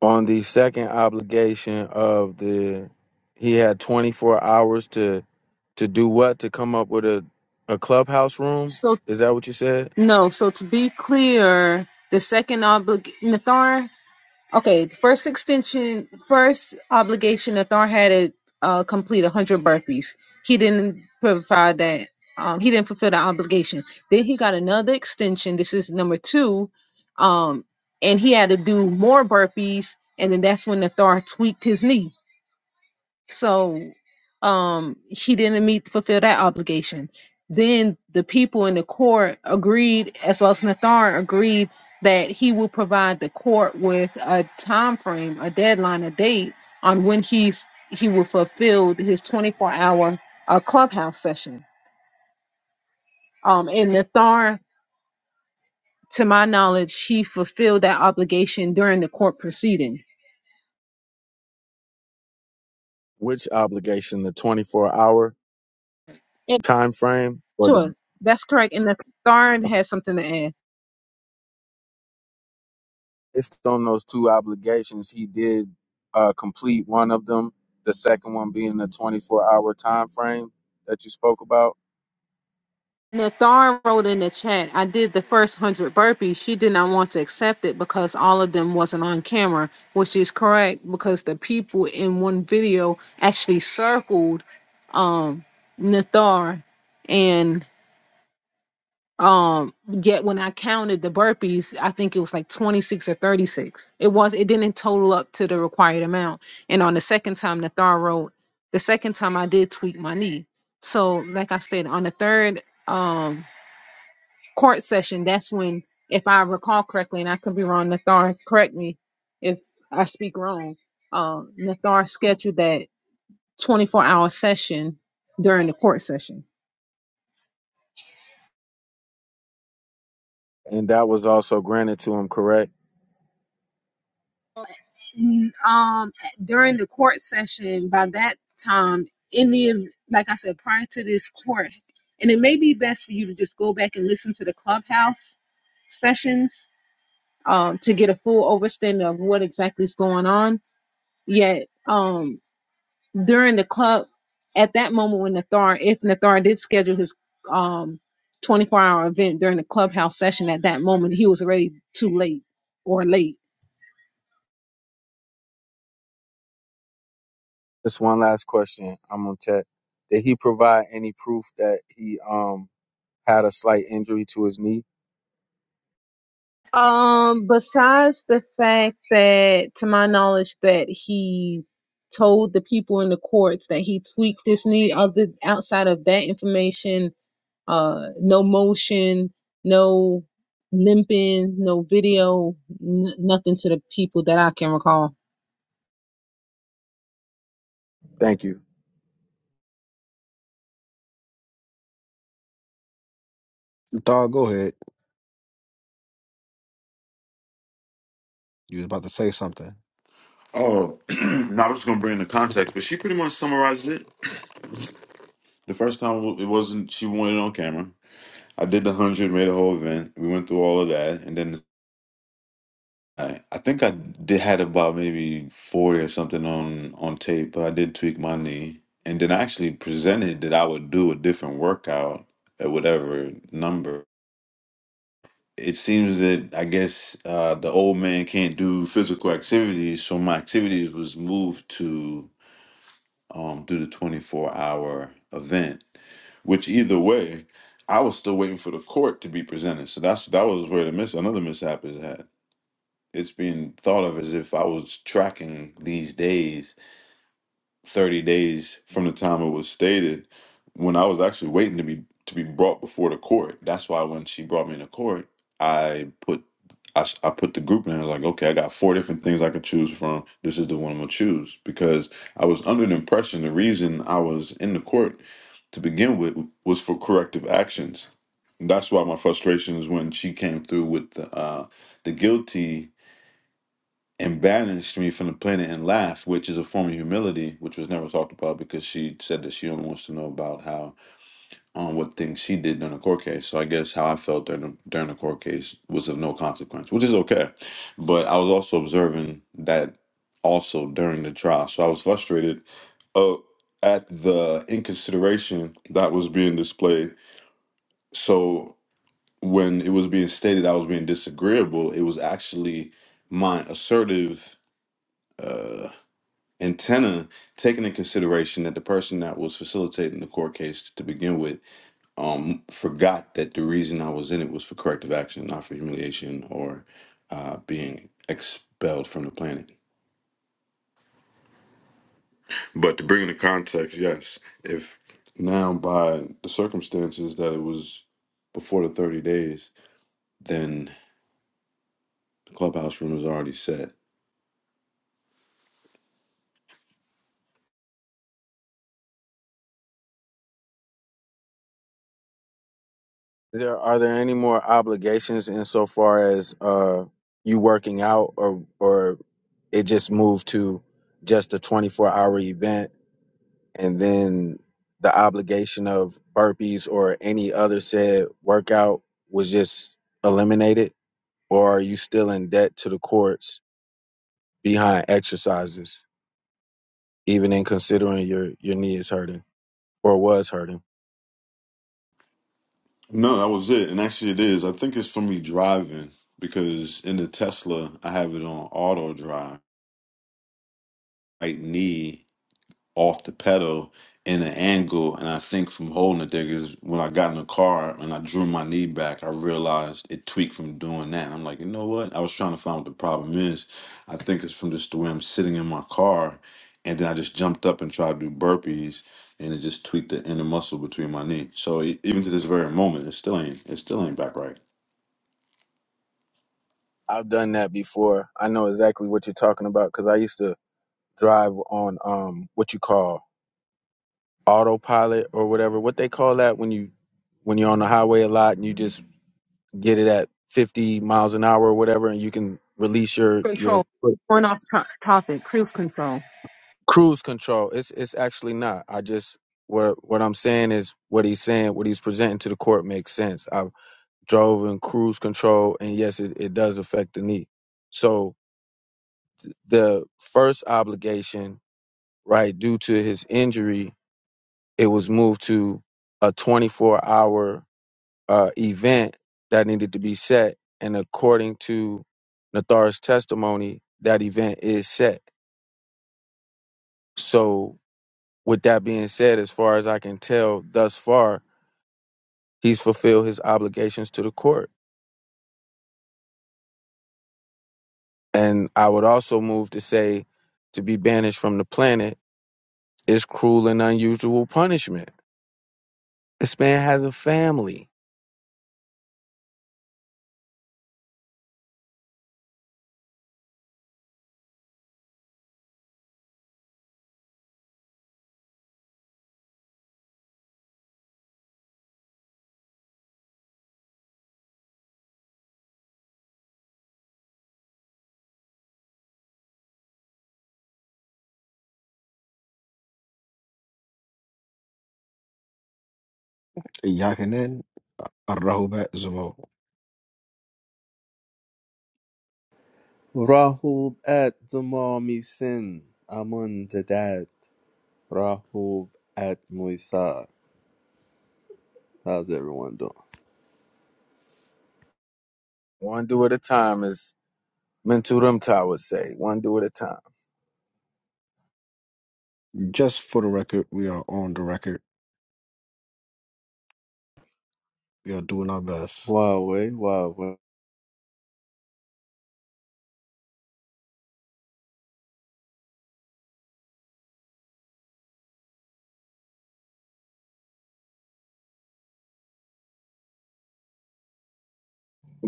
G: On the second obligation of the, he had 24 hours to to do what? To come up with a a clubhouse room?
A: So
G: Is that what you said?
A: no. So to be clear, the second obligation, Okay, the first extension, first obligation that Thor had to uh, complete 100 burpees. He didn't provide that. Um, he didn't fulfill that obligation. Then he got another extension. This is number two. Um, and he had to do more burpees. And then that's when the Thor tweaked his knee. So um he didn't meet fulfill that obligation. Then the people in the court agreed, as well as Nathan agreed that he will provide the court with a time frame, a deadline, a date on when he's he will fulfill his 24 hour uh, clubhouse session. Um, and Nathan to my knowledge, she fulfilled that obligation during the court proceeding.
G: Which obligation? The 24 hour
A: And
G: time frame or the
A: sure, that's correct. And the Tharn has something to add.
G: based on those two obligations, he did uh, complete one of them. The second one being the 24 hour time frame that you spoke about.
A: Nathan wrote in the chat, I did the first one hundred burpees. She did not want to accept it because all of them wasn't on camera, which is correct because the people in one video actually circled um Nathar and um yet when I counted the burpees, I think it was like 26 or 36. It was it didn't total up to the required amount. And on the second time Nathar wrote, the second time I did tweak my knee. So like I said, on the third um court session, that's when, if I recall correctly, and I could be wrong, Nathar, correct me if I speak wrong. Um, Nathar scheduled that 24 hour session during the court session.
G: And that was also granted to him, correct?
A: Mm, Um, during the court session, by that time, in the ev- like I said, prior to this court, and it may be best for you to just go back and listen to the clubhouse sessions um, to get a full overstanding of what exactly is going on. Yet, um, during the club at that moment when Nathar, if Nathar did schedule his um 24 hour event during the clubhouse session at that moment, he was already too late or late.
G: This one last question. I'm gonna check. Did he provide any proof that he um had a slight injury to his knee?
A: Um, besides the fact that, to my knowledge, that he told the people in the courts that he tweaked his knee, other outside of that information, uh, no motion, no limping, no video, n- nothing to the people that I can recall.
G: Thank you.
B: Dog, go ahead. You was about to say something.
D: oh, (clears throat) now I was going to bring the context, but she pretty much summarized it. The first time w- it wasn't she wanted it on camera. I did the hundred, made a whole event. We went through all of that, and then I, I think I did had about maybe forty or something on on tape, but I did tweak my knee, and then I actually presented that I would do a different workout at whatever number. It seems that I guess uh, the old man can't do physical activities, so my activities was moved to um, do the 24 hour event, which either way, I was still waiting for the court to be presented. So that's that was where the miss another mishap is at. It's being thought of as if I was tracking these days 30 days from the time it was stated when I was actually waiting to be to be brought before the court. That's why when she brought me to court, I put I, s- I put the group in. I was like, okay, I got four different things I could choose from. This is the one I'm gonna choose because I was under the impression the reason I was in the court to begin with was for corrective actions. And that's why my frustrations when she came through with the uh, the guilty and banished me from the planet and laughed, which is a form of humility, which was never talked about because she said that she only wants to know about how on what things she did during the court case. So I guess how I felt during the, during the court case was of no consequence, which is okay. But I was also observing that also during the trial, so I was frustrated uh, at the inconsideration that was being displayed. So when it was being stated I was being disagreeable, it was actually my assertive Uh, antenna taking in consideration that the person that was facilitating the court case to begin with um forgot that the reason i was in it was for corrective action not for humiliation or uh being expelled from the planet but to bring in the context yes if now by the circumstances that it was before the 30 days then the clubhouse room is already set
G: Is There are there any more obligations insofar as uh you working out or or it just moved to just a 24 hour event and then the obligation of burpees or any other said workout was just eliminated or are you still in debt to the courts behind exercises, even in considering your your knee is hurting or was hurting.
D: no that was it and actually it is i think it's for me driving because in the tesla i have it on auto drive right knee off the pedal in an angle. And I think from holding it there, because when I got in the car and I drew my knee back, I realized it tweaked from doing that. And I'm like, you know what? I was trying to find what the problem is. I think it's from just the way I'm sitting in my car. And then I just jumped up and tried to do burpees. And it just tweaked the inner muscle between my knee. So e- even to this very moment, it still ain't it still ain't back right.
G: I've done that before. I know exactly what you're talking about because I used to drive on um what you call autopilot or whatever. What they call that when you when you're on the highway a lot and you just get it at 50 miles an hour or whatever, and you can release your your
A: Control. Going off to- topic. Cruise control.
G: cruise control. It's it's actually not. I just what what I'm saying is what he's saying, what he's presenting to the court makes sense. I. drove in cruise control and yes it, it does affect the knee so the first obligation right due to his injury it was moved to a 24 hour uh, event that needed to be set and according to nathar's testimony that event is set so with that being said as far as i can tell thus far he's fulfilled his obligations to the court and i would also move to say to be banished from the planet It's cruel and unusual punishment. This man has a family.
B: Yakinen Rahubat Zumo.
H: Rahub at Zamami Sin. Amun Dad. Rahub at Moisar. How's everyone doing?
G: One do at a time, as Mentu Rumta would say. One do at a time.
B: Just for the record, we are on the record. We are doing our best.
H: Huawei, Huawei.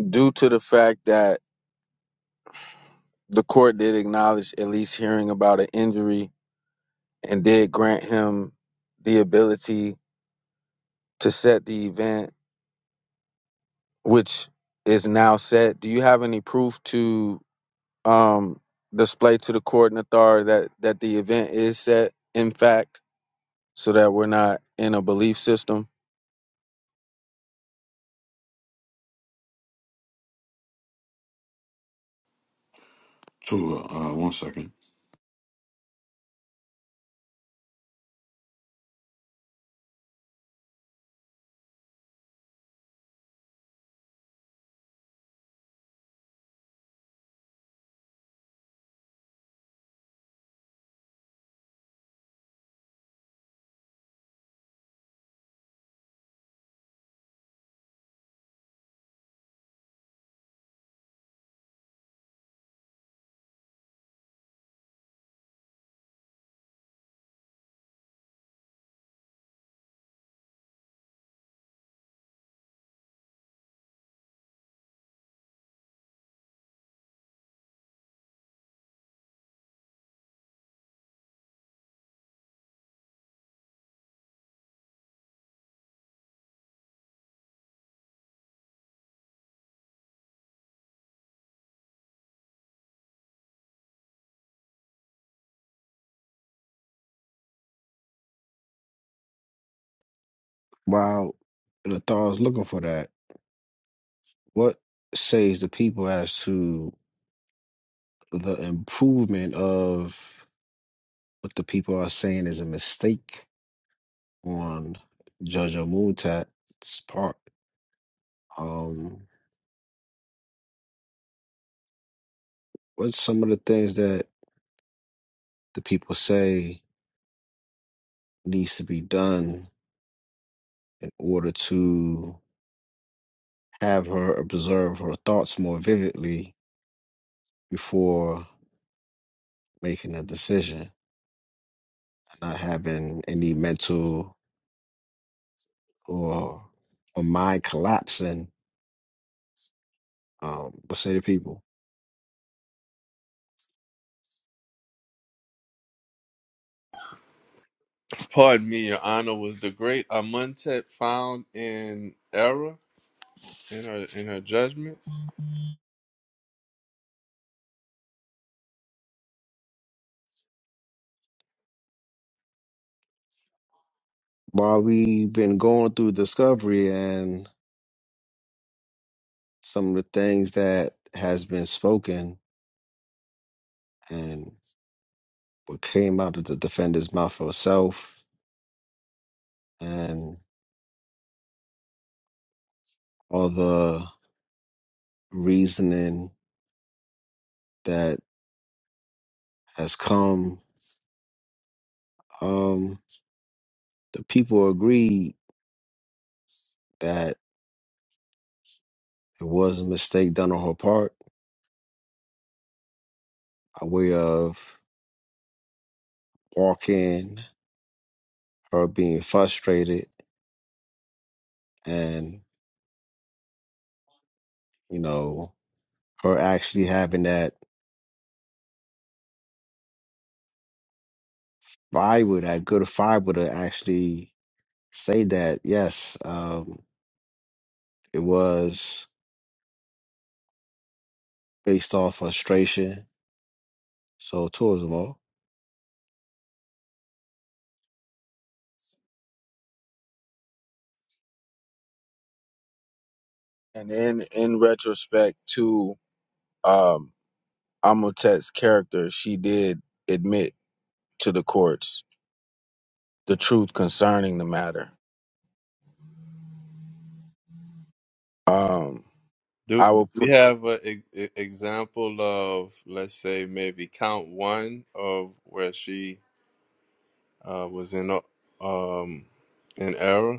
G: Due to the fact that the court did acknowledge at least hearing about an injury and did grant him the ability to set the event, which is now set. Do you have any proof to um, display to the court and authority that, that the event is set, in fact, so that we're not in a belief system?
D: Tua, uh, one second.
B: While the Thar is looking for that, what says the people as to the improvement of what the people are saying is a mistake on Judge Amutat's part? Um, what's some of the things that the people say needs to be done in order to have her observe her thoughts more vividly before making a decision, not having any mental or or mind collapsing. Um, but say to people,
H: Pardon me, Your Honor, was the great Amuntet found in error in her in her judgments?
B: while we've been going through discovery and some of the things that has been spoken and what came out of the defendant's mouth herself and all the reasoning that has come. Um, The people agreed that it was a mistake done on her part, a way of walking, her being frustrated, and, you know, her actually having that fiber, that good fiber to actually say that, yes, um, it was based off frustration. So, towards tourism, all.
G: And in in retrospect to um Amotet's character, she did admit to the courts the truth concerning the matter. Um
H: Do,
G: I
H: do
G: will
H: we
G: put
H: have an example of, let's say, maybe count one of where she uh, was in uh, um in error?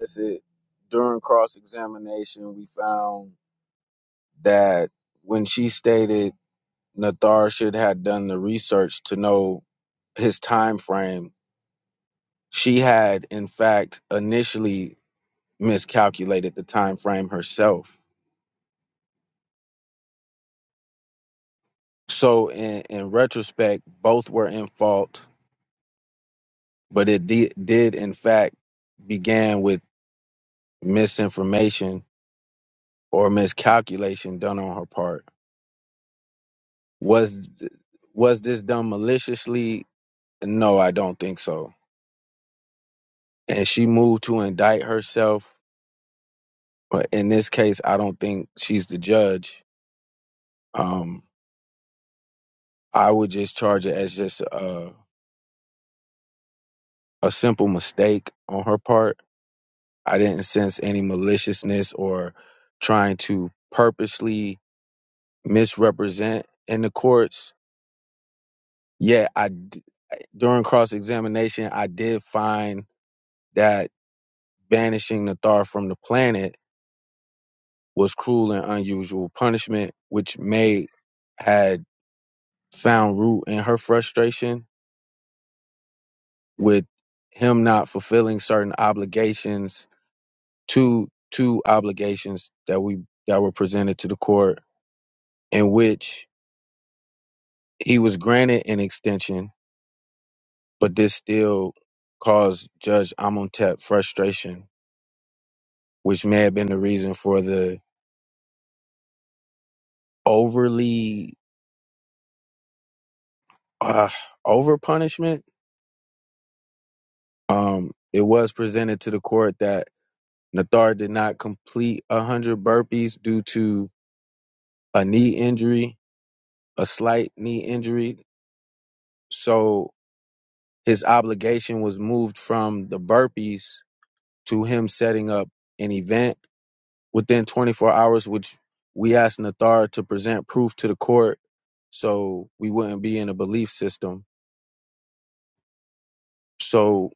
G: this it during cross examination we found that when she stated Nathar should have done the research to know his time frame, she had in fact initially miscalculated the time frame herself So in, in retrospect, both were in fault, but it de- did in fact began with misinformation or miscalculation done on her part. Was th- was this done maliciously? No, I don't think so. And she moved to indict herself, but in this case, I don't think she's the judge. Um, I would just charge it as just a, a simple mistake on her part I didn't sense any maliciousness or trying to purposely misrepresent in the courts. Yet, I d- during cross examination, I did find that banishing Nathar from the planet was cruel and unusual punishment, which May had found root in her frustration with him not fulfilling certain obligations, two two obligations that we that were presented to the court, in which He was granted an extension, but this still caused Judge Amontep frustration, which may have been the reason for the overly uh, over punishment. Um, it was presented to the court that Nathar did not complete 100 burpees due to a knee injury, a slight knee injury. So his obligation was moved from the burpees to him setting up an event within 24 hours, which we asked Nathar to present proof to the court, so we wouldn't be in a belief system. So,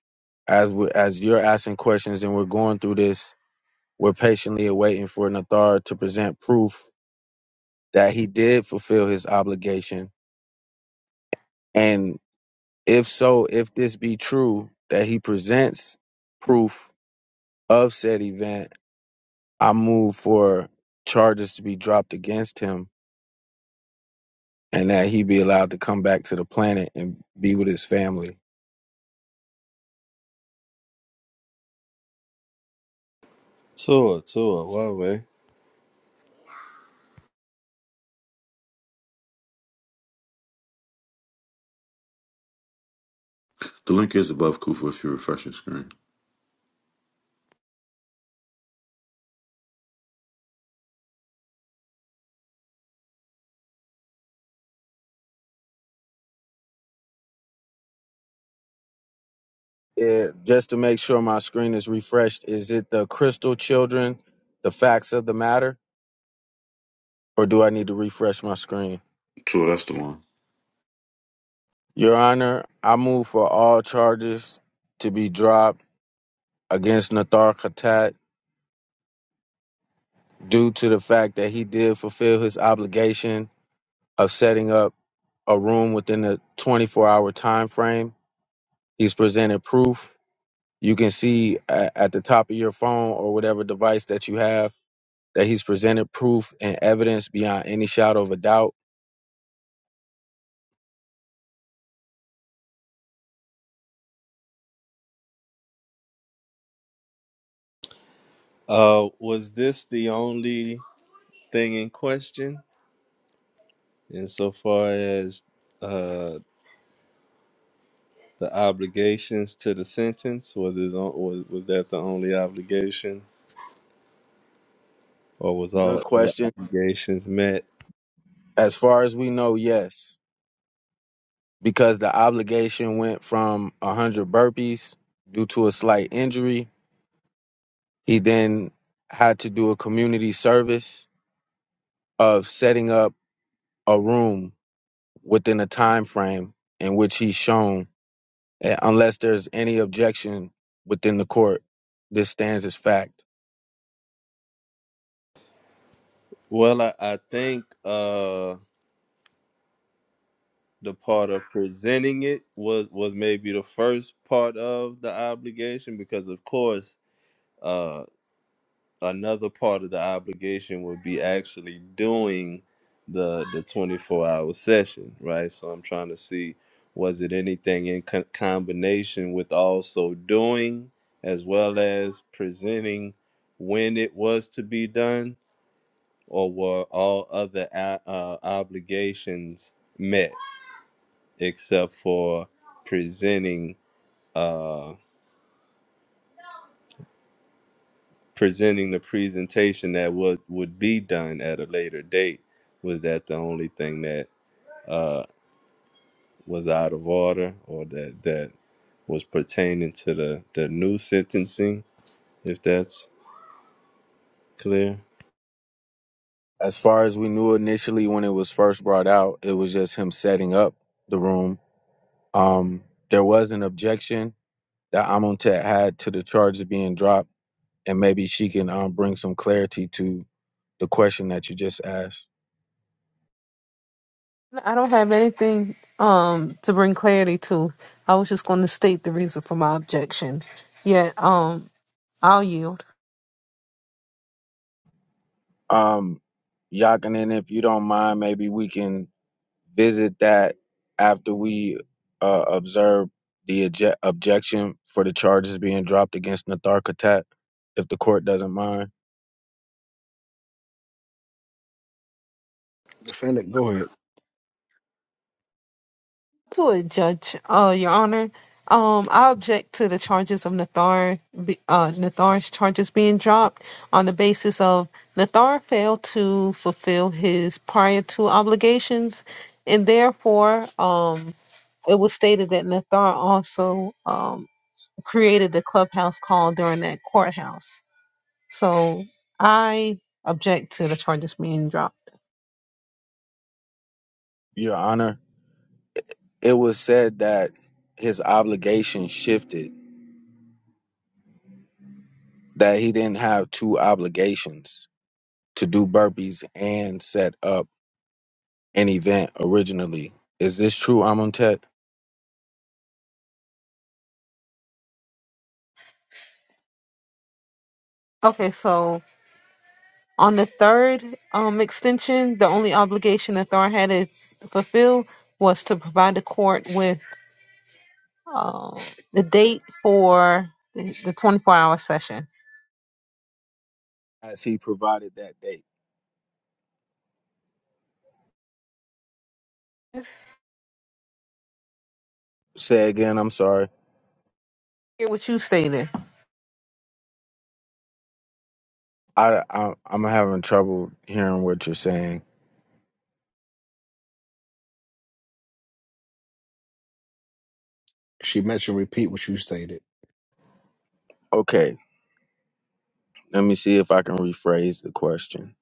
G: as we, as you're asking questions and we're going through this, we're patiently awaiting for Nathar to present proof that he did fulfill his obligation, and if so, if this be true that he presents proof of said event, I move for charges to be dropped against him and that he be allowed to come back to the planet and be with his family.
H: Tua, Tua, Huawei.
D: The link is above Kufa if you refresh your screen.
G: Yeah, just to make sure my screen is refreshed, is it the Crystal Children, the facts of the matter, or do I need to refresh my screen?
D: Tua, that's the one.
G: Your Honor, I move for all charges to be dropped against Nathar Khatat due to the fact that he did fulfill his obligation of setting up a room within the 24 hour time frame. He's presented proof You can see at, at the top of your phone or whatever device that you have that he's presented proof and evidence beyond any shadow of a doubt.
H: Uh, was this the only thing in question insofar as uh, the obligations to the sentence? Was his on, was, was that the only obligation, or was all
G: Good
H: other
G: question.
H: obligations met?
G: As far as we know, yes, because the obligation went from 100 burpees due to a slight injury. He then had to do a community service of setting up a room within a time frame in which he's shown, eh, unless there's any objection within the court, this stands as fact.
H: Well, I, I think uh, the part of presenting it was was maybe the first part of the obligation because, of course. uh, another part of the obligation would be actually doing the the 24 hour session right so i'm trying to see was it anything in co- combination with also doing as well as presenting when it was to be done or were all other a- uh, obligations met except for presenting uh, presenting the presentation that what would be done at a later date was that the only thing that uh, was out of order or that that was pertaining to the the new sentencing if that's clear
G: as far as we knew initially when it was first brought out, it was just him setting up the room. Um, there was an objection that Amontet had to the charges being dropped, and maybe she can um, bring some clarity to the question that you just asked.
A: I don't have anything um to bring clarity to. I was just going to state the reason for my objection. Yet um, I'll yield.
G: Um, Yakinen, if you don't mind, maybe we can visit that after we uh, observe the obje- objection for the charges being dropped against Natharkatat, if the court doesn't mind.
B: Defendant, go ahead.
A: To it, Judge, uh, Your Honor, um, I object to the charges of Nathar, be- uh, Nathar's charges being dropped on the basis of Nathar failed to fulfill his prior two obligations, and therefore, um, it was stated that Nathar also um, created the clubhouse call during that courthouse. So I object to the charges being dropped.
G: Your Honor, it was said that his obligation shifted, that he didn't have two obligations to do burpees and set up an event originally. Is this true, Amontet?
A: Okay, so on the third um, extension, the only obligation that Thor had to fulfill was to provide the court with uh, the date for the the 24 hour session.
G: As he provided that date. Say again, I'm sorry.
A: hear what you stated.
G: I, I, I'm having trouble hearing what you're saying.
B: She mentioned repeat what you stated.
G: Okay, let me see if I can rephrase the question.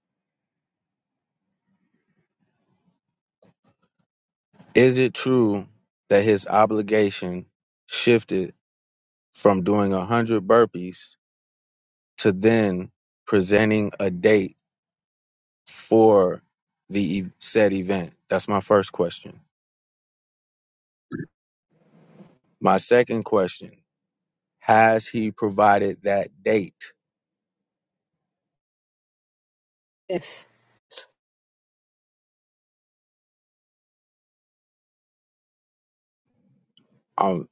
G: Is it true that his obligation shifted from doing 100 burpees to then presenting a date? for the ev- said event? That's my first question. My second question: Has he provided that date?
A: Yes.
G: Um,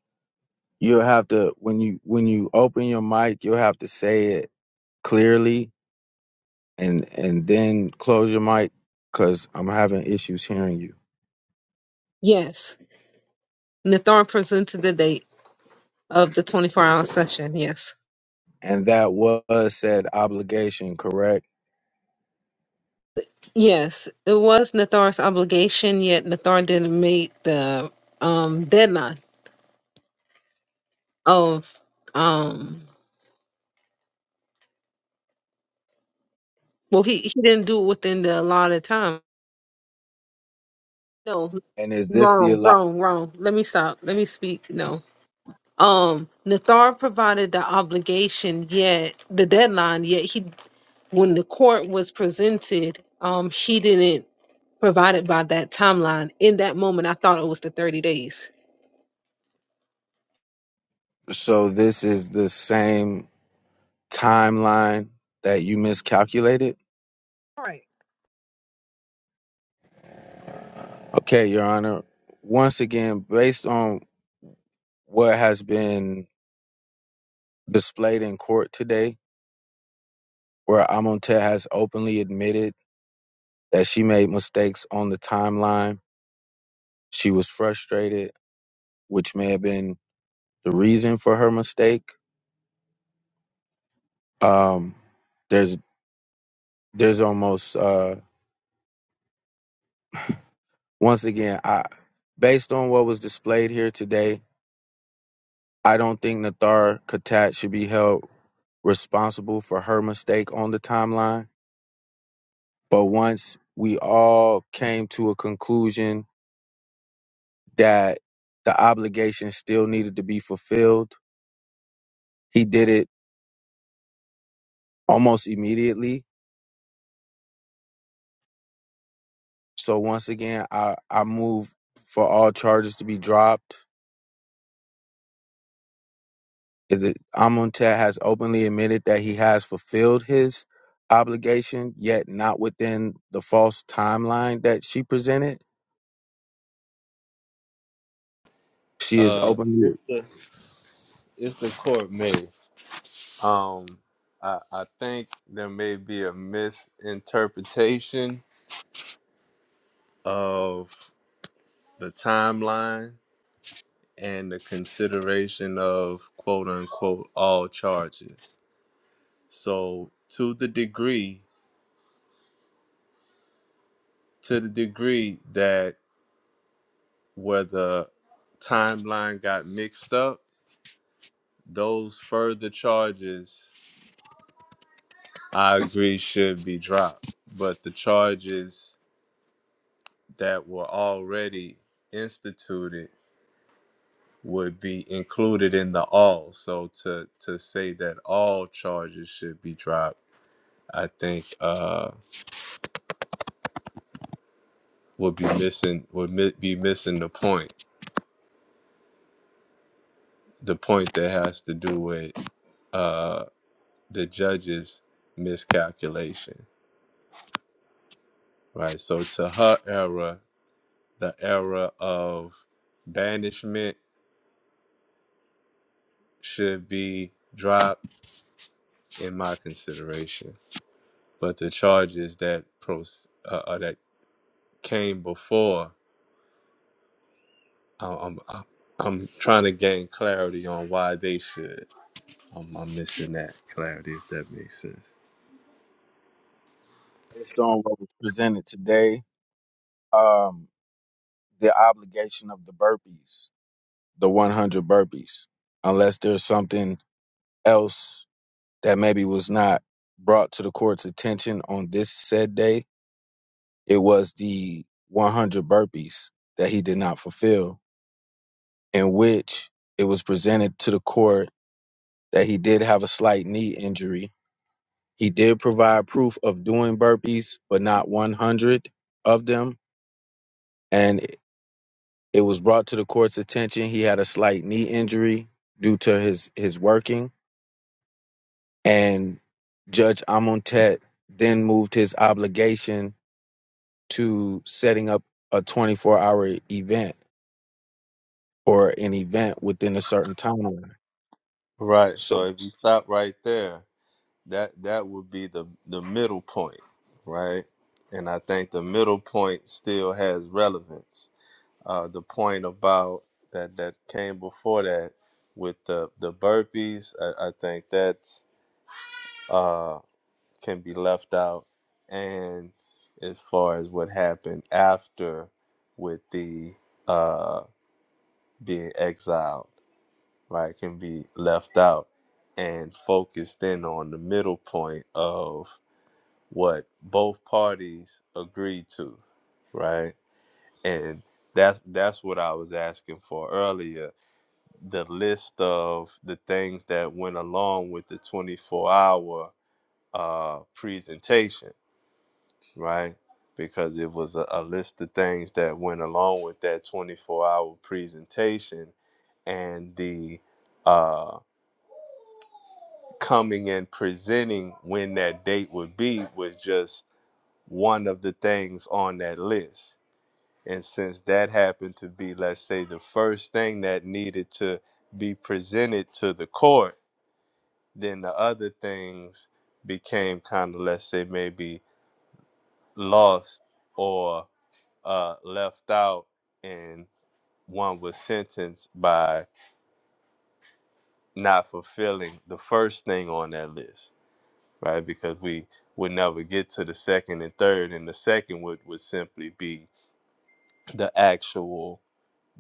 G: you'll have to when you when you open your mic, you'll have to say it clearly, and and then close your mic because I'm having issues hearing you.
A: Yes. Nathar presented the date of the 24 hour session. Yes.
G: And that was said obligation, correct?
A: Yes. It was Nathar's obligation, yet Nathar didn't meet the um, deadline of, um, well, he, he didn't do it within the allotted time. No,
G: And is this the
A: wrong,
G: allow?
A: wrong, wrong. Let me stop. Let me speak. No. Um, Nathar provided the obligation, yet the deadline, yet he when the court was presented, um, she didn't provide it by that timeline. In that moment, I thought it was the 30 days.
G: So this is the same timeline that you miscalculated.
A: All right.
G: Okay, Your Honor. Once again, based on what has been displayed in court today, where Amonte has openly admitted that she made mistakes on the timeline, she was frustrated, which may have been the reason for her mistake. Um, there's there's almost uh, once again, I based on what was displayed here today, I don't think Nathar Katat should be held responsible for her mistake on the timeline But once we all came to a conclusion that the obligation still needed to be fulfilled, he did it almost immediately. So once again, I, I move for all charges to be dropped. The- Amontet has openly admitted that he has fulfilled his obligation, yet not within the false timeline that she presented. She is
H: uh if
G: openly
H: the if the court may um i i think there may be a misinterpretation of the timeline and the consideration of quote unquote all charges So to the degree, to the degree that where the timeline got mixed up, those further charges I agree should be dropped. But the charges that were already instituted would be included in the all. So to to say that all charges should be dropped, I think uh would be missing would mi- be missing the point. The point that has to do with uh. the judge's miscalculation, right? So to her error, the error of banishment should be dropped in my consideration. But the charges that pros uh, uh, that came before, I- I'm, I'm I'm trying to gain clarity on why they should. I'm, I'm missing that clarity if that makes sense.
G: based on what was presented today. Um, the obligation of the burpees. the 100 burpees unless there's something else that maybe was not brought to the court's attention on this said day it was the 100 burpees that he did not fulfill in which it was presented to the court that he did have a slight knee injury he did provide proof of doing burpees but not 100 of them and it was brought to the court's attention he had a slight knee injury due to his his working And Judge Amontet then moved his obligation to setting up a 24 hour event or an event within a certain timeline.
H: Right. So
G: So
H: if you stop right there, that that would be the the middle point, right? And I think the middle point still has relevance. Uh, the point about that that came before that with the the burpees, I, I think that's uh, can be left out. And as far as what happened after with the uh, being exiled, right, can be left out and focused in on the middle point of what both parties agreed to, right? And that's that's what I was asking for earlier. The list of the things that went along with the 24-hour uh, presentation, right? Because it was a, a list of things that went along with that 24-hour presentation and the uh, coming and presenting when that date would be was just one of the things on that list And since that happened to be, let's say, the first thing that needed to be presented to the court, then the other things became kind of, let's say, maybe lost or uh, left out, and one was sentenced by not fulfilling the first thing on that list, right? Because we would never get to the second and third, and the second would, would simply be the actual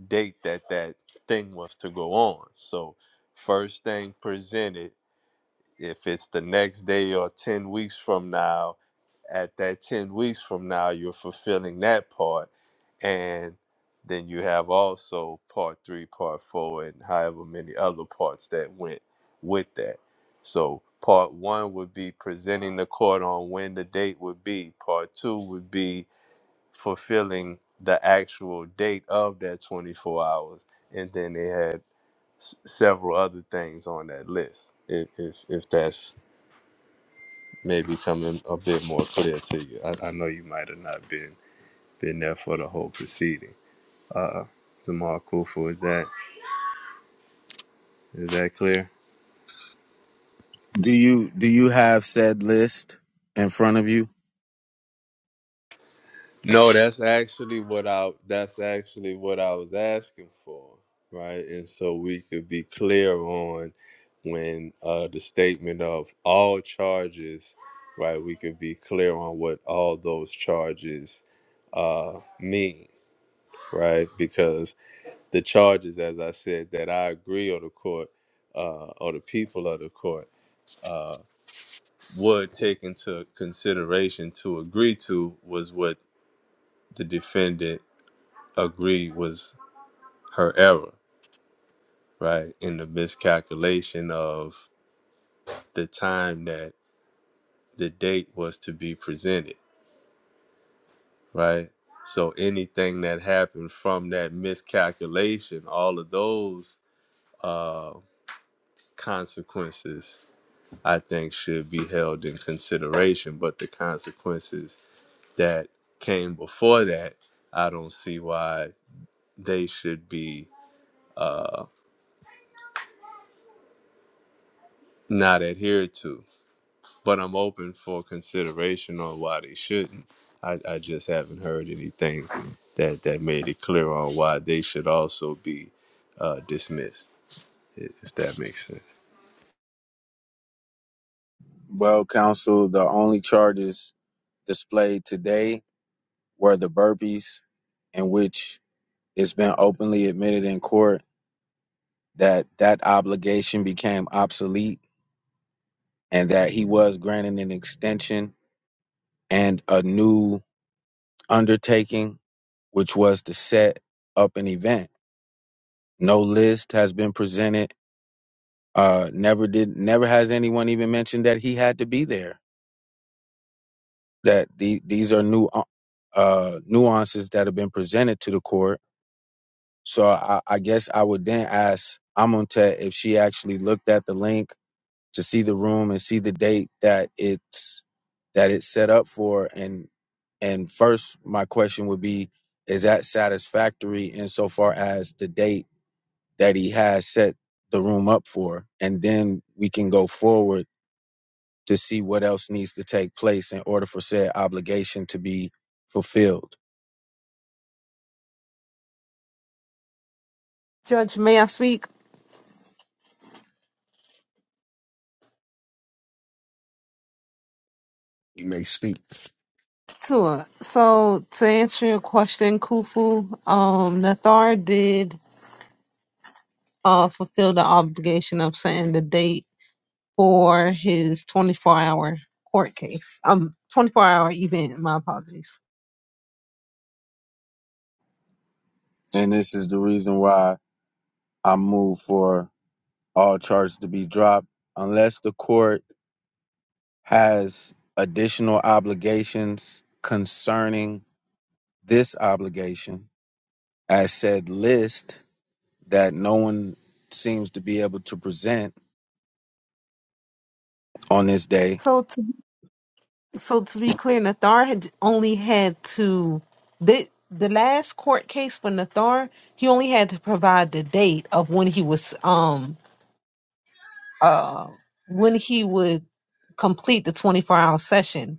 H: date that that thing was to go on. So, first thing presented, if it's the next day or 10 weeks from now, at that 10 weeks from now, you're fulfilling that part. And then you have also part three, part four, and however many other parts that went with that. So, part one would be presenting the court on when the date would be, part two would be fulfilling the actual date of that 24 hours and then they had s- several other things on that list if, if if that's maybe coming a bit more clear to you i, I know you might have not been been there for the whole proceeding uh Zamal Kufu, is that is that clear
G: do you do you have said list in front of you?
H: No, that's actually what I that's actually what I was asking for, right? And so we could be clear on when uh the statement of all charges, right? We could be clear on what all those charges uh mean, right? Because the charges, as I said, that I agree or the court uh or the people of the court uh would take into consideration to agree to was what the defendant agree was her error, right? In the miscalculation of the time that the date was to be presented, right? So anything that happened from that miscalculation, all of those uh, consequences, I think, should be held in consideration. But the consequences that came before that, I don't see why they should be uh, not adhered to but I'm open for consideration on why they shouldn't. I, I just haven't heard anything that that made it clear on why they should also be uh, dismissed, i- if that makes sense.
G: Well, counsel, the only charges displayed today were the burpees in which it's been openly admitted in court that that obligation became obsolete and that he was granted an extension and a new undertaking, which was to set up an event. No list has been presented. Uh, never did. Never has anyone even mentioned that he had to be there. That the, these are new uh, uh, nuances that have been presented to the court. So I, I guess I would then ask Amontet if she actually looked at the link to see the room and see the date that it's that it's set up for and and first my question would be is that satisfactory insofar as the date that he has set the room up for and then we can go forward to see what else needs to take place in order for said obligation to be fulfilled
A: Judge, may I speak
B: You may speak.
A: to her? So to answer your question, Kufu, um, Nathar did uh, fulfill the obligation of setting the date for his 24 hour court case, um, 24 hour event. My apologies.
G: and this is the reason why i move for all charges to be dropped unless the court has additional obligations concerning this obligation as said list that no one seems to be able to present on this day.
A: So So to be clear, Nathar had only had to the the last court case for Nathar, he only had to provide the date of when he was um uh when he would complete the 24 hour session.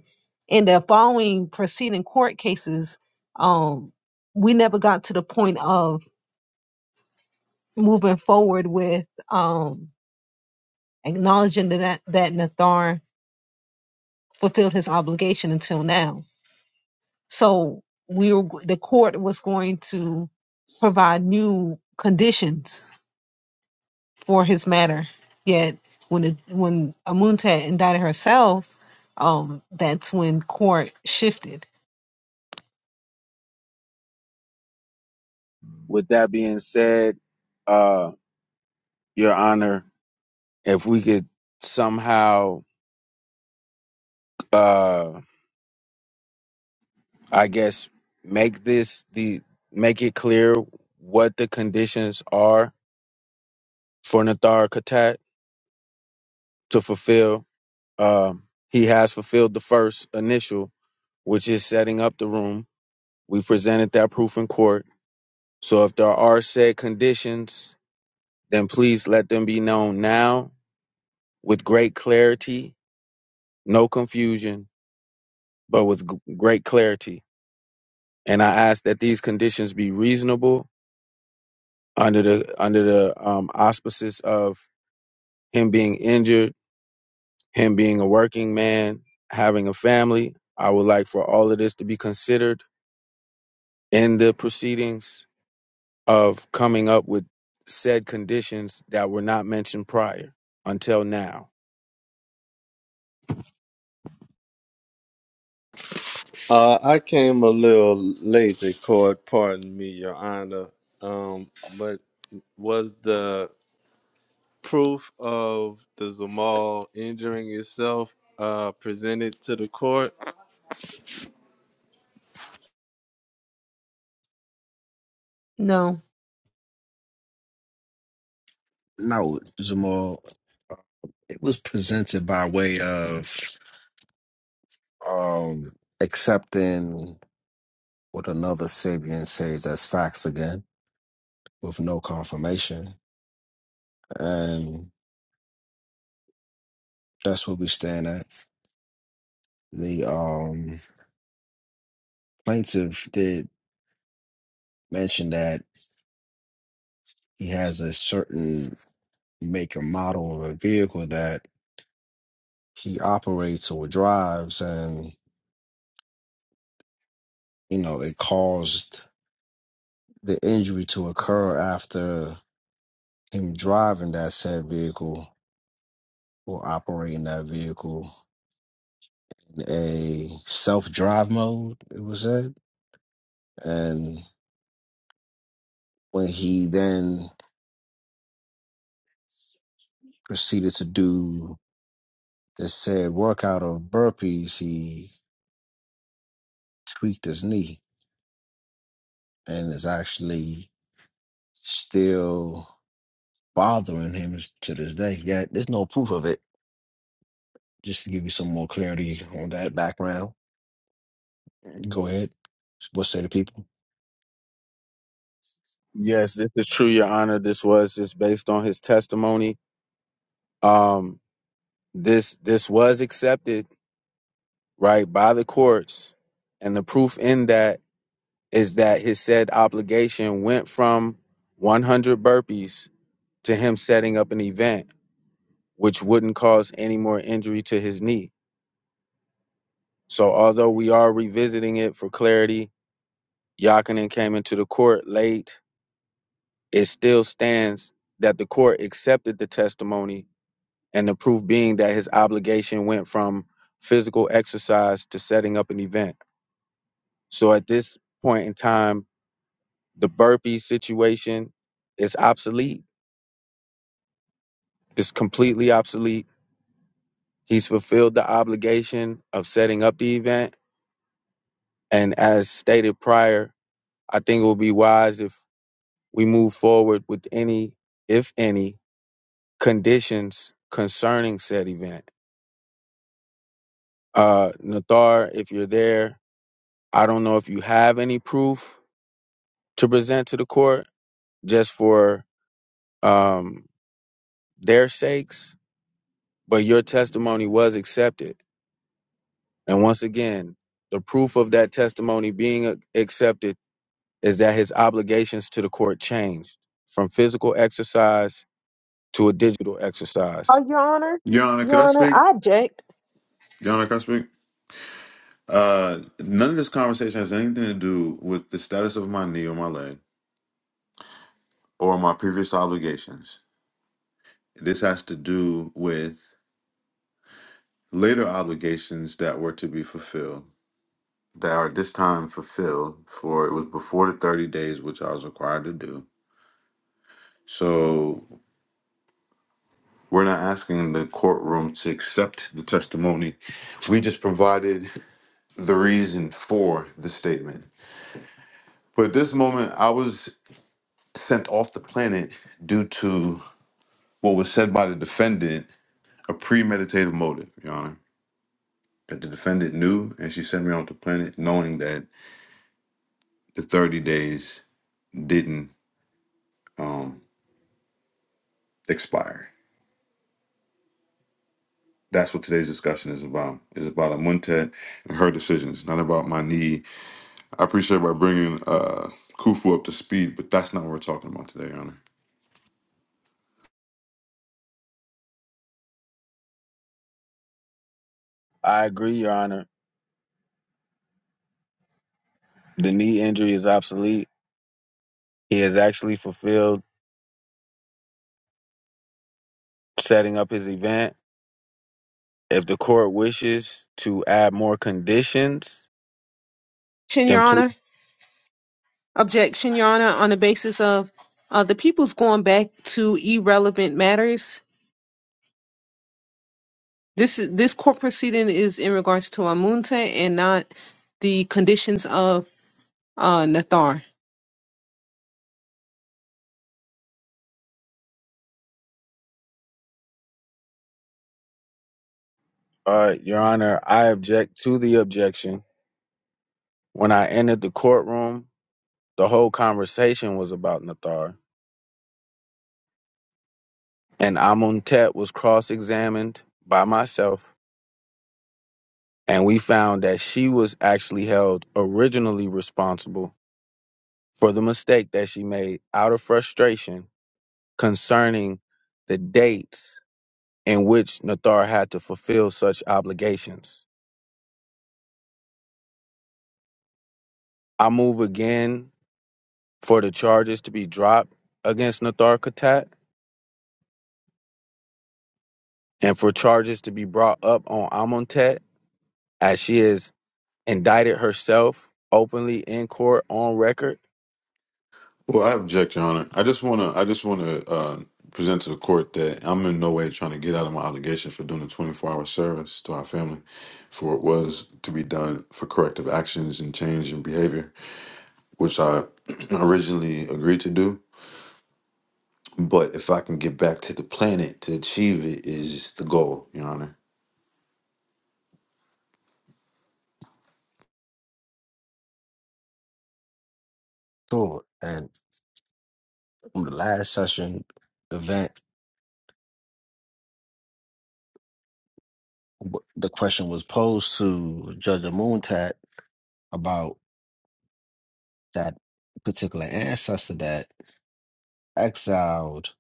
A: In the following preceding court cases, um we never got to the point of moving forward with um acknowledging that that Nathar fulfilled his obligation until now. So we were, the court was going to provide new conditions for his matter. Yet when it, when Amuntet indicted herself, um, that's when court shifted.
G: With that being said, uh, Your Honor, if we could somehow, uh, I guess, make this the make it clear what the conditions are for Nathar Khatat to fulfill. Um, he has fulfilled the first initial which is setting up the room. We presented that proof in court. So if there are said conditions, then please let them be known now with great clarity, no confusion, but with g- great clarity. And I ask that these conditions be reasonable under the under the um, auspices of him being injured, him being a working man, having a family. I would like for all of this to be considered in the proceedings of coming up with said conditions that were not mentioned prior until now.
H: Uh, I came a little late to court. Pardon me, Your Honor. Um, but was the proof of the Zamal injuring itself uh, presented to the court?
A: No,
B: No, Jamal, it was presented by way of. um, accepting what another Sabian says as facts again with no confirmation. And that's where we stand at. The um, plaintiff did mention that he has a certain make and model of a vehicle that he operates or drives, and you know, it caused the injury to occur after him driving that said vehicle or operating that vehicle a self drive mode, it was said. And when he then proceeded to do the said workout of burpees, he tweaked his knee and is actually still bothering him to this day. Yeah, there's no proof of it. Just to give you some more clarity on that background, go ahead. What say the people?
G: Yes, this is true, Your Honor. This was just based on his testimony. Um, this this was accepted right by the courts, and the proof in that is that his said obligation went from 100 burpees to him setting up an event which wouldn't cause any more injury to his knee. So although we are revisiting it for clarity Yakinen came into the court late. It still stands that the court accepted the testimony and the proof being that his obligation went from physical exercise to setting up an event. So at this point in time, the burpee situation is obsolete. It's completely obsolete. He's fulfilled the obligation of setting up the event. And as stated prior, I think it would be wise if we move forward with any, if any, conditions concerning said event. Uh, Nathar, if you're there, I don't know if you have any proof to present to the court just for um, their sakes, but your testimony was accepted. And once again, the proof of that testimony being a- accepted is that his obligations to the court changed from physical exercise to a digital exercise.
D: Yana, could I speak?
A: Correct?
D: Your Honor, can I speak? Uh, none of this conversation has anything to do with the status of my knee or my leg or my previous obligations. This has to do with later obligations that were to be fulfilled, that are this time fulfilled, for it was before the 30 days, which I was required to do. So we're not asking the courtroom to accept the testimony. We just provided the reason for the statement. But at this moment, I was sent off the planet due to what was said by the defendant, a premeditative motive, Your Honor. That the defendant knew, and she sent me off the planet knowing that the 30 days didn't um, expire. That's what today's discussion is about. It's about Amuntet and her decisions, not about my need. I appreciate by bringing uh, Khufu up to speed, but that's not what we're talking about today, Your Honor.
G: I agree, Your Honor. The knee injury is obsolete. He has actually fulfilled setting up his event. If the court wishes to add more conditions, then
A: Your
G: please,
A: Honor. Objection, Your Honor, on the basis of uh, the people's going back to irrelevant matters. This is this court proceeding is in regards to Amunte and not the conditions of uh, Nathar.
G: uh, Your Honor, I object to the objection. When I entered the courtroom, the whole conversation was about Nathar, and Amuntet was cross-examined by myself, and we found that she was actually held originally responsible for the mistake that she made out of frustration concerning the dates in which Nathar had to fulfill such obligations. I move again for the charges to be dropped against Natharkatat and for charges to be brought up on Amontet as she has indicted herself openly in court on record.
D: Well, I object, Your Honor. I just want to. I just want to uh, present to the court that I'm in no way trying to get out of my obligation for doing a 24 hour service to our family, for it was to be done for corrective actions and change in behavior, which I (clears throat) originally agreed to do. But if I can get back to the planet to achieve it is the goal, Your Honor.
B: Sure. And on the last session event, wh- the question was posed to Judge Amuntat about that particular ancestor that exiled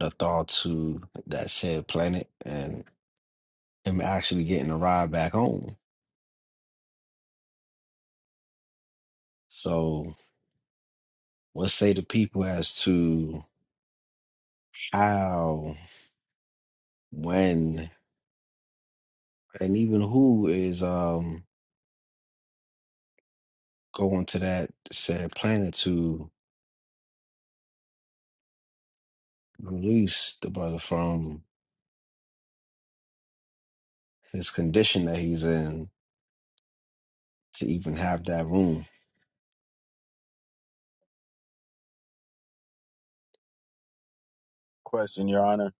B: the thought to that said planet and him actually getting a ride back home. So, what say the people as to how, when, and even who is um going to that said planet to release the brother from his condition that he's in to even have that room?
G: Question, Your Honor,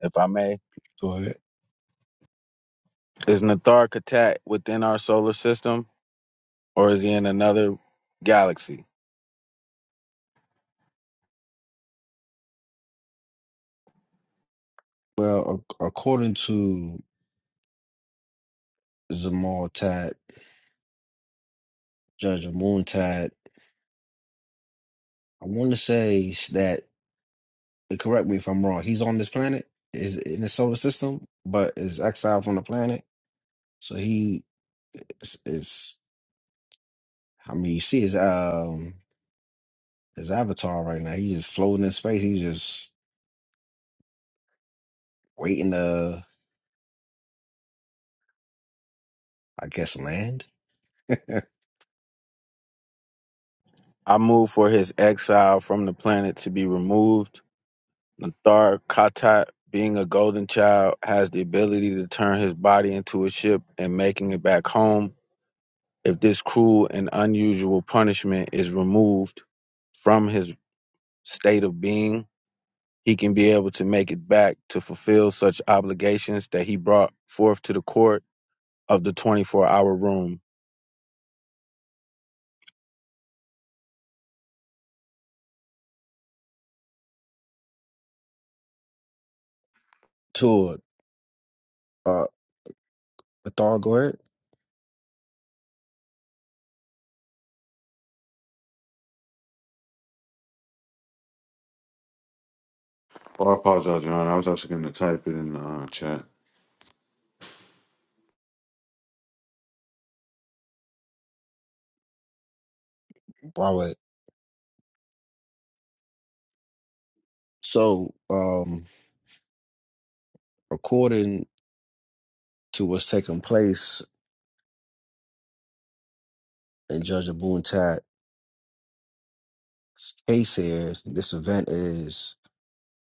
G: if I may.
B: Go ahead.
G: Is Natharkatat within our solar system or is he in another galaxy?
B: Well, ac- according to Zamal Tat Judge Moontide. I want to say s- that, uh, correct me if I'm wrong, he's on this planet, is in the solar system, but is exiled from the planet. So he is, is I mean, you see his um his avatar right now. He's just floating in space. He's just waiting to, I guess, land. (laughs)
G: I move for his exile from the planet to be removed Nathar Khatat, being a golden child, has the ability to turn his body into a ship and making it back home. If this cruel and unusual punishment is removed from his state of being, he can be able to make it back to fulfill such obligations that he brought forth to the court of the 24 hour room.
B: Tour. Uh, Thor, go ahead.
D: Well, I apologize, Your Honor. I was actually going to type it in the uh, chat.
B: Robert. So, um, according to what's taking place in Judge Moontide case here, this event is.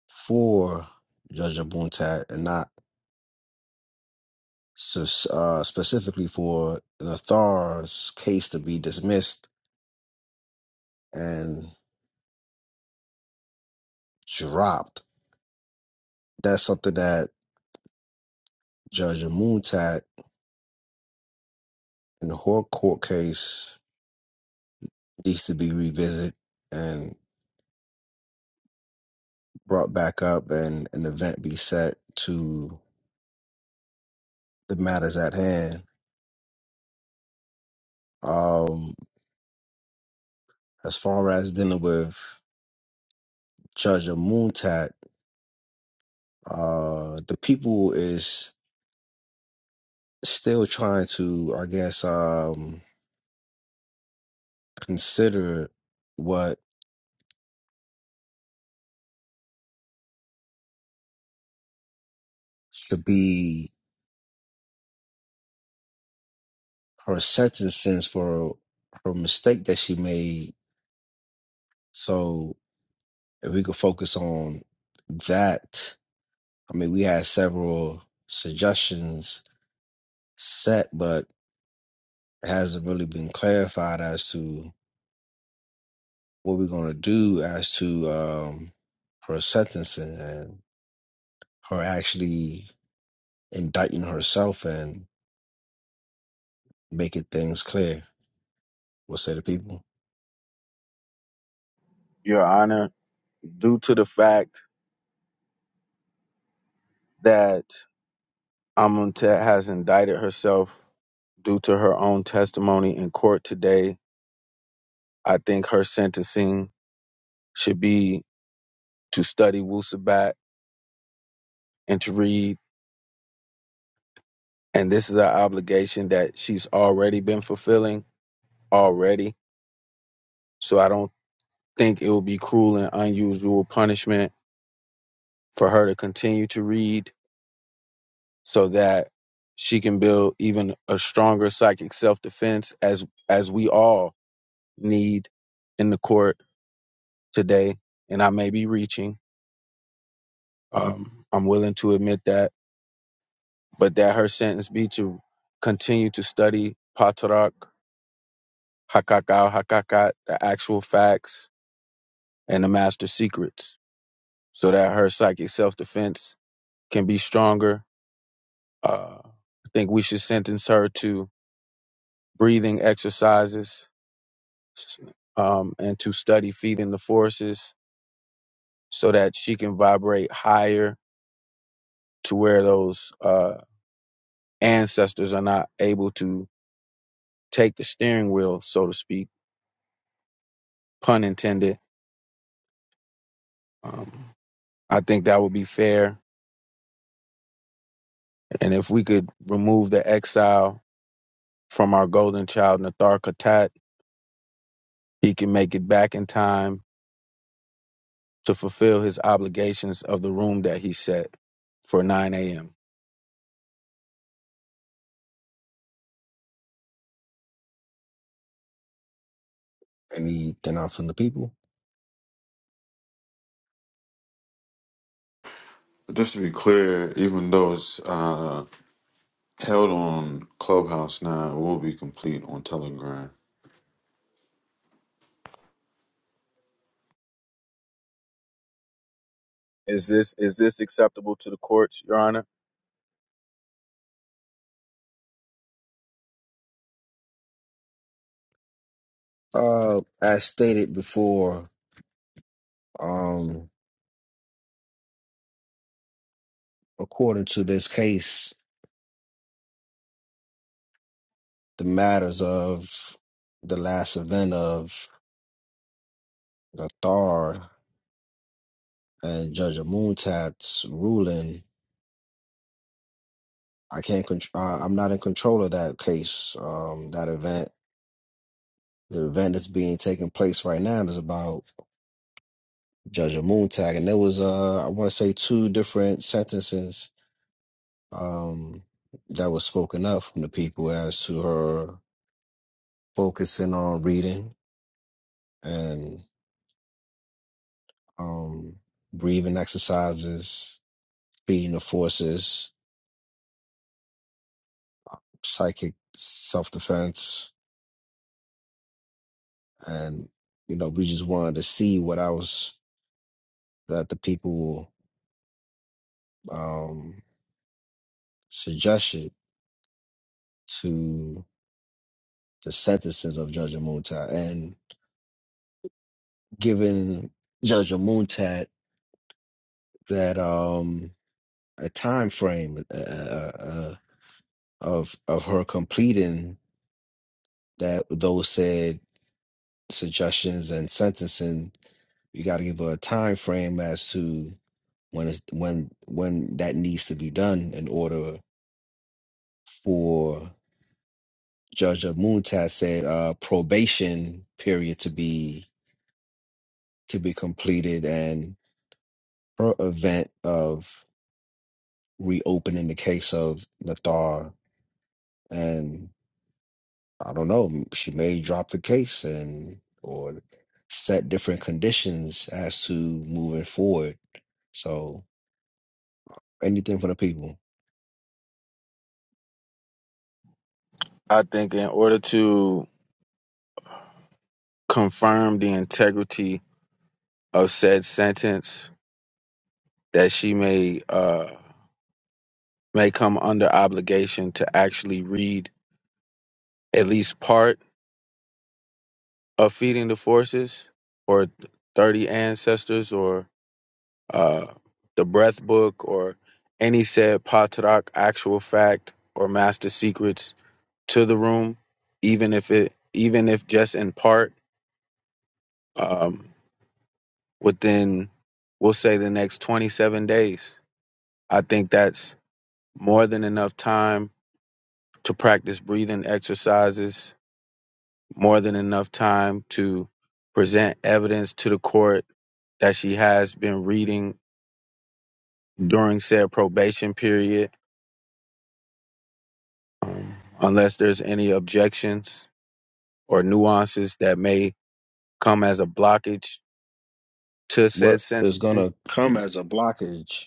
B: for Judge Abuntat and not sus- uh, specifically for Nathar's case to be dismissed and dropped. That's something that Judge Abuntat in her court case needs to be revisited and brought back up and an event be set to the matters at hand. Um, as far as dealing with Judge Abuntat, uh, the people is still trying to, I guess, um, consider what should be her sentences for her mistake that she made. So if we could focus on that, I mean, we had several suggestions set, but it hasn't really been clarified as to what we're going to do as to um, her sentencing and her actually indicting herself and making things clear. What say the people?
G: Your Honor, due to the fact that Amuntet has indicted herself due to her own testimony in court today I think her sentencing should be to study Wusabat and to read. And this is an obligation that she's already been fulfilling already. So I don't think it would be cruel and unusual punishment for her to continue to read so that she can build even a stronger psychic self defense as as we all need in the court today. And I may be reaching. Um, I'm willing to admit that but that her sentence be to continue to study Patarak, Hakakal, Hakakat, the actual facts, and the master secrets, so that her psychic self defense can be stronger. Uh, I think we should sentence her to breathing exercises um, and to study feeding the forces so that she can vibrate higher to where those uh, ancestors are not able to take the steering wheel, so to speak, pun intended. Um, I think that would be fair. And if we could remove the exile from our golden child, Nathar Khatat, he can make it back in time to fulfill his obligations of the room that he set for 9 a.m.
B: Anything out from the people?
D: But just to be clear, even though it's uh, held on Clubhouse now, it will be complete on Telegram.
G: Is this is this acceptable to the courts, Your Honor?
B: Uh, as stated before, um, according to this case, the matters of the last event of the Thar and Judge Amuntat's ruling, I can't control. Uh, I'm not in control of that case. Um, that event, the event that's being taken place right now is about Judge Amuntat, and there was uh, I want to say two different sentences um, that was spoken up from the people as to her focusing on reading and um, breathing exercises, feeding the forces, psychic self defense, and you know we just wanted to see what I was that the people um, suggested to the sentences of Judge Amuntat and given Judge Amuntat that um, a time frame. a. of of her completing that those said suggestions and sentencing you got to give her a time frame as to when it's when when that needs to be done in order for Judge Muntas said uh, probation period to be to be completed and her event of reopening the case of Nathar and. I don't know. m- She may drop the case and or set different conditions as to moving forward. So anything for the people.
G: I think in order to confirm the integrity of said sentence, that she may uh, may come under obligation to actually read at least part of feeding the forces or 30 ancestors or uh, the breath book or any said patrak actual fact or master secrets to the room even if it even if just in part um, within we'll say the next 27 days i think that's more than enough time to practice breathing exercises more than enough time to present evidence to the court that she has been reading during said probation period um, unless there's any objections or nuances that may come as a blockage to
B: What
G: said
B: is
G: sentencing.
B: gonna come as a blockage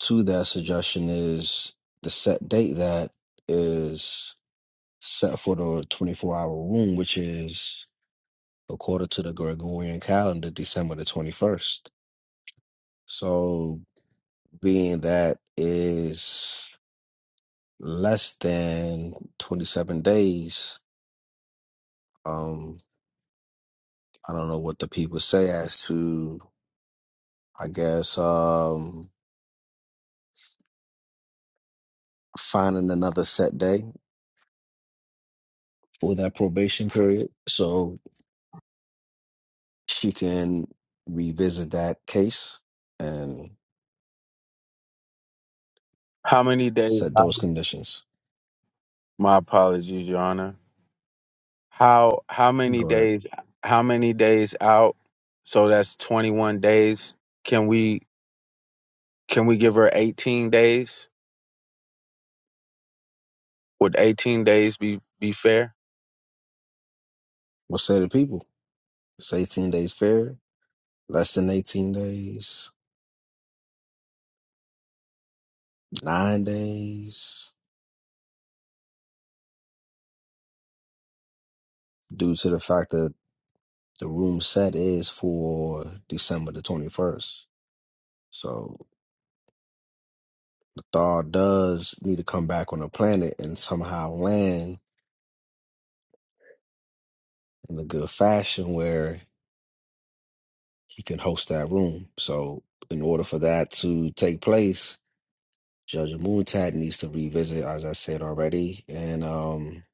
B: to that suggestion is the set date that is set for the twenty four hour room, which is according to the Gregorian calendar, December the twenty first. So being that is less than twenty seven days Um, I don't know what the people say as to, I guess, um, finding another set day for that probation period so she can revisit that case and
G: How many days?
B: set those conditions.
G: My apologies, Your Honor. How how many
B: Go ahead.
G: days? How many days out? So that's 21 days. Can we can we give her 18 days? Would 18 days be be fair?
B: What say the people? It's 18 days fair, less than 18 days, nine days, due to the fact that the room set is for December the 21st. So Thar does need to come back on the planet and somehow land in a good fashion where he can host that room. So, in order for that to take place, Judge Moontad needs to revisit, as I said already, and um,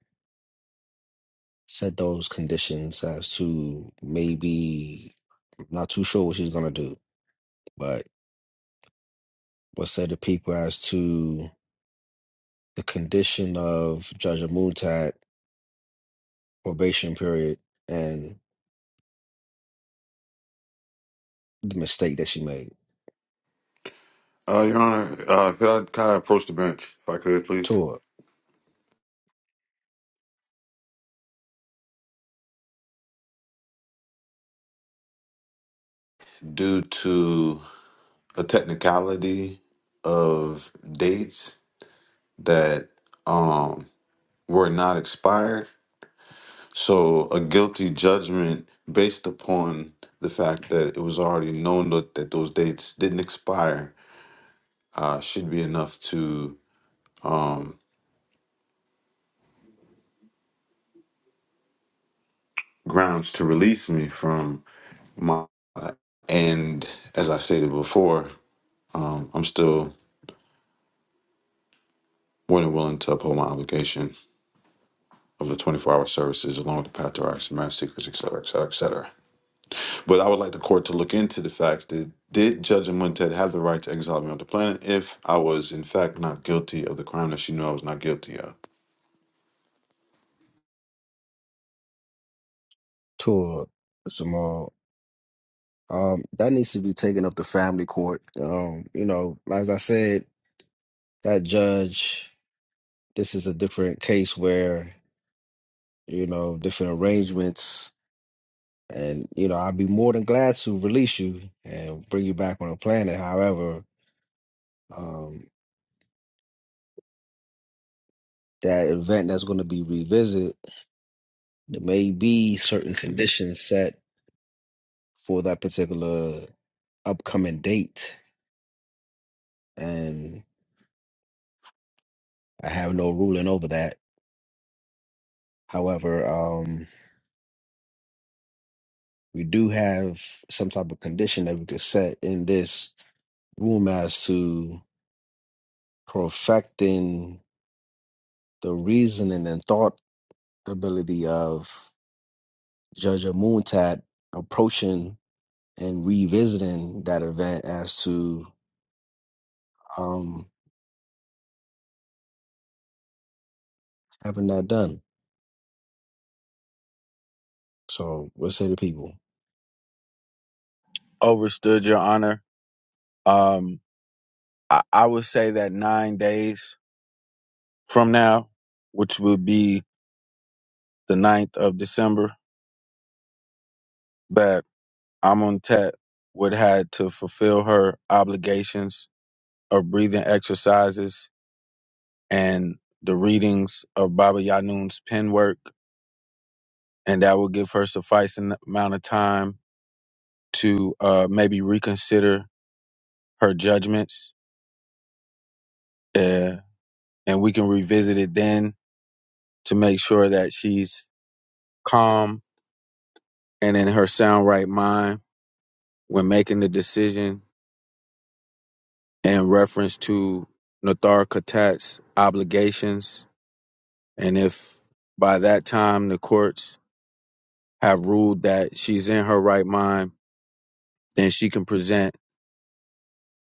B: set those conditions as to maybe I'm not too sure what she's gonna do, but what said to people as to the condition of Judge Moontad probation period and the mistake that she made.
D: Uh, Your Honor, uh, could I kind of approach the bench, if I could, please?
B: Tour.
D: Due to a technicality of dates that um, were not expired, so a guilty judgment based upon the fact that it was already known that, that those dates didn't expire uh, should be enough to um, grounds to release me from my. And as I stated before, um, I'm still more than willing to uphold my obligation of the 24 hour services along with the path to our and marriage secrets, et cetera, et cetera, et cetera. But I would like the court to look into the fact that did Judge Montet have the right to exile me on the planet if I was, in fact, not guilty of the crime that she knew I was not guilty of?
B: tour tomorrow. Um, that needs to be taken up to family court. Um, you know, as I said, that judge, this is a different case where, you know, different arrangements. And, you know, I'd be more than glad to release you and bring you back on the planet. However, um, that event that's going to be revisited, there may be certain conditions set for that particular upcoming date. And I have no ruling over that However, um, we do have some type of condition that we could set in this room as to perfecting the reasoning and thought ability of Judge Moontat approaching and revisiting that event as to um, having that done. So, what say the people?
G: Overstood, Your Honor. Um, I, I would say that nine days from now, which will be the ninth of December, that Amontet would had to fulfill her obligations of breathing exercises and the readings of Baba Yanun's pen work, and that will give her sufficing amount of time to uh, maybe reconsider her judgments, uh, and we can revisit it then to make sure that she's calm and in her sound right mind when making the decision in reference to Nathar Khatat's obligations. And if by that time the courts have ruled that she's in her right mind, then she can present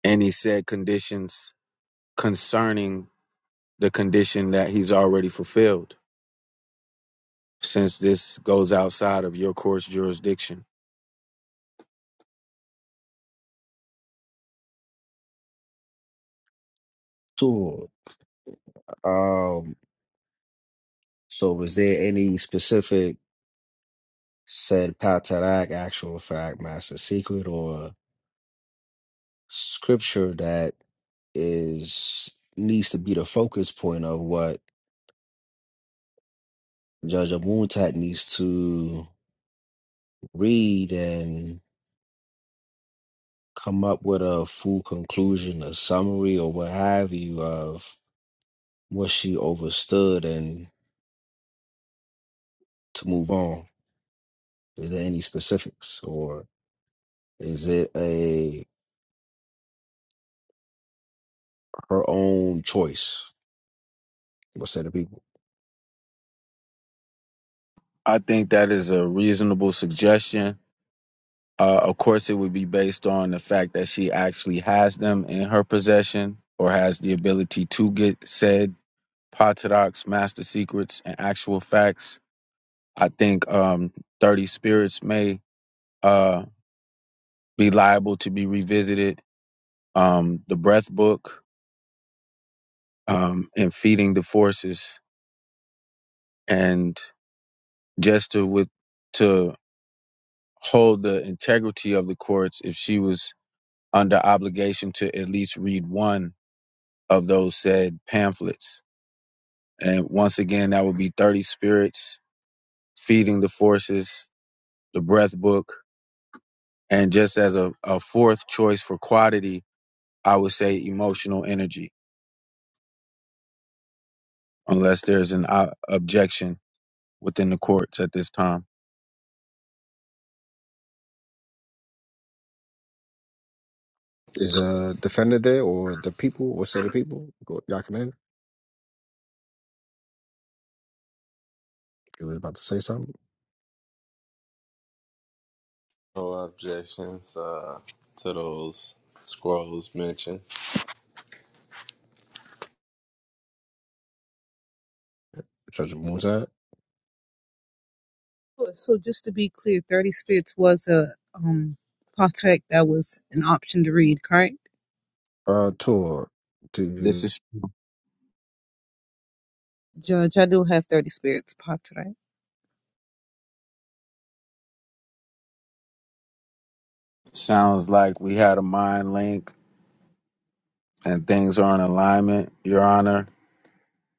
G: any said conditions concerning the condition that he's already fulfilled, since this goes outside of your court's jurisdiction.
B: So, um, so was there any specific said Patarak actual fact, master secret, or scripture that is needs to be the focus point of what Judge Abuntat needs to read and come up with a full conclusion, a summary, or what have you of what she overstood and to move on. Is there any specifics, or is it a her own choice? What say the people?
G: I think that is a reasonable suggestion. Uh, of course, it would be based on the fact that she actually has them in her possession or has the ability to get said Potodocs, Master Secrets, and Actual Facts. I think um, 30 Spirits may uh, be liable to be revisited. Um, the Breath Book um, and Feeding the Forces. And just to, with, to hold the integrity of the courts, if she was under obligation to at least read one of those said pamphlets. And once again, that would be 30 Spirits, Feeding the Forces, The Breath Book, And just as a, a fourth choice for quantity, I would say emotional energy, unless there's an uh, objection within the courts at this time.
B: Is a defender there, or the people? What say the people? Go- Y'all come in. You was about to say something,
H: No objections uh, to those scrolls mentioned.
B: Judge Abuntat.
A: So just to be clear, thirty splits was a um, patrek that was an option to read, correct?
B: Uh, tour to
G: This
B: you,
G: is
A: Judge, I do have thirty spirits patrek.
G: sounds like we had a mind link and things are in alignment, Your Honor.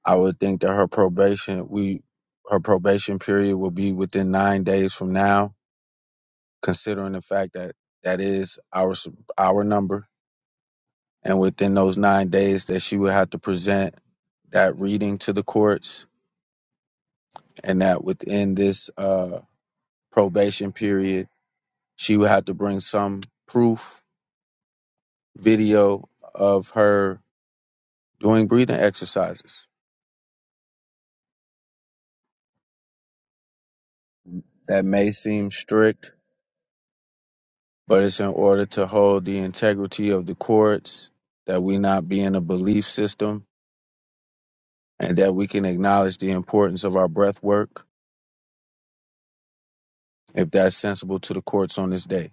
G: I would think that her probation we her probation period will be within nine days from now, considering the fact that that is our s- our number, and within those nine days that she would have to present that reading to the courts and that within this uh, probation period, she would have to bring some proof video of her doing breathing exercises. That may seem strict, but it's in order to hold the integrity of the courts, that we not be in a belief system, and that we can acknowledge the importance of our breath work, if that's sensible to the courts on this day.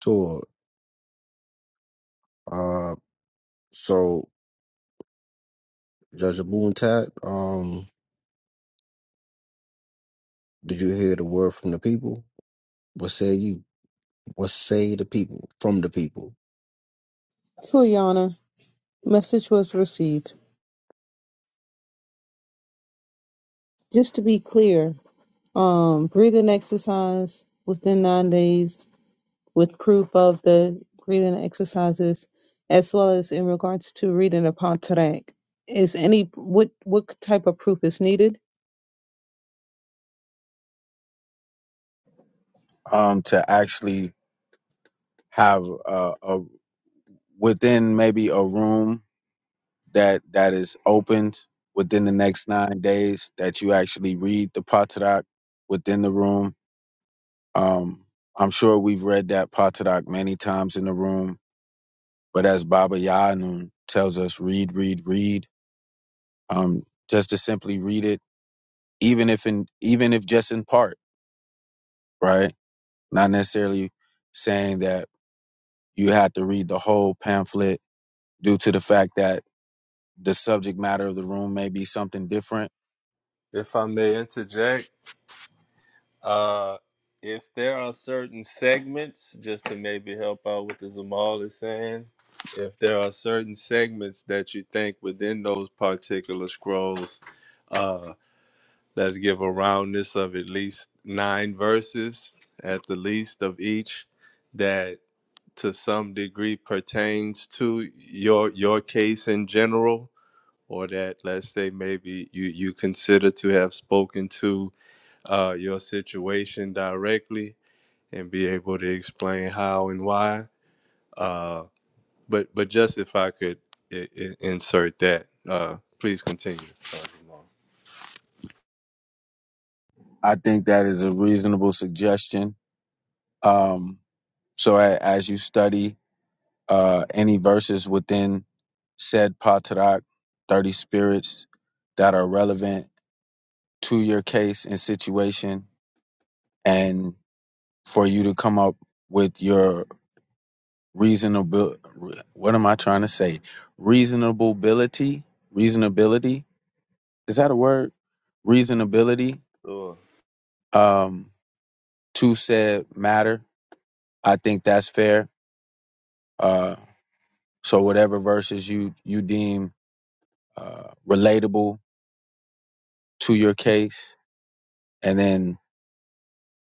B: tour. Uh, so Judge Abuntat, um, did you hear the word from the people? What say you? What say the people from the people?
A: So, Your Honor, message was received. Just to be clear, um, breathing exercise within nine days with proof of the breathing exercises as well as in regards to reading the Pantarek. Is any what what type of proof is needed?
G: Um, to actually have uh, a within maybe a room that that is opened within the next nine days that you actually read the Patadak within the room. Um, I'm sure we've read that Patadak many times in the room, but as Baba Yanun tells us, read, read, read. Um, just to simply read it, even if in even if just in part, right? Not necessarily saying that you have to read the whole pamphlet due to the fact that the subject matter of the room may be something different
H: If I may interject, uh, if there are certain segments, just to maybe help out with the Zamal is saying, if there are certain segments that you think within those particular scrolls, uh, let's give a roundness of at least nine verses at the least of each that to some degree pertains to your your case in general or that let's say maybe you you consider to have spoken to uh, your situation directly and be able to explain how and why. Uh, but but just if I could I- I- insert that, uh, please continue. uh, Jamal.
G: I think that is a reasonable suggestion. Um, so a, as you study uh, any verses within said Patarak, 30 spirits that are relevant to your case and situation, and for you to come up with your reasonable, what am I trying to say? Reasonability, reasonability, is that a word? Reasonability
H: Sure.
G: um, to said matter. I think that's fair. Uh, So whatever verses you you deem uh, relatable to your case, and then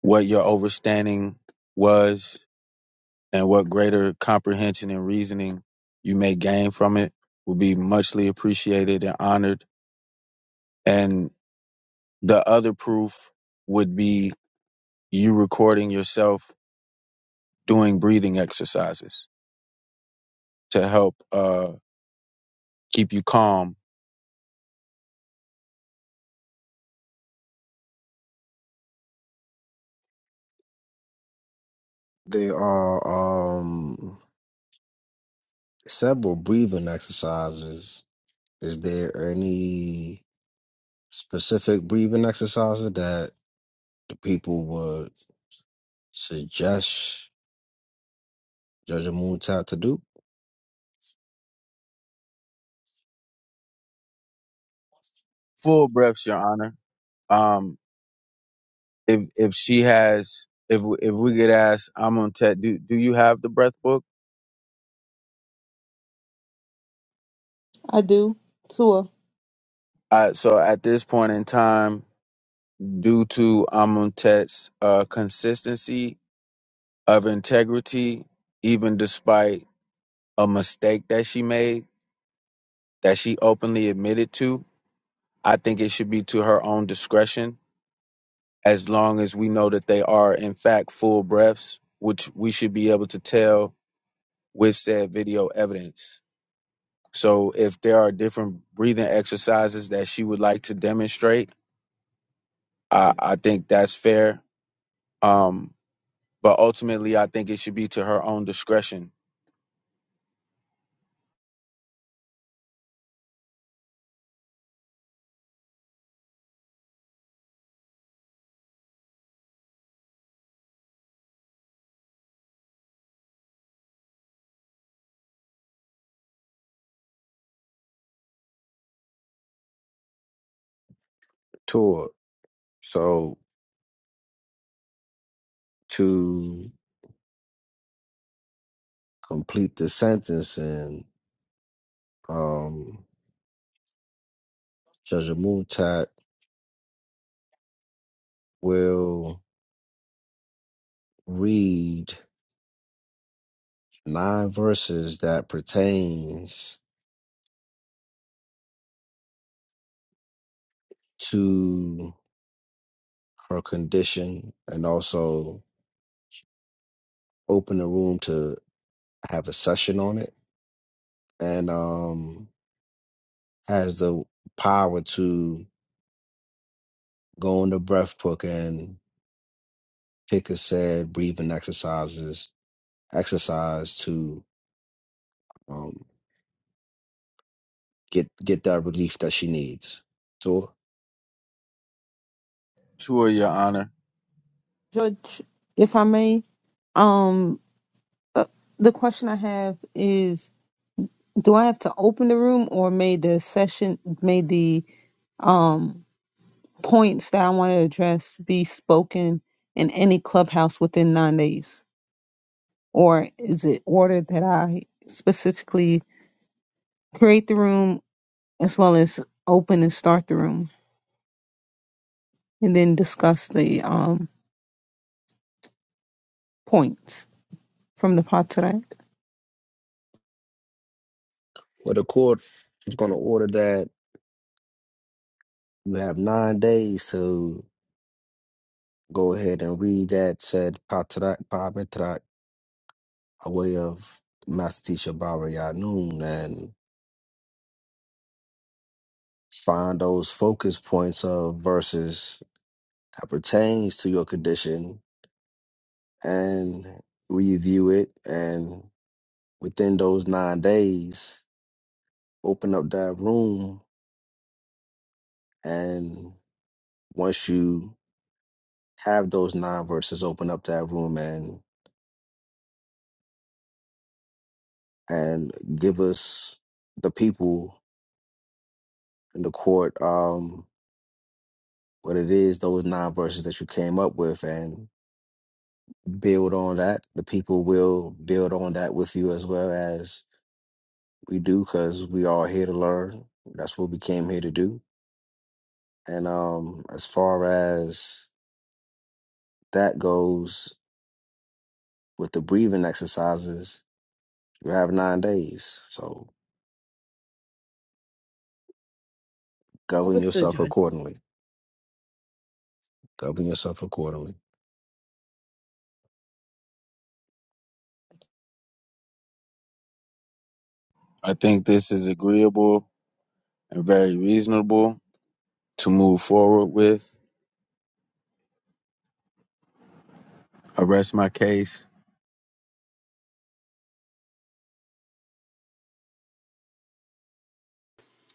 G: what your overstanding was, and what greater comprehension and reasoning you may gain from it, will be muchly appreciated and honored. And the other proof would be you recording yourself doing breathing exercises to help uh, keep you calm.
B: There are um several breathing exercises. Is there any specific breathing exercises that the people would suggest Judge Moontat to do
G: Full breaths, Your Honor. Um, if if she has if if we could ask i do do you have the breath book?
A: I do. Sure.
G: Uh, so at this point in time, due to Amuntet's uh, consistency of integrity, even despite a mistake that she made that she openly admitted to, I think it should be to her own discretion. As long as we know that they are in fact full breaths, which we should be able to tell with said video evidence. So if there are different breathing exercises that she would like to demonstrate, I, I think that's fair. Um, but ultimately, I think it should be to her own discretion.
B: toward. So to complete the sentence and um Judge Moontat will read nine verses that pertains to her condition and also open the room to have a session on it and um has the power to Go into breath book and pick a said breathing exercises exercise to um, get get that relief that she needs. So
G: To her, Your Honor,
A: Judge, if I may, um uh, the question I have is do I have to open the room or may the session may the um points that I want to address be spoken in any clubhouse within nine days? Or is it ordered that I specifically create the room as well as open and start the room and then discuss the um, points from the Patriarch.
B: what the court is going to order that you have nine days to go ahead and read that said patrak pametrak a way of Master Teacher Baba Yanun and find those focus points of verses that pertains to your condition and review it and. within those nine days, open up that room. And once you have those nine verses, open up that room and and give us the people in the court um what it is, those nine verses that you came up with and build on that. The people will build on that with you as well as we do because we are here to learn. That's what we came here to do. And um as far as that goes, with the breathing exercises, you have nine days. So govern
A: Overstood,
B: yourself
A: Judge.
B: accordingly. Govern yourself accordingly.
G: I think this is agreeable and very reasonable to move forward with. I rest my case.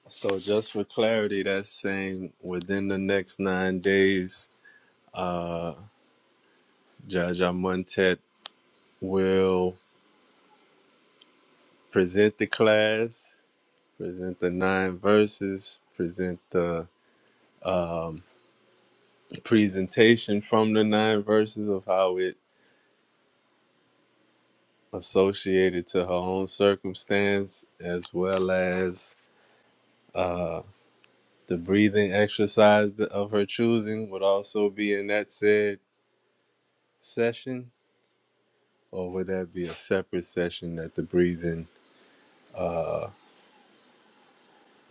H: So just for clarity, that's saying within the next nine days, uh, Jaja Montet will present the class, present the nine verses, present the um, presentation from the nine verses of how it associated to her own circumstance as well as uh, the breathing exercise of her choosing would also be in that said session or would that be a separate session that the breathing uh,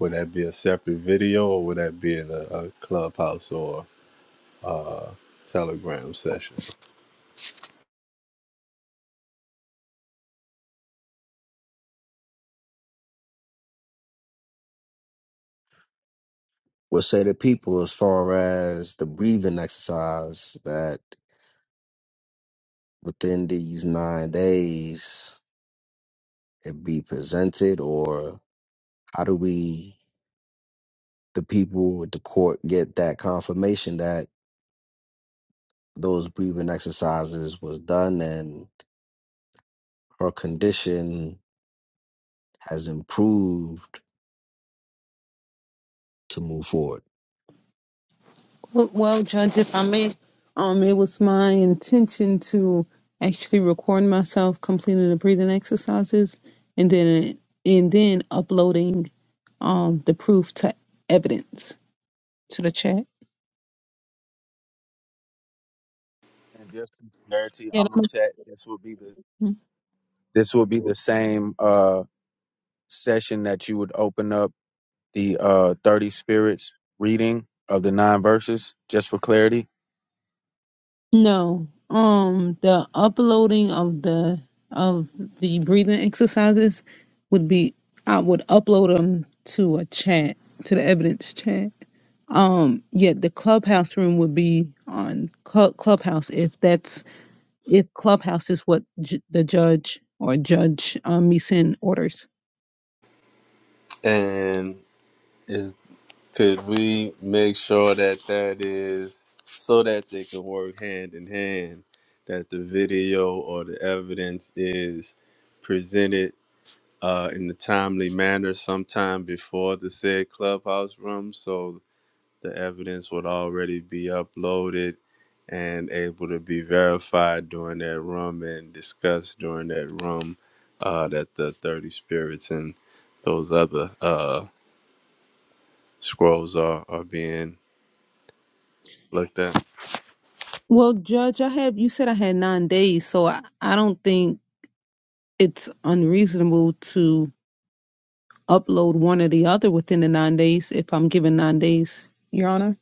H: would that be a separate video or would that be in a, a clubhouse or telegram session
B: We'll say to people as far as the breathing exercise that within these nine days it be presented or how do we the people with the court get that confirmation that those breathing exercises was done and her condition has improved to move forward
A: Well, well, Judge, if I may, um, it was my intention to actually record myself completing the breathing exercises and then and then uploading um the proof to evidence to the chat.
G: And just for clarity,
A: Yeah,
G: I'm on tech. This will be the this will be the same uh, session that you would open up the uh, thirty spirits reading of the nine verses. Just for clarity.
A: No. Um, the uploading of the of the breathing exercises would be I would upload them to a chat, to the evidence chat. Um, yeah, the clubhouse room would be on Clu- Clubhouse if that's if Clubhouse is what j- the judge or Judge um, Meeson orders.
H: and is Could we make sure that that is so that they can work hand in hand, that the video or the evidence is presented uh, in a timely manner sometime before the said clubhouse room, so the evidence would already be uploaded and able to be verified during that room and discussed during that room uh, that the 30 spirits and those other uh, scrolls are, are being like that.
A: Well, Judge, I have you said I had nine days, so I, I don't think it's unreasonable to. upload one or the other within the nine days if I'm given nine days, Your Honor.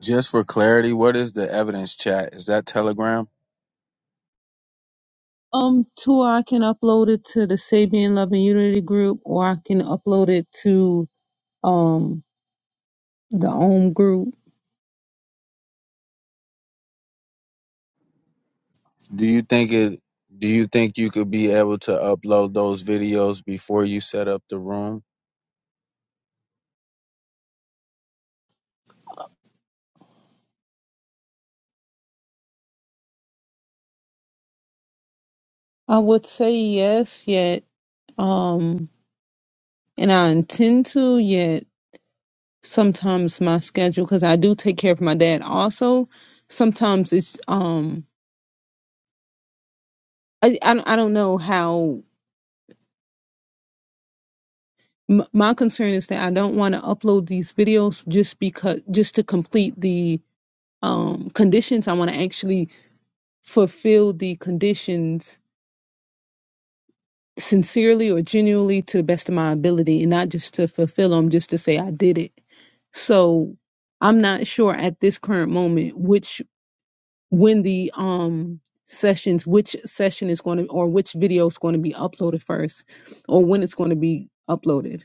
G: Just for clarity, what is the evidence chat? Is that Telegram?
A: Um, two, I can upload it to the Sabian Love and Unity group or I can upload it to um the OM group.
G: Do you think it do you think you could be able to upload those videos before you set up the room?
A: I would say yes, yet um and I intend to, yet sometimes my schedule because I do take care of my dad also. Sometimes it's um I, I I don't know how M- my concern is that I don't want to upload these videos just because just to complete the um, conditions. I want to actually fulfill the conditions sincerely or genuinely to the best of my ability, and not just to fulfill them just to say I did it. So I'm not sure at this current moment which when the um sessions which session is going to or which video is going to be uploaded first or when it's going to be uploaded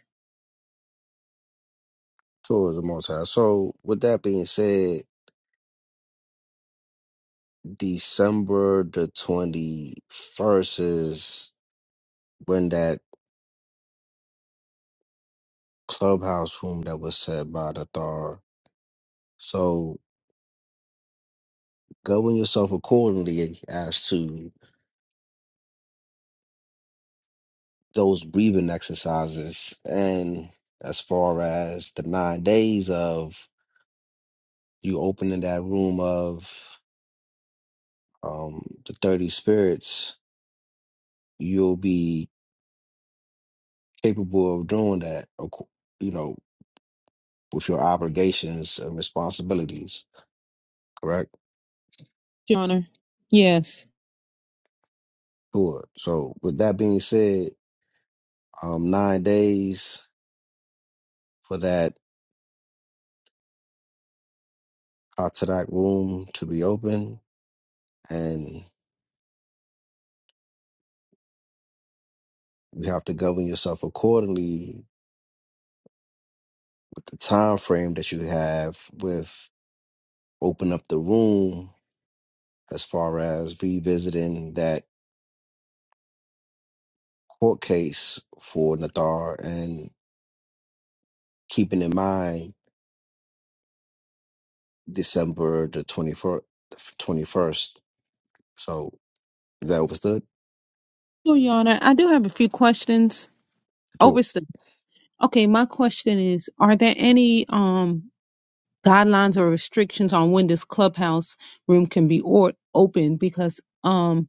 B: towards the most high. So with that being said, December the twenty first is when that clubhouse room that was set by the Thar. So govern yourself accordingly as to those breathing exercises and as far as the nine days of you opening that room of um the 30 spirits, you'll be capable of doing that, of cour- you know, with your obligations and responsibilities. Correct.
A: your honor yes
B: Sure. So with that being said, um, nine days for that Atarak room to be open, and you have to govern yourself accordingly with the time frame that you have with open up the room as far as revisiting that court case for Nathar and keeping in mind December the 21st. 21st. So is that overstood?
A: so your honor i do have a few questions over okay my question is are there any um guidelines or restrictions on when this clubhouse room can be or open because um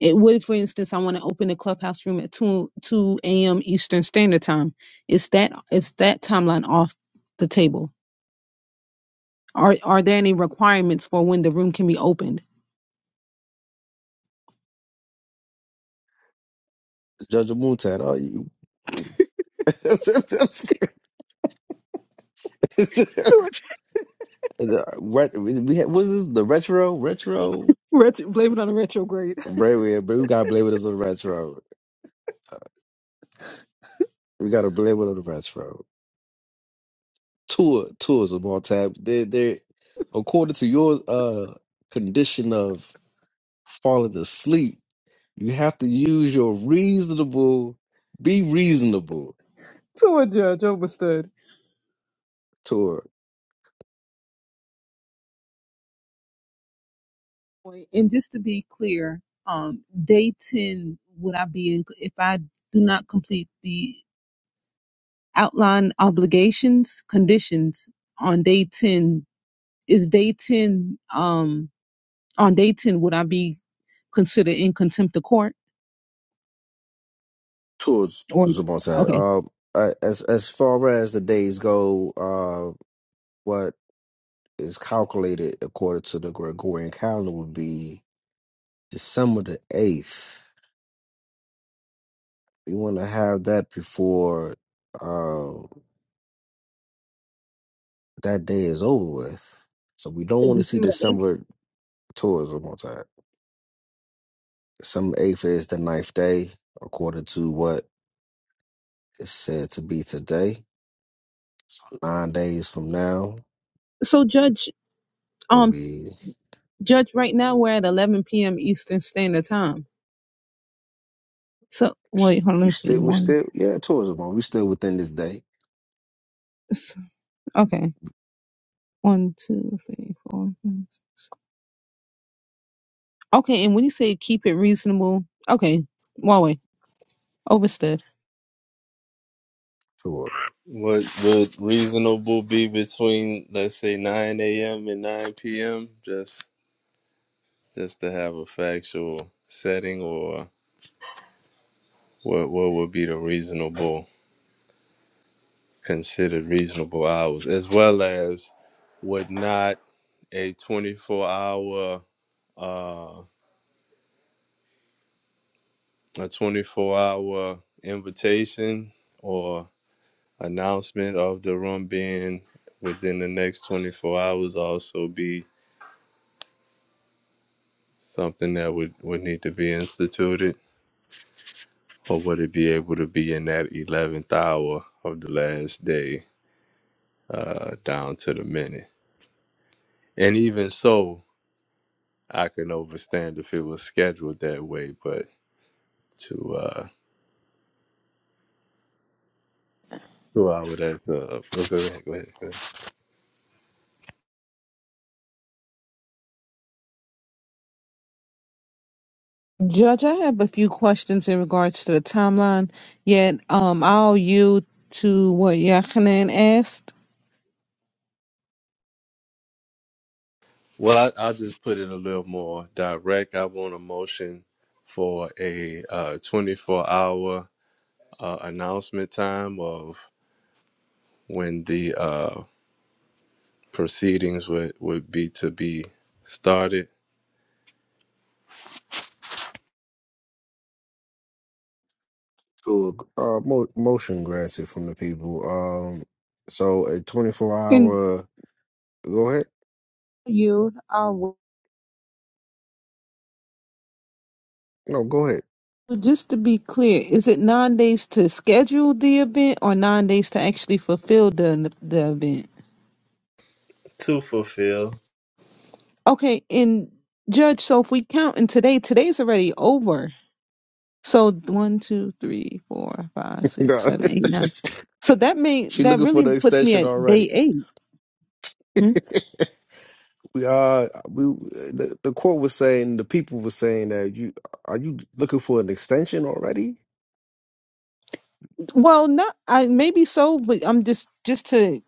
A: it would for instance i want to open the clubhouse room at 2 2 a.m eastern standard time is that is that timeline off the table are are there any requirements for when the room can be opened
B: Judge Moontan, are you?
A: to
B: (laughs)
A: a,
B: The ret- we had, what is this? The retro? Retro?
A: retro, blame it on a retrograde
B: Right, we, we gotta blame with us on the retro. Uh, We gotta blame it on the retro. Tour, tours of all time. They, they, according to your uh condition of falling asleep, You have to use your reasonable, be reasonable
A: (laughs) to a judge understood
B: toward.
A: and just to be clear um day 10 would i be in if i do not complete the outline obligations conditions on day 10 is day 10 um on day 10 would i be considered in contempt of court
B: towards
A: or
B: Zamonte.
A: okay
B: Um, I- as as far as the days go, uh, what is calculated according to the Gregorian calendar would be December the eighth. We want to have that before uh, that day is over with, so we don't want to see
A: december the
B: December towards Zamonte. December eighth is the ninth day, according to what is said to be today. nine days from now.
A: 8th so judge
B: We'll
A: um
B: be
A: judge right now we're at 11 p.m eastern standard time so wait hold on let
B: we
A: me see
B: still we
A: one
B: still yeah tourism. man. We still within this day
A: s- okay one two three four five, six. okay and when you say keep it reasonable okay Huawei overstood
B: to a
H: What would reasonable be between let's say nine a.m. and nine p.m. just just to have a factual setting, or what what would be the reasonable considered reasonable hours, as well as would not a twenty four hour uh, a twenty four hour invitation or announcement of the room being within the next twenty four hours also be something that would, would need to be instituted, or would it be able to be in that 11th hour of the last day uh, down to the minute? And even so, I can understand if it was scheduled that way, but to uh, to I would have to. Well, go ahead, go ahead, go ahead.
A: Judge, I have a few questions in regards to the timeline, yet um, I'll yield to what Yachanan asked.
H: Well, I, I'll just put it a little more direct. I want a motion for a uh, 24 hour uh, announcement time of when the uh, proceedings would would be to be started
B: to a uh, mo- motion granted from the people. Um, so a twenty four
A: And
B: hour. Go ahead.
A: you, will.
B: No, go ahead. (laughs)
A: just to be clear, is it nine days to schedule the event or nine days to actually fulfill the the event?
H: to fulfill.
A: Okay, and Judge, so if we count in today, today's already over. So one, two, three, four, five, six,
B: Nah.
A: seven, eight, nine. So that
B: (laughs)
A: may
B: she
A: that
B: looking for the
A: really puts me
B: extension
A: at
B: already.
A: day eight. Hmm?
B: (laughs) we uh we the, the court was saying the people were saying that you are you looking for an extension already?
A: Well, not I maybe so, but I'm just just to,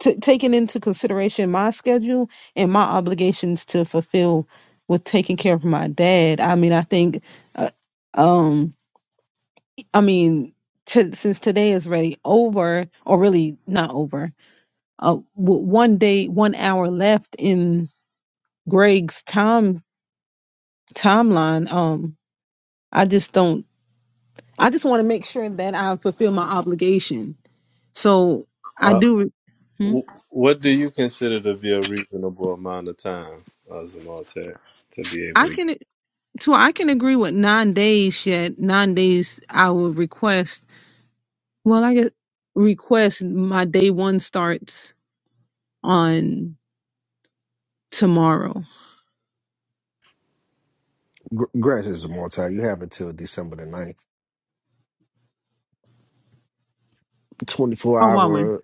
A: to taking into consideration my schedule and my obligations to fulfill with taking care of my dad. I mean, I think, uh, um, I mean, to, since today is already over, or really not over, uh, w- one day, one hour left in Greg's time timeline. Um, I just don't. I just want to make sure that I fulfill my obligation. So I
H: Uh,
A: do. Hmm?
H: w- what do you consider to be a reasonable amount of time, uh, Zamaltek, to be able
A: I
H: to?
A: can to I can agree with nine days. Yet nine days, I will request. Well, I guess request my day one starts on tomorrow.
B: Gr- Granted, it's a more time. You have until December the ninth, 24
A: Oh, wow. when-
B: hour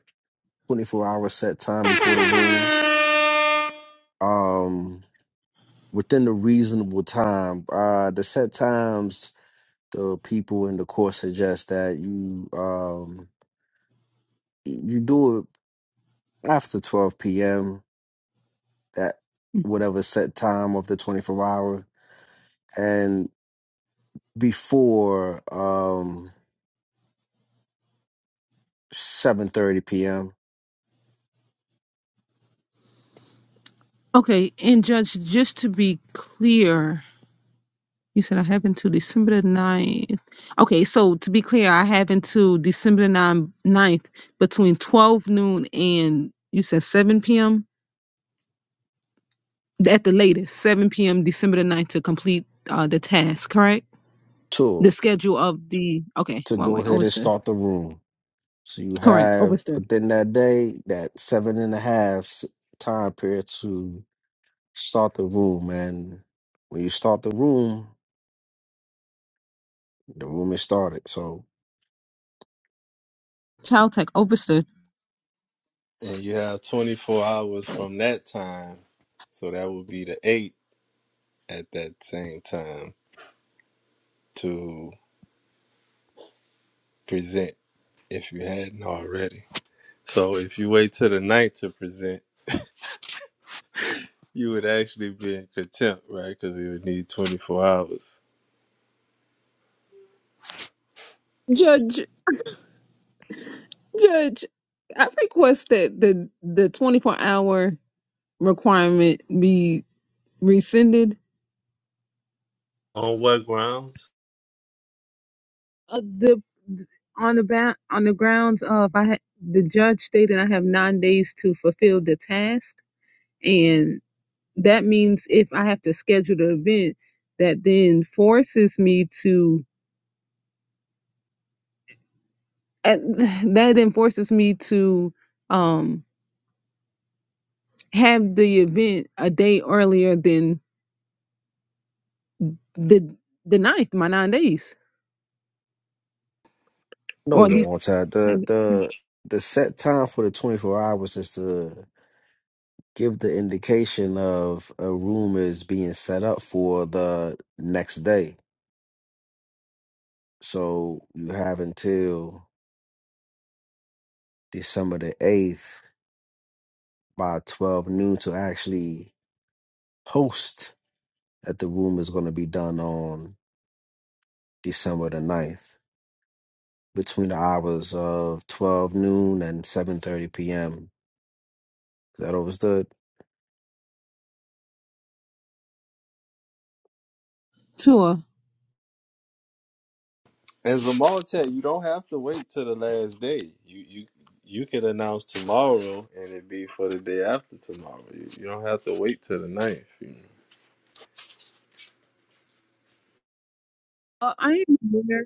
B: 24 hour set time before the room. Um, within the reasonable time, uh, the set times the people in the court suggest that you um you do it after 12 p.m. that whatever set time of the 24 hour and before um 7:30 p.m.
A: Okay, and Judge, just to be clear, you said I have until December the ninth. Okay, so to be clear, I have until December the 9th, ninth between 12 noon and you said 7 p.m. at the latest, 7 p.m. December the ninth to complete uh, the task, correct? The
B: to
A: schedule of the, okay,
B: to
A: one
B: go
A: way,
B: ahead and
A: overstood.
B: start the room. So you
A: Correct,
B: have
A: overstood.
B: within that day that seven and a half time period to Start the room, man. When you start the room, the room is started. So
A: Child Tech overstood.
H: And you have 24 hours from that time, so that would be the eight at that same time to present if you hadn't already. So if you wait till the night to present, you would actually be in contempt, right? Because we would need 24 hours.
A: Judge, Judge, I request that the, the 24 hour requirement be rescinded.
H: On what grounds?
A: Uh, the on the ba- on the grounds of I ha- the judge stated I have nine days to fulfill the task, and. that means if I have to schedule the event, that then forces me to at- (sighs) that then forces me to um have the event a day earlier than the the ninth, my nine days,
B: no,
A: or at
B: it's a
H: No.
A: least
B: more time.
A: have
B: The
A: it
B: the the set time for the twenty four hours is to give the indication of a room is being set up for the next day. So you have until December the eighth by twelve noon to actually host that the room is going to be done on December the ninth. between the hours of 12 noon and 7.30 p.m. Is That was the
A: tour.
H: And Zamaltek, you don't have to wait till the last day. You you you could announce tomorrow, and it'd be for the day after tomorrow. You, you don't have to wait till the ninth. You know.
A: Uh, I am aware.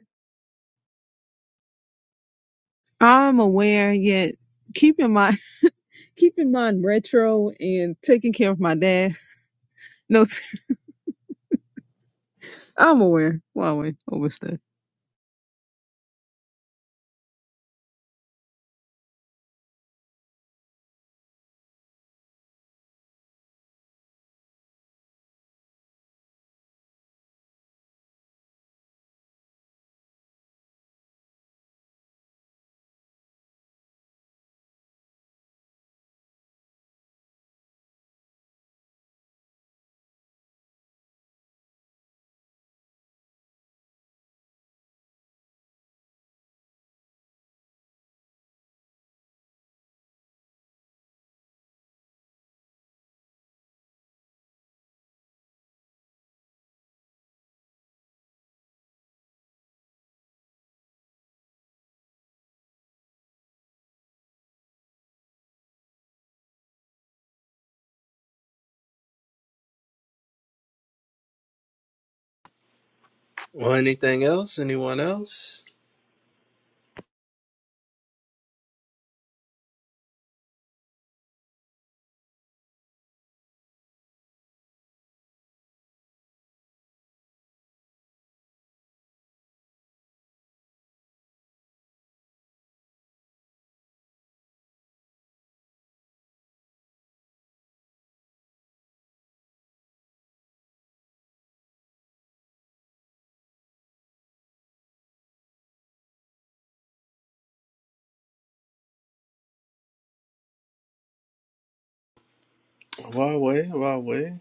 A: I'm aware. Yet keep in mind, (laughs) keep in mind retro and taking care of my dad. No, (laughs) I'm aware. Huawei overstood.
H: Well, anything else? Anyone else? Why wait? Why wait?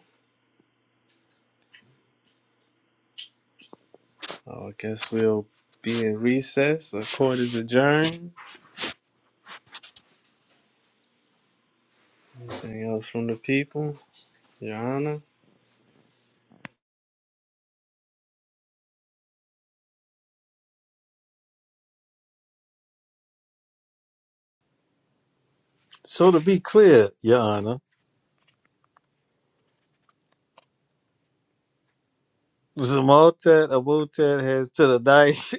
H: Oh, I guess we'll be in recess. The court is adjourned. Anything else from the people, Your Honor?
E: So to be clear, Your Honor, Zamaltat Abutat has to the dice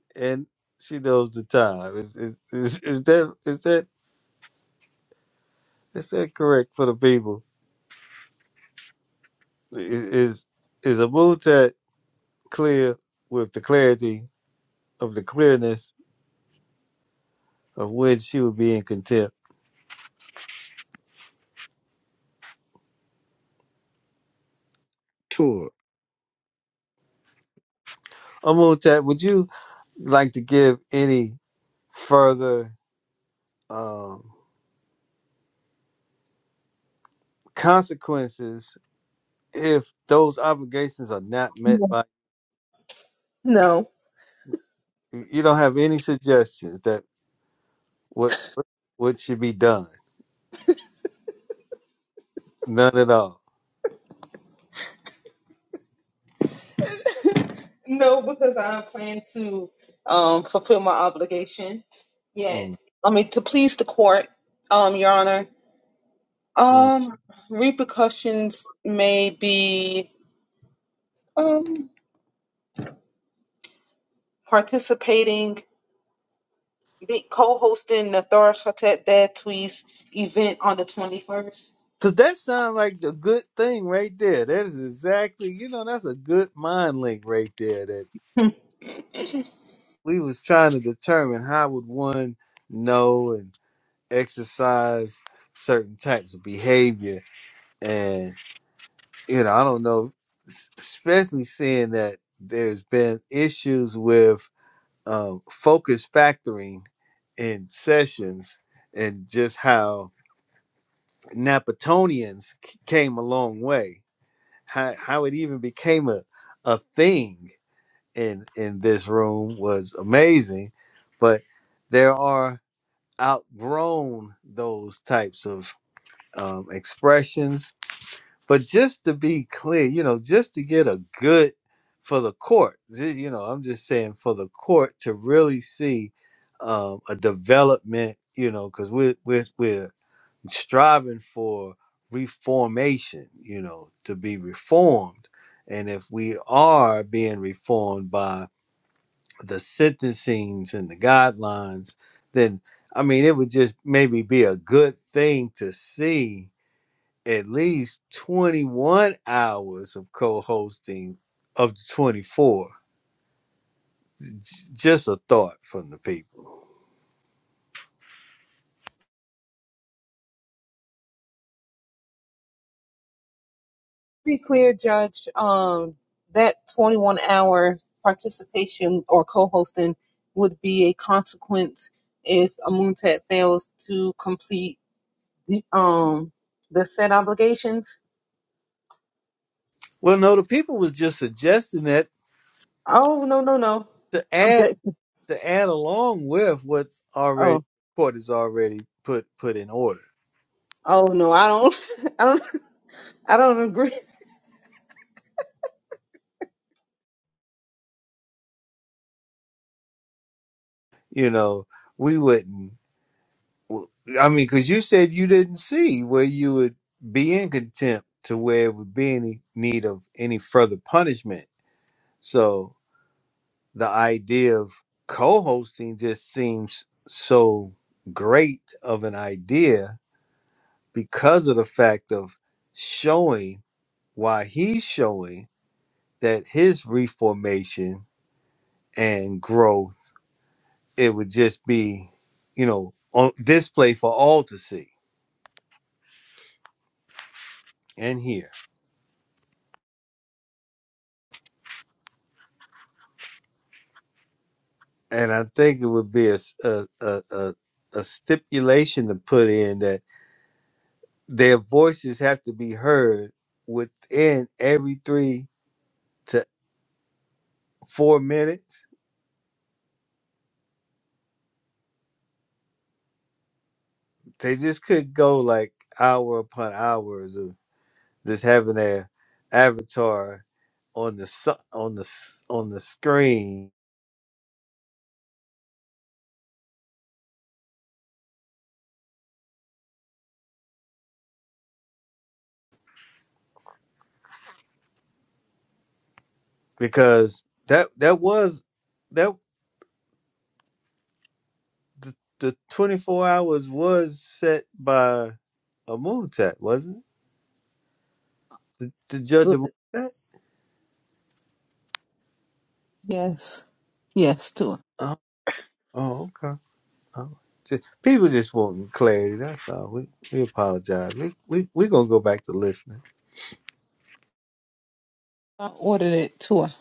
E: (laughs) and she knows the time. Is is is, is that is that is that correct for the people? is is a mutat clear with the clarity of the clearness of which she would be in contempt.
B: tour.
E: Amutat, would you like to give any further um, consequences if those obligations are not met by you you don't have any suggestions that what what should be done? None at all.
A: No, because I plan to um, fulfill my obligation. Yes.
E: Mm,
A: I mean, to please the court, um, Your Honor,
E: mm.
A: um, repercussions may be um, participating, be co-hosting the Thor Khatet Dad Tweez event on the 21st.
E: Cause that sounds like a good thing right there. That is exactly, you know, that's a good mind link right there.
A: Hmm.
E: we was trying to determine how would one know and exercise certain types of behavior and you know i don't know s- especially seeing that there's been issues with um, focus factoring in sessions and just how napatonians c- came a long way how, how it even became a, a thing in in this room was amazing but there are outgrown those types of um, expressions. But just to be clear, you know, just to get a good for the court, ju- you know, I'm just saying for the court to really see um, a development, you know, because we're, we're, we're striving for reformation, you know, to be reformed. And if we are being reformed by the sentencings and the guidelines, then I mean, it would just maybe be a good thing to see at least 21 hours of co hosting of the 24. J- Just a thought from the people.
A: Be clear, Judge, um, that 21-hour participation or co-hosting would be a consequence if Amuntet fails to complete um the set obligations.
E: Well, no, the people was just suggesting that
A: Oh no no no.
E: to add
A: Object.
E: to add along with what's already
A: Oh
E: what is already put put in order.
A: oh no. I don't. (laughs) I don't. I don't agree.
E: You know, we wouldn't. Well, I mean, because you said you didn't see where you would be in contempt to where it would be any need of any further punishment. So the idea of co-hosting just seems so great of an idea because of the fact of showing why he's showing that his reformation and growth it would just be you know on display for all to see and hear and I think it would be a a a a a stipulation to put in that their voices have to be heard within every three to four minutes. They just could go like hour upon hours of just having their avatar on the su- on the s- on the screen because that that was that the, the 24 hours was set by a moon tech wasn't it? The, the judge
A: Look,
E: of moon
A: Yes. Yes, Tua.
E: Oh, oh okay. Oh. Ju- people just wanting clarity. That's all. We we apologize. We we we gonna go back to listening.
A: I ordered it, Tua.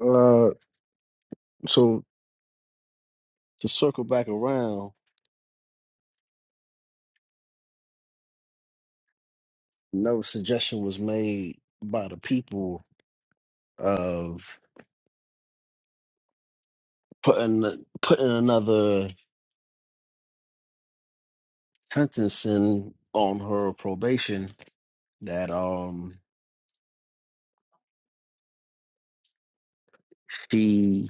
B: Uh, so to circle back around, no suggestion was made by the people of putting putting another sentence in on her probation that um she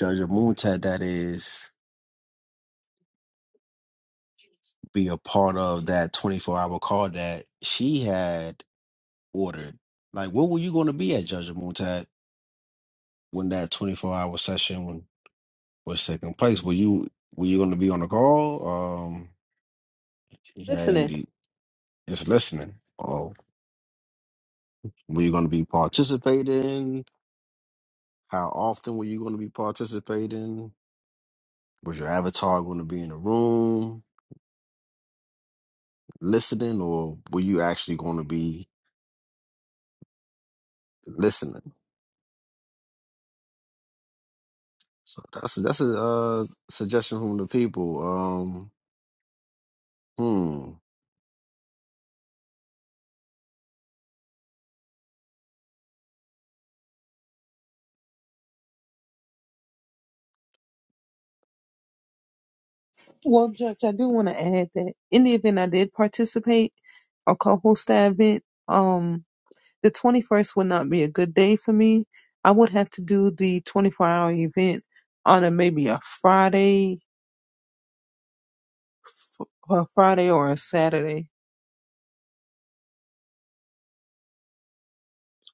B: Judge Moontat that is be a part of that 24 hour call that she had ordered. Like, what were you going to be at Judge Moontat? when that 24 hour session was taking place. Were you were you going to be on the call? Um, yeah,
A: Listening.
B: indeed. Just listening. Or were you going to be participating? How often were you going to be participating? Was your avatar going to be in the room listening, or were you actually going to be listening? So that's that's a uh, suggestion from the people. Um, hmm.
A: Well, Judge, I do want to add that in the event I did participate or co-host that event, um, the 21st would not be a good day for me. I would have to do the 24-hour event on a maybe a Friday, or a Friday or a Saturday,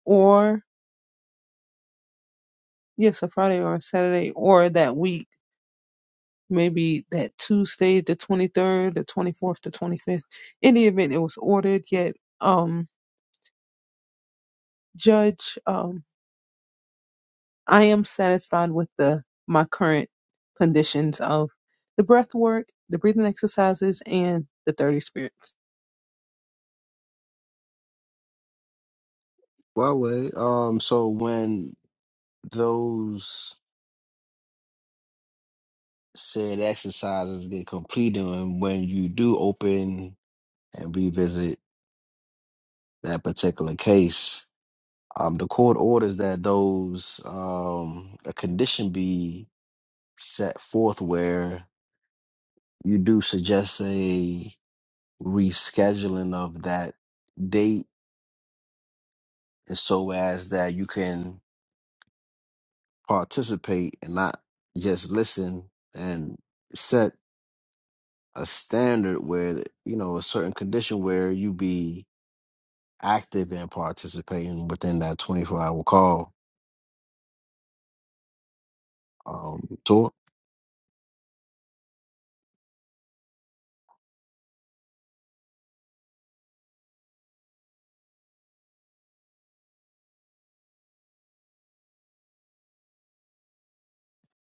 A: or Yes, a Friday or a Saturday or that week, maybe that Tuesday, the 23rd, the 24th, the 25th. In the event it was ordered, yet, um, Judge, um, I am satisfied with the my current conditions of the breath work, the breathing exercises, and the 30 spirits.
B: Well, wait. Um, so when those said exercises get completed and when you do open and revisit that particular case um, the court orders that those um, a condition be set forth where you do suggest a rescheduling of that date and so as that you can participate and not just listen and set a standard where you know a certain condition where you be active and participating within that 24 hour call um, tour.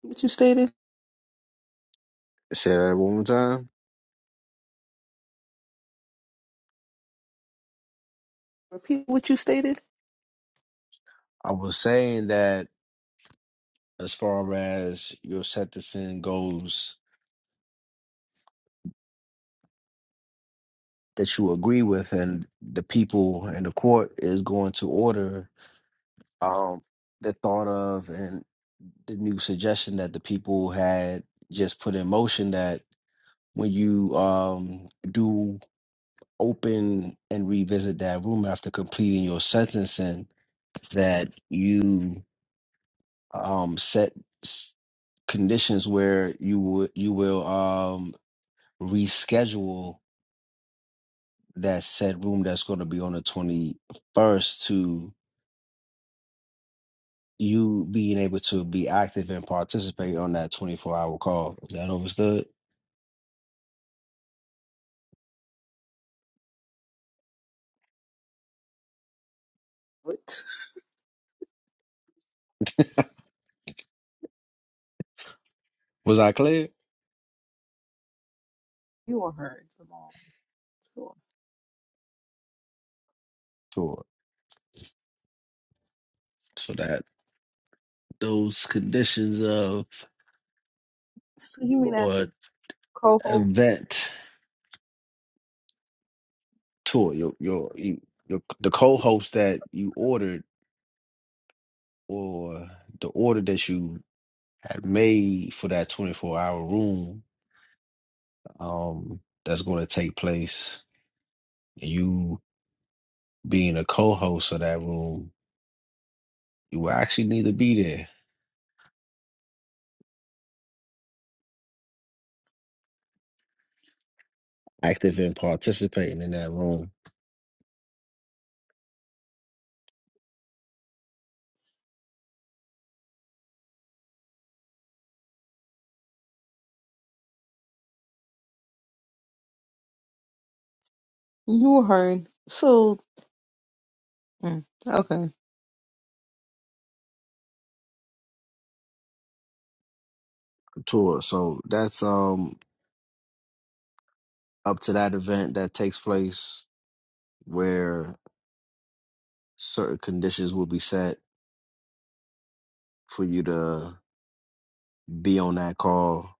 A: What you stated?
B: Say that one more time.
A: Repeat what you stated?
B: I was saying that as far as your set to sin goes, that you agree with, and the people and the court is going to order um, the thought of and the new suggestion that the people had just put in motion that when you um, do open and revisit that room after completing your sentencing, that you um set s- conditions where you would you will um reschedule that said room that's going to be on the 21st to you being able to be active and participate on that 24 hour call is that understood
A: What?
B: was i clear
A: You are heard, Jamal.
B: sure so that those conditions of
A: So you mean as a
B: or
A: co-host?
B: event tour your your, you- your the co-host that you ordered or the order that you had made for that 24 hour room um, that's going to take place. And you being a co host of that room, you will actually need to be there, active and participating in that room.
A: You heard. So, mm, okay.
B: tour. So that's um up to that event that takes place where certain conditions will be set for you to be on that call.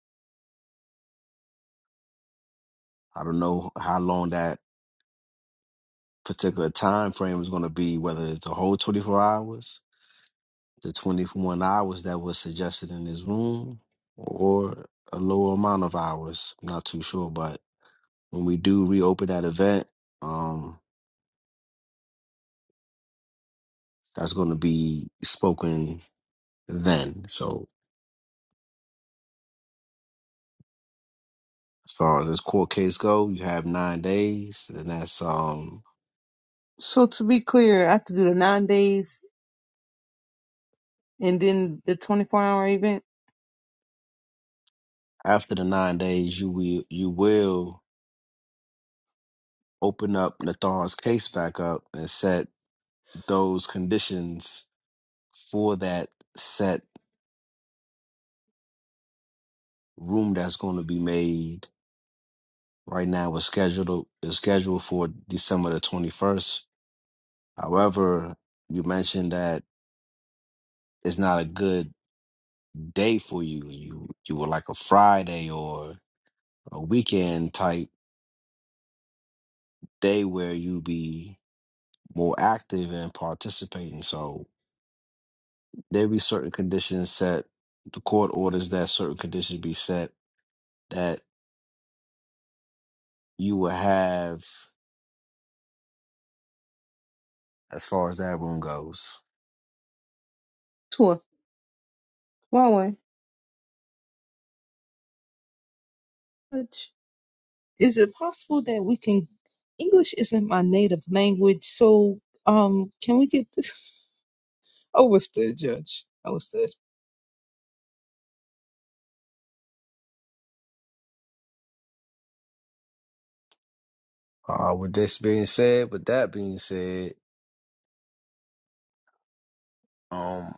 B: I don't know how long that particular time frame is going to be, whether it's the whole 24 hours, the 21 hours that was suggested in this room, or a lower amount of hours. I'm not too sure, but when we do reopen that event, um, that's going to be spoken then. So as far as this court case go, you have nine days, and that's um
A: So to be clear, I have to do the nine days and then the 24 hour event
B: after the nine days, you will you will open up Nathar's case back up and set those conditions for that set room that's going to be made right now is scheduled is scheduled for December the 21st. However, you mentioned that it's not a good day for you. You you would like a Friday or a weekend type day where you be more active and participating. So there be certain conditions set. The court orders that certain conditions be set that you will have as far as that room goes.
A: tour. Why way? Which- Is it possible that we can? English isn't my native language, so um, can we get? this? I was there, Judge. I was there.
B: Uh, with this being said, with that being said, um,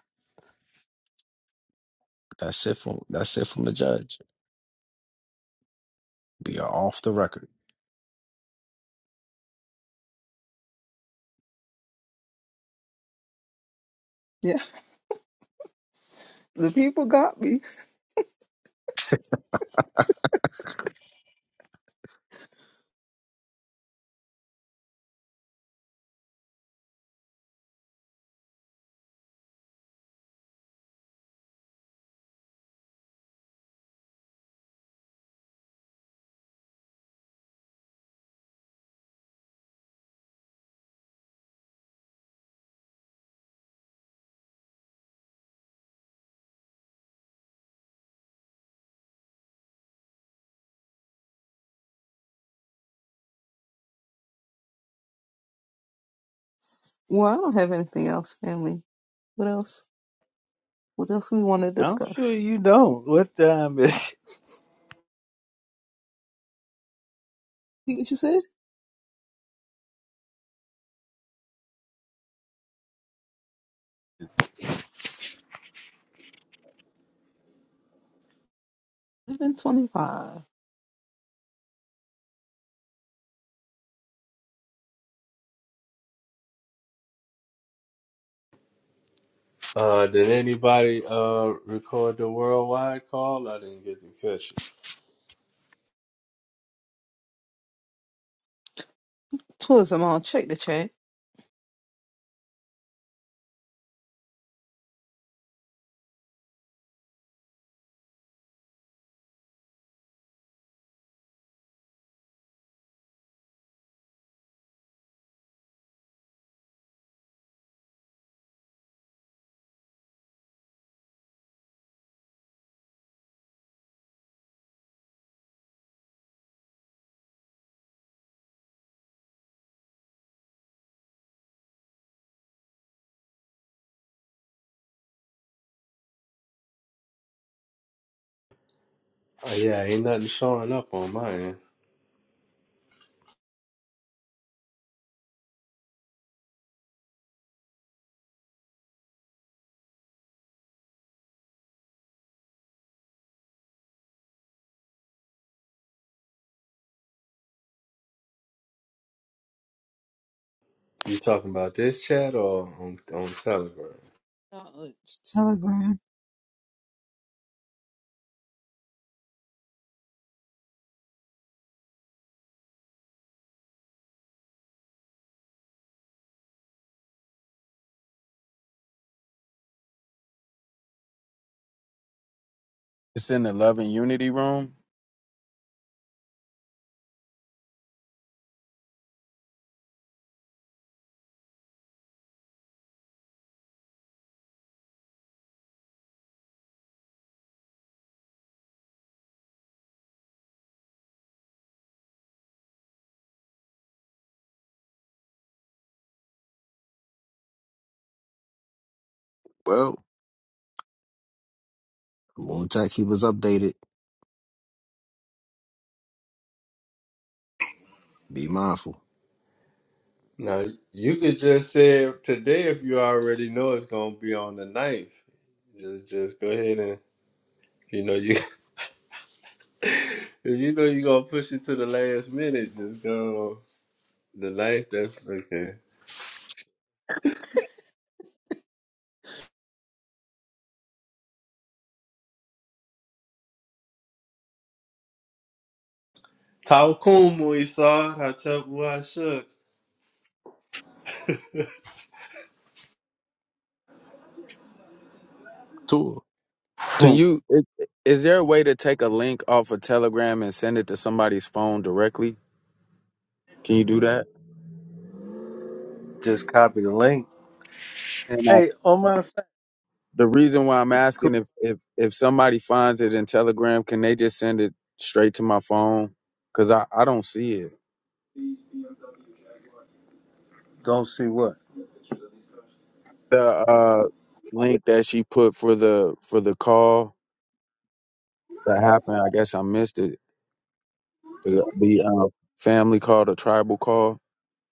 B: that's it from that's it from the judge. Be off the record.
A: Yeah, the people got me. Well, I don't have anything else, family. What else? What else we want to
E: I'm sure
A: discuss?
E: you don't. What time is?
A: You what you said? Eleven twenty-five.
H: Uh, did anybody uh record the worldwide call? I didn't get to catch it.
A: Tourism on. Check the chat.
H: Oh yeah, ain't nothing showing up on mine. You talking about this chat or on, on Telegram?
A: Uh, it's Telegram.
G: It's in the Love and Unity room.
B: Well, Moon Tech, he was updated. Be mindful.
H: Now you could just say it today if you already know it's gonna be on the ninth. Just just go ahead and if you know you (laughs) if you know you're gonna push it to the last minute, just go the ninth. That's okay. Taukumu Isar Hatepwa Shook.
B: Tour.
G: Can
E: (laughs)
G: you is, is there a way to take a link off of Telegram and send it to somebody's phone directly? Can you do that?
E: just copy the link.
G: And
E: Hey, on
G: I,
E: my fact,
G: the reason why I'm
E: cool.
G: asking if if if somebody finds it in Telegram, can they just send it straight to my phone? Cuz I I don't see it.
E: gonna see what
G: the uh link that she put for the for the call that happened. I guess I missed it. The the uh, family called a tribal call.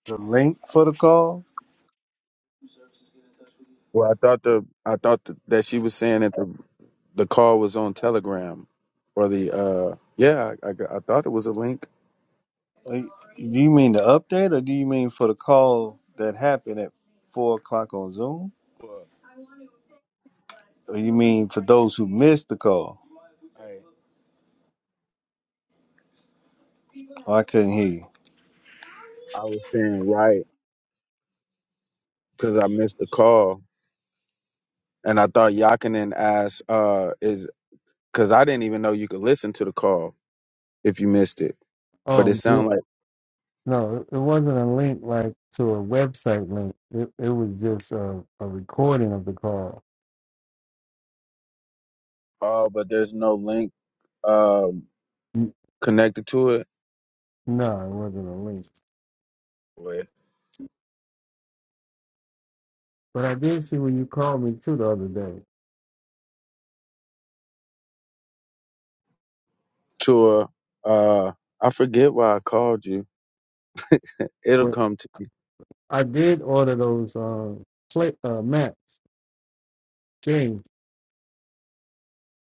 E: the link for the call.
G: Well, I thought the I thought th- that she was saying that the the call was on Telegram or the uh yeah I I, got- I thought it was a link.
E: Like, do you mean the update, or do you mean for the call that happened at four o'clock on Zoom?
G: Well,
E: Or you mean for those who missed the call?
G: I
E: Oh, I couldn't hear you.
G: I was saying right because I missed the call and I thought Yakinen asked uh is because I didn't even know you could listen to the call if you missed it. But
E: Oh,
G: it
E: yeah.
G: sounded like
E: No, it wasn't a link like to a website link. It it was just a, a record of the call.
G: oh, but there's no link um
E: N-
G: connected to it
E: No, it wasn't a link.
G: with
E: But I did see when you called me too the other day.
G: to a uh I forget why I called you. It'll
E: But
G: come to
E: I did order those uh, play uh, maps games,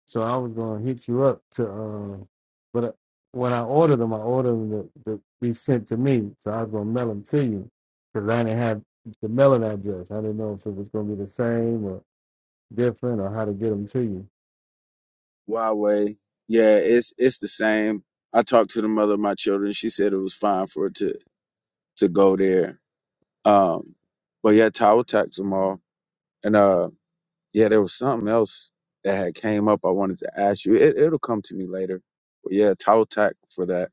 E: so I was gonna hit you up to. Um, but uh, when I ordered them, I ordered them to, to be sent to me, so I was gonna mail them to you because I didn't have the mailing address. I didn't know if it was gonna be the same or different or how to get them to you.
G: Huawei. Yeah, it's it's the same. I talked to the mother of my children. She said it was fine for it to to go there. Um but yeah, Tower tax them all. And uh yeah, there was something else that had came up I wanted to ask you. It it'll come to me later. But yeah, Tower tax for that.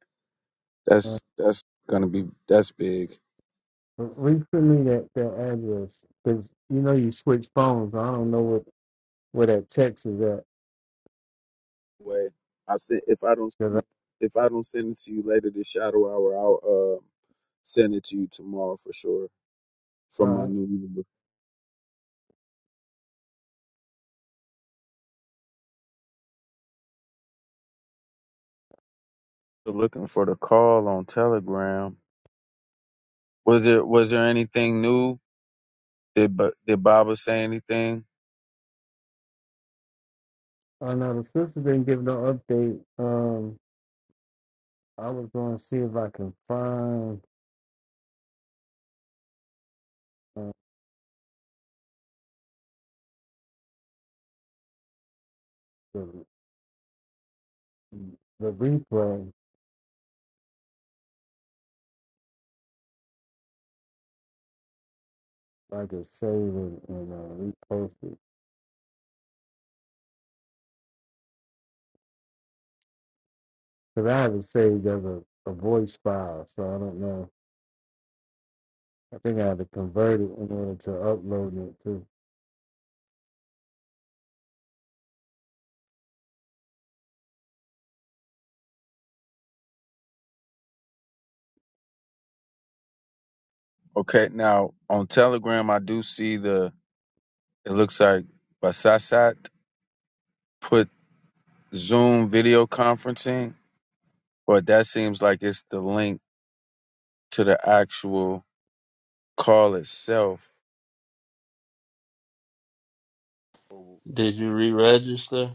E: Uh,
G: That's that's gonna be that's big.
E: read me that, that address because you know you switch phones. I don't know what where that text is at
G: way. I sent if I don't send
E: because
G: it, if I don't send it to you later this shadow hour, I'll uh, send it to you tomorrow for sure
E: I,
G: from my
E: I,
G: new number. So Looking for the call on Telegram. Was it was there anything new? Did Ba- did Baba say anything?
E: I know the sister didn't give no update. Um, I was going to see if I can find uh, the the replay. If I could save it and uh, repost it because I have it saved as a, a voice file, so I don't know. I think I had to convert it in order to upload it to.
G: Okay, now on Telegram I do see the it looks like Basasat put Zoom video conferencing, but that seems like it's the link to the actual call itself
H: Did you re-register?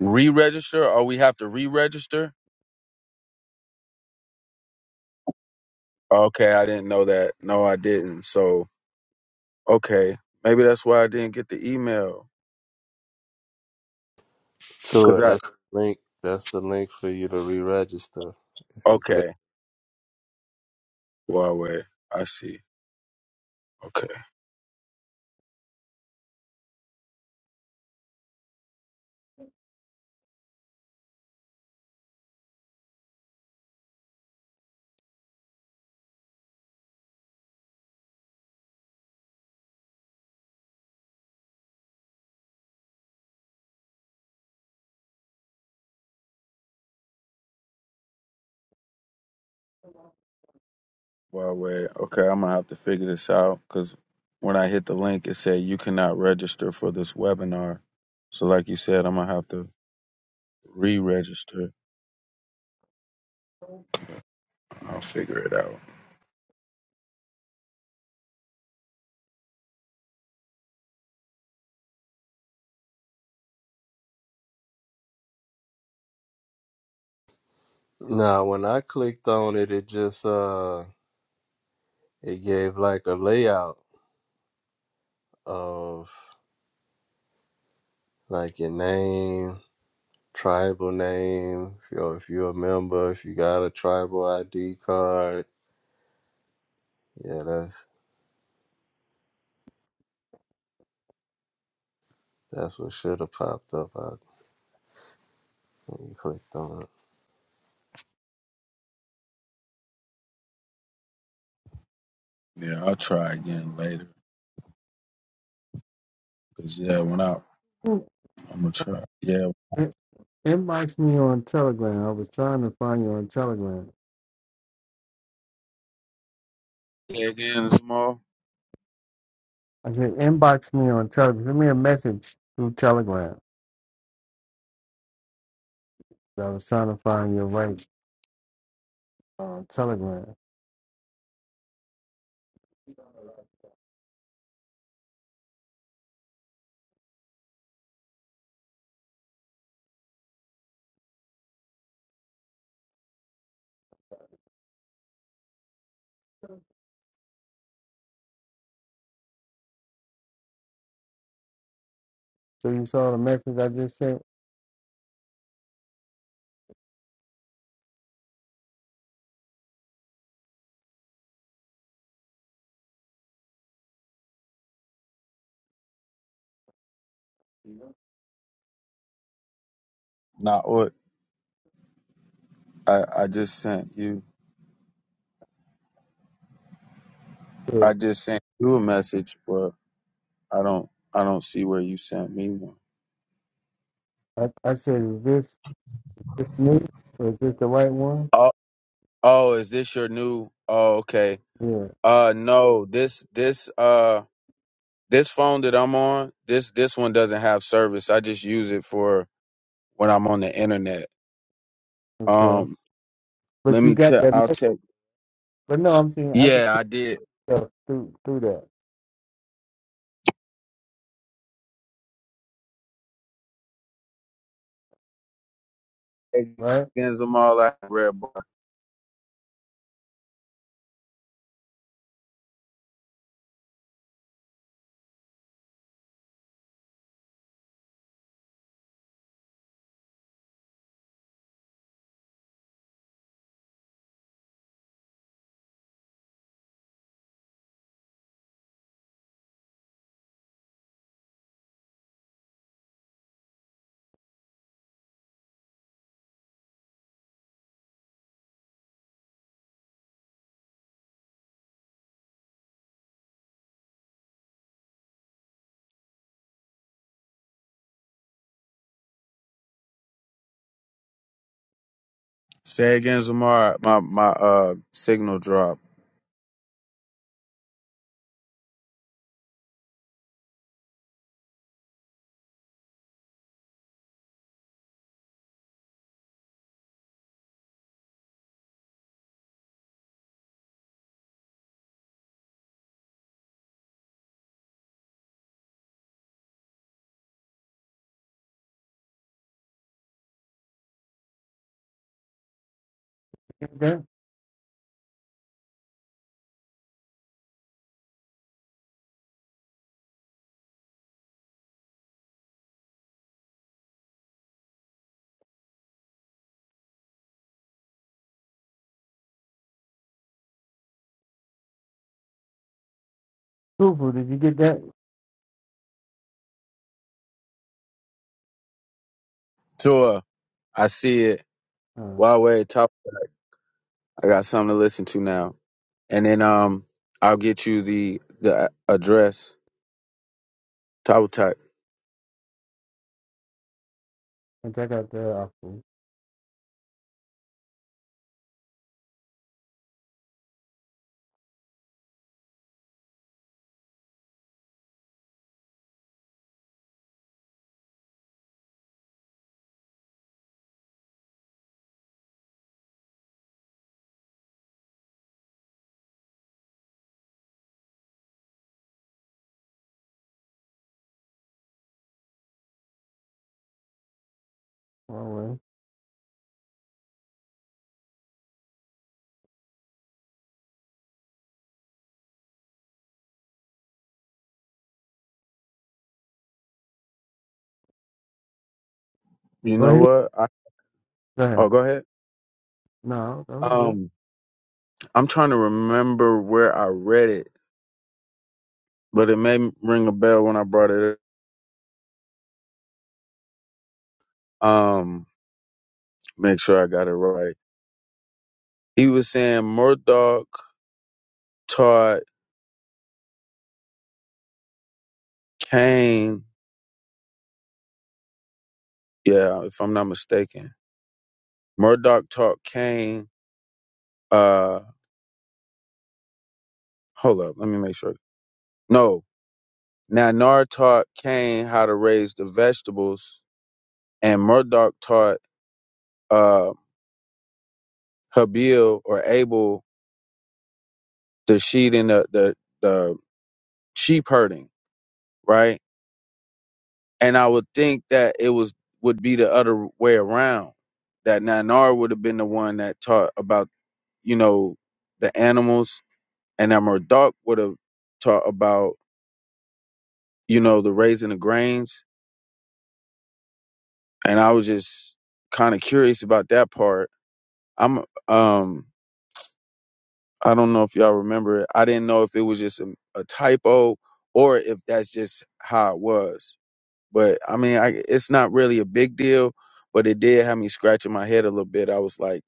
G: re-register or we have to re-register okay i didn't know that no i didn't so okay maybe that's why i didn't get the email
H: To
G: because
H: it. That's
G: i
H: the link. That's the link for you to re-register if you click.
G: okay huawei i see okay huawei okay i'm gonna have to figure this out because when i hit the link it said you cannot register for this webinar so like you said i'm gonna have to re-register i'll figure it out
H: Now when I clicked on it, it just uh. It gave like a layout of like your name, tribal name, if you're, if you're a member, if you got a tribal ID card. Yeah, that's that's what should have popped up out when you clicked on it.
G: yeah i'll try again later because yeah when i
E: Mm.
G: i'm gonna try yeah
E: In- Inbox me on Telegram. I was trying to find you on Telegram.
G: yeah again tomorrow
E: I said inbox me on Telegram. Send me a message through Telegram. I was trying to find your right on Telegram. So you saw the message I just sent.
G: I, I just sent you
E: Yeah.
G: I just sent you a message, but I don't I don't see where you sent me one.
E: I, I said, is this This me? Or is this the right one?
G: Oh, oh, is this your new? Oh, okay.
E: Yeah.
G: Uh, no, this this uh this phone that I'm on this this one doesn't have service. I just use it for when I'm on the internet.
E: Okay.
G: Um,
E: But
G: let
E: you
G: me
E: got
G: tell.
E: that
G: I'll
E: message.
G: check.
E: But no, I'm saying I can see
G: Yeah, I did.
E: stuff through through that,
G: Say
E: right?
G: Again, Zamar, I red bar. Say again, Zamar. My my uh signal dropped.
E: You Get that? Truthful, did you get that?
G: Tua, I see it.
E: Uh,
G: Huawei top. I got something to listen to now. And then um, I'll get you the the address. Towel type.
E: and check out that off. please. Wrong way.
G: You
E: Go
G: know
E: ahead.
G: what? I,
E: Go
G: oh,
E: ahead.
G: go ahead.
E: No, that was it.
G: Um, I'm trying to remember where I read it, but it may ring a bell when I brought it. up. Um, make sure I got it right. He was saying Murdoch taught Cain. Yeah, if I'm not mistaken, Murdoch taught Cain. Uh, hold up, let me make sure. No, Nanar taught Cain how to raise the vegetables and Murdoch taught uh, Habil or Abel the sheep and the, the the sheep herding, right? And I would think that it was would be the other way around. That Nanar would have been the one that taught about you know the animals, and that Murdoch would have taught about you know the raising of grains. And I was just kind of curious about that part. I'm um I don't know if y'all remember it. I didn't know if it was just a, a typo or if that's just how it was. But I mean, I, it's not really a big deal, but it did have me scratching my head a little bit. I was like,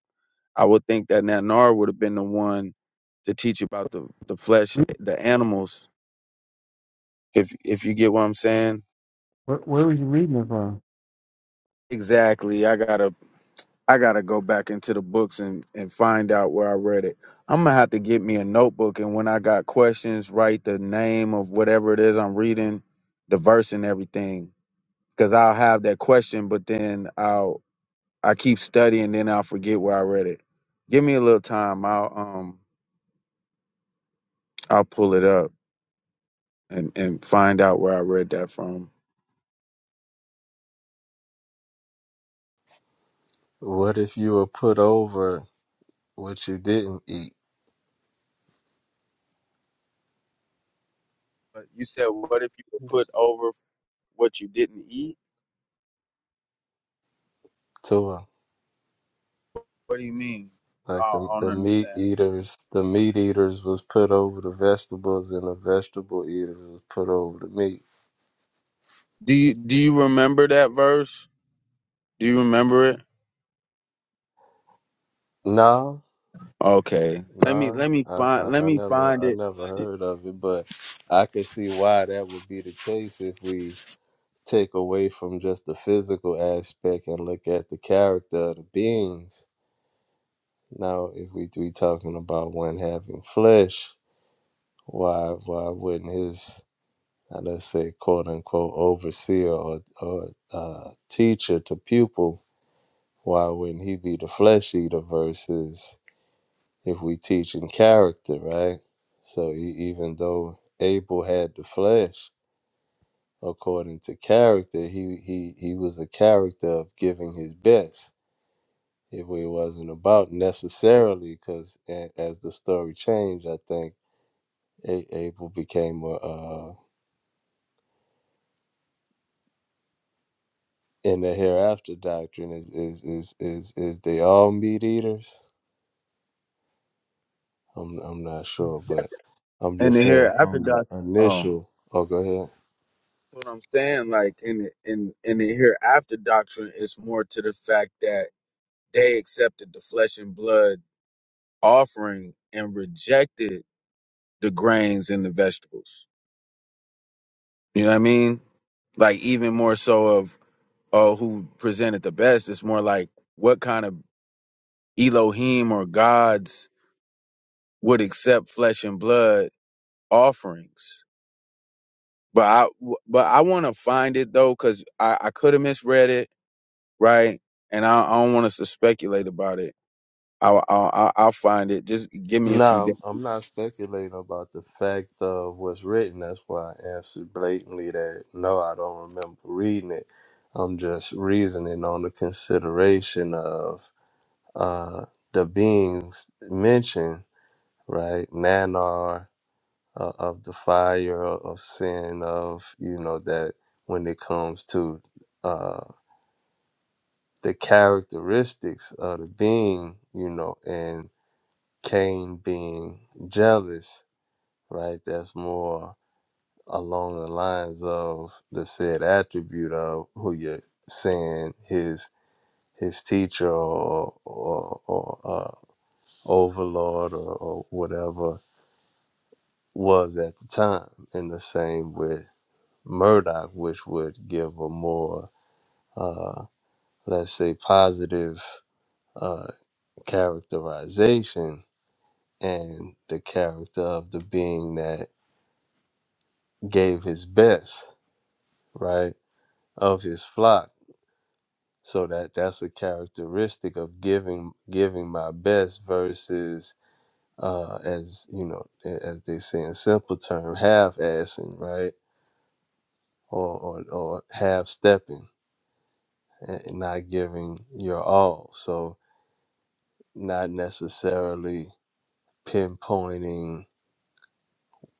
G: I would think that Nanar would have been the one to teach about the, the flesh,
E: Read-
G: the animals, if if you get what I'm saying.
E: Where, where was you reading it from?
G: Exactly. I got a I gotta go back into the books and, and find out where I read it. I'm gonna have to get me a notebook and when I got questions, write the name of whatever it is I'm reading, the verse and everything. Cause I'll have that question, but then I'll I keep studying, then I'll forget where I read it. Give me a little time. I'll um I'll pull it up and, and find out where I read that from.
H: What if you were put over what you didn't eat?
G: But you said what if you were put over what you didn't eat?
H: Tua.
G: What do you mean? I
H: Like
G: I
H: the
G: don't
H: the meat
G: understand.
H: eaters, the meat eaters was put over the vegetables, and the vegetable eaters was put over the meat.
G: Do you do you remember that verse? Do you remember it?
H: No,
G: Okay. Let me
H: Nah,
G: let me
H: I,
G: find let
H: I I
G: me
H: never
G: find
H: I
G: it
H: never heard of it, but I could see why that would be the case if we take away from just the physical aspect and look at the character of the beings. Now, if we we talking about one having flesh, why why wouldn't his uh, let's say quote unquote overseer or or uh, teacher to pupil? Why wouldn't he be the flesh eater versus? if we teach in character, right? So e even though Abel had the flesh, according to character, he he he was a character of giving his best. If it wasn't about necessarily, because as the story changed, I think a- Abel became a uh, in the hereafter doctrine is is is is is they all meat eaters. I'm I'm not sure, but I'm
G: in
H: just
G: the
H: Hey, saying
G: hereafter
H: from the
G: doctrine. Oh.
H: initial. Oh, go ahead.
G: That's what I'm saying, like in the in in the hereafter doctrine, it's more to the fact that they accepted the flesh and blood offering and rejected the grains and the vegetables. You know what I mean? Like even more so of oh who presented the best. It's more like what kind of Elohim or gods would accept flesh and blood offerings. But I but I want to find it though, cause I, I could have misread it, right? And I, I don't want us to speculate about it. I, I, I I'll find it. Just give me a few
H: No, I'm,
G: days.
H: I'm not speculating about the fact of what's written. That's why I answered blatantly that no, I don't remember reading it. I'm just reasoning on the consideration of uh, the beings mentioned, right? Nanar uh, of the fire of sin, of, you know, that when it comes to uh, the characteristics of the being, you know, and Cain being jealous right? That's more along the lines of the said attribute of who you're saying his his teacher or or, or uh, overlord or, or whatever was at the time, and the same with Murdoch, which would give a more uh, let's say positive uh, characterization and the character of the being that gave his best, right? of his flock so that that's a characteristic of giving giving my best versus uh as you know a- as they say in simple term half assing right or or, or half stepping and not giving your all so not necessarily pinpointing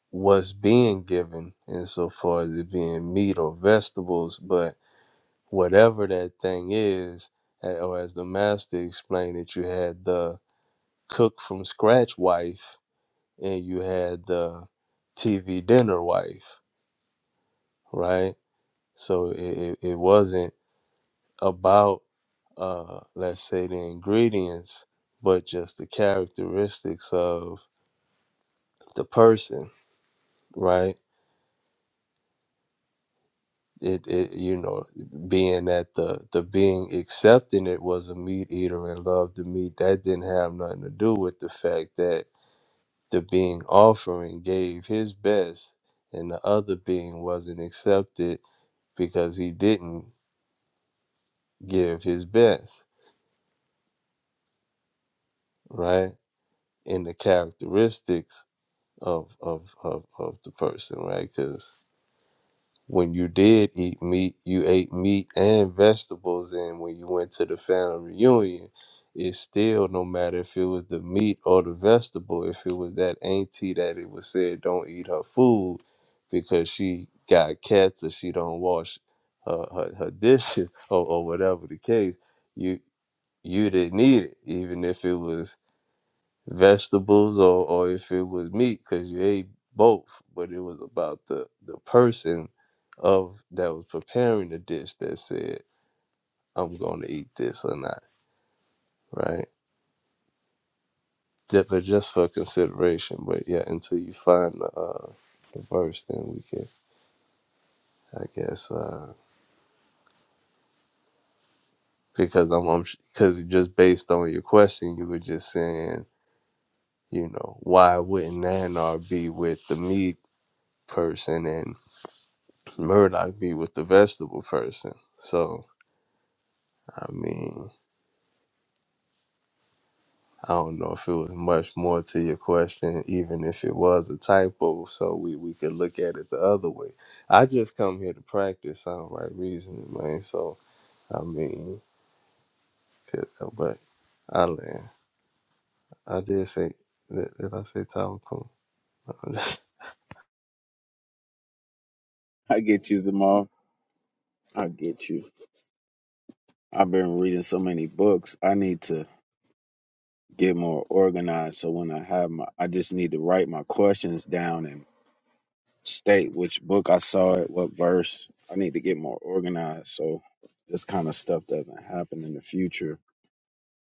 H: what's being given insofar as it being meat or vegetables but whatever that thing is a- or as the master explained it you had the cook from scratch wife and you had the TV dinner wife, right? So it, it, it wasn't about, uh, let's say, the ingredients, but just the characteristics of the person, right? It, it you know being that the the being accepting it was a meat eater and loved the meat that didn't have nothing to do with the fact that the being offering gave his best and the other being wasn't accepted because he didn't give his best right in the characteristics of of of, of the person right Because. when you did eat meat, you ate meat and vegetables. And when you went to the family reunion, it's still no matter if it was the meat or the vegetable, if it was that auntie that it was said don't eat her food because she got cats or she don't wash her, her, her dishes (laughs) or, or whatever the case, you you didn't eat it, even if it was vegetables or, or if it was meat because you ate both but it was about the the person of that was preparing the dish that said i'm going to eat this or not right just, but just for consideration but yeah until you find the uh the verse then we can i guess uh because i'm I'm because just based on your question you were just saying you know why wouldn't nanar be with the meat person and. Murdoch be with the vegetable person. So, I mean, I don't know if it was much more to your question, even if it was a typo, so we, we could look at it the other way. I just come here to practice soundbite reasoning, man. So, I mean, could- but I land. I did say, did, did I say Tyler (laughs)
G: (laughs) I get you, Zamal. I get you. I've been reading so many books. I need to get more organized. So when I have my, I just need to write my questions down and state which book I saw it, what verse. I need to get more organized so this kind of stuff doesn't happen in the future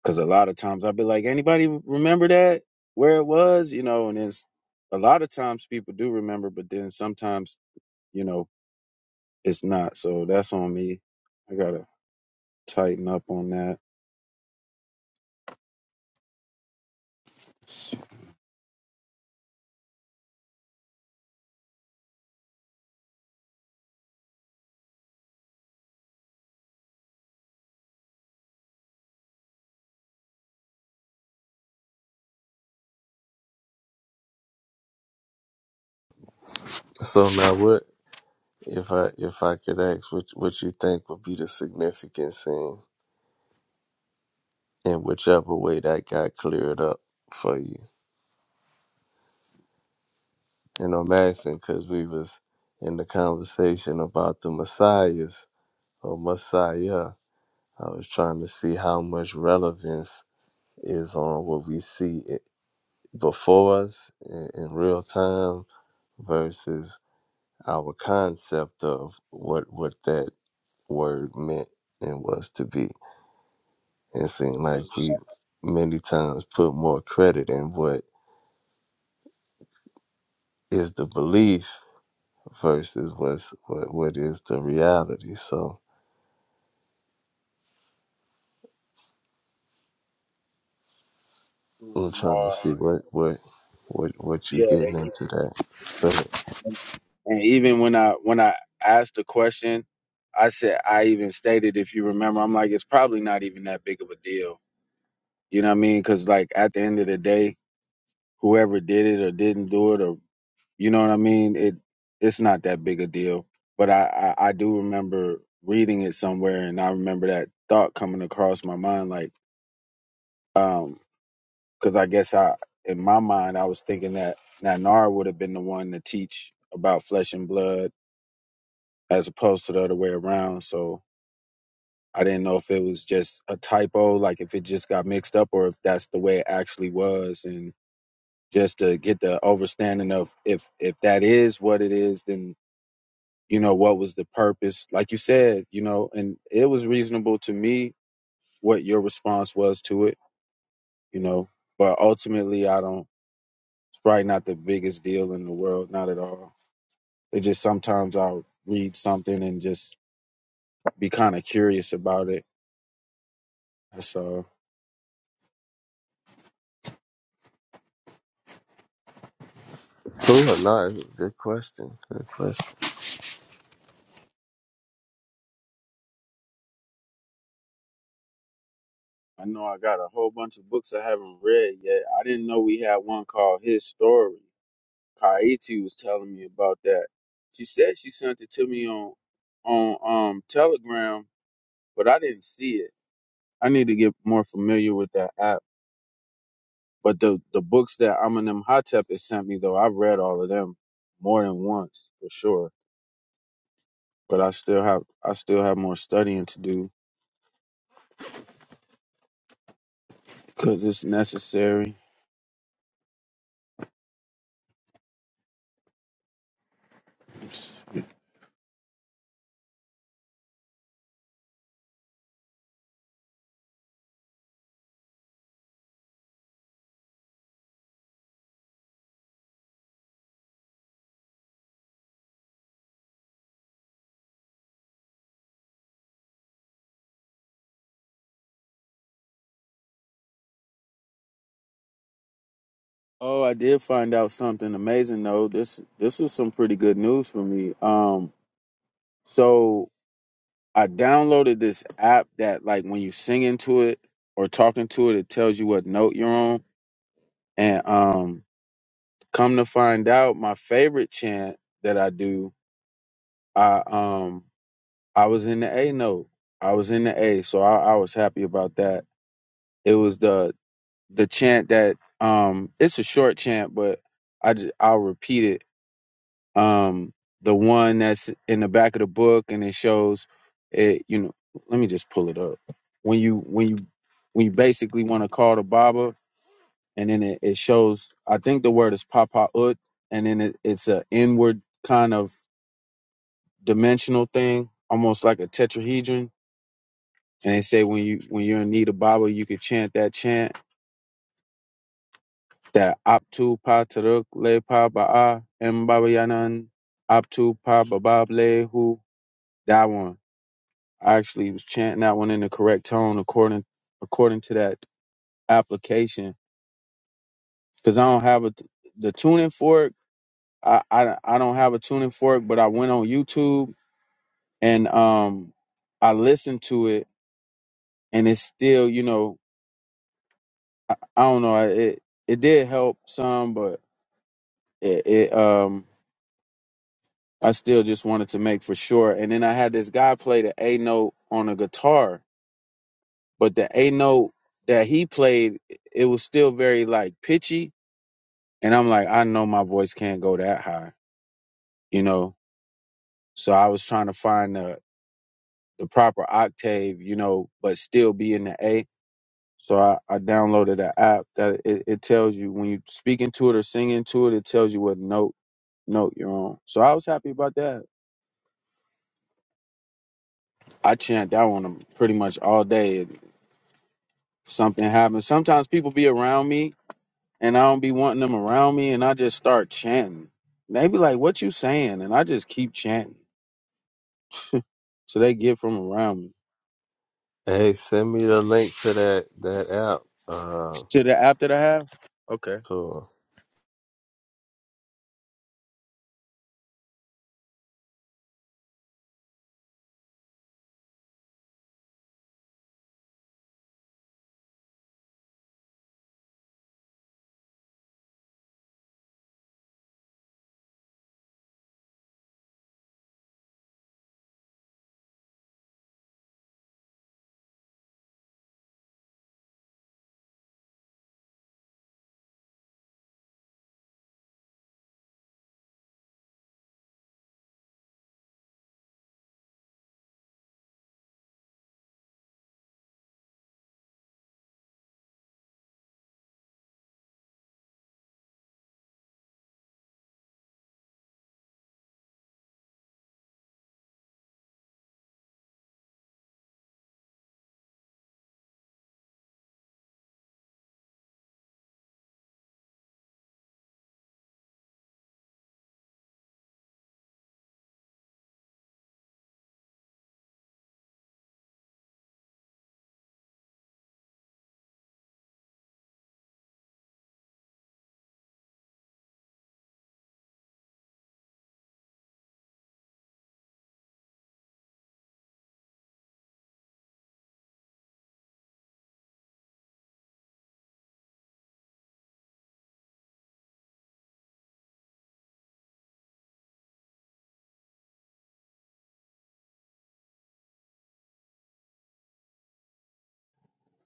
G: Cause a lot of times I'll be like, anybody remember that? Where it was? You know, and it's a lot of times people do remember, but then sometimes, you know, it's not. So that's on me. I gotta tighten up on that. It
H: So now what if I if I could ask what what you think would be the significance in in whichever way that got cleared up for you? And I'm asking because we was in the conversation about the messiahs or messiah. I was trying to see how much relevance is on what we see i- before us in, in real time versus our concept of what what that word meant and was to be. It seemed
G: was,
H: like we many times put more credit in what is the belief versus what's what, what is the reality. So
G: it was
H: I'm trying to
G: Lamar
H: see
G: and
H: what what what what you
G: yeah, and,
H: getting
G: you-
H: into that. But
G: and and even when I when I asked the question, I said I even stated if you remember, I'm like, it's probably not even that big of a deal. You know what I mean? Cause like at the end of the day, whoever did it or didn't do it or You know what I mean? It it's not that big a deal. But I, I, I do remember reading it somewhere and I remember that thought coming across my mind like um because I guess I in my mind I was thinking that Nanar would have been the one to teach about flesh and blood as opposed to the other way around. So I didn't know if it was just a typo, like if it just got mixed up or if that's the way it actually was and just to get the understanding of if if that is what it is, then you know what was the purpose like you said you know and it was reasonable to me what your response was to it you know but ultimately i don't it's probably not the biggest deal in the world not at all it just sometimes i'll read something and just be kind of curious about it so
H: cool or not? Good question. Good question.
G: i know i got a whole bunch of books i haven't read yet i didn't know we had one called his story kaiti was telling me about that she said she sent it to me on on um telegram but i didn't see it I need to get more familiar with that app. But the the books that Eminem Hotep has sent me though, I've read all of them more than once for sure. But I still have I still have more studying to do because it's necessary. Oh, I did find out something amazing though. This this was some pretty good news for me. Um, so I downloaded this app that like when you sing into it or talking to it, it tells you what note you're on. And um, come to find out, my favorite chant that I do I um I was in the A note. I was in the A, so I, I was happy about that. It was the the chant that um it's a short chant, but I just, I'll repeat it. Um, the one that's in the back of the book, and it shows it. You know, let me just pull it up. When you when you when you basically want to call the Baba, and then it, it shows. I think the word is Papa Ut, and then it, it's a inward kind of dimensional thing, almost like a tetrahedron And they say when you when you're in need of Baba, you can chant that chant that Aptu Pa Taruk Le Pa Ba'a M Baba Yanan Aptu Pa Babab Le Hu. That one. I actually was chanting that one in the correct tone according according to that application because I don't have a the tuning fork. I, I I don't have a tuning fork, but I went on YouTube and um I listened to it and it's still you know I, I don't know it it did help some, but. it, it um I still just wanted to make for sure. And then I had this guy play the A note on a guitar, but the A note that he played, it was still very like pitchy. And I'm like, I know my voice can't go that high, you know. So I was trying to find the the proper octave, you know, but still be in the A. So I, I downloaded an app that it, it tells you when you speaking to it or singing to it, it tells you what note note you're on. So I was happy about that. I chant that one pretty much all day. If something happens. Sometimes people be around me and I don't be wanting them around me and I just start chanting. And They be like, what you saying? And I just keep chanting. So they get from around me.
H: Hey, send me the link to that that app. Uh,
G: To the app that I have? Okay.
H: to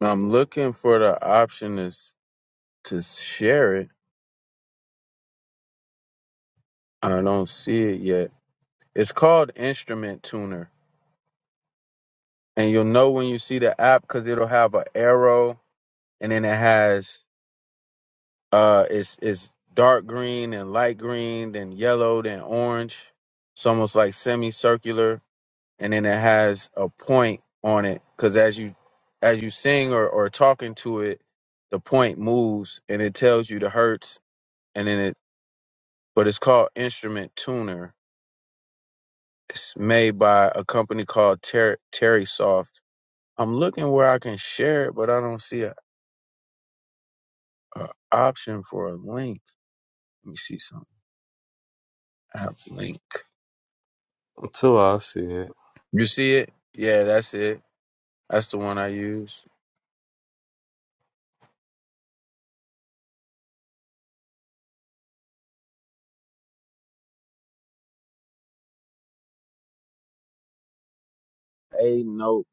G: I'm looking for the option is to share it. I don't see it yet. It's called Instrument Tuner. And you'll know when you see the app because it'll have an arrow and then it has Uh, it's it's dark green and light green, then yellow, then orange. It's almost like semicircular, and then it has a point on it because as you as you sing or or talking to it, the point moves and it tells you the hertz, and then it. But it's called Instrument Tuner. It's made by a company called Ter- Terry Soft. I'm looking where I can share it, but I don't see a, a option for a link. Let me see something. App link.
H: to I'll see it.
G: You see it? Yeah, that's it. That's the one I use. A note.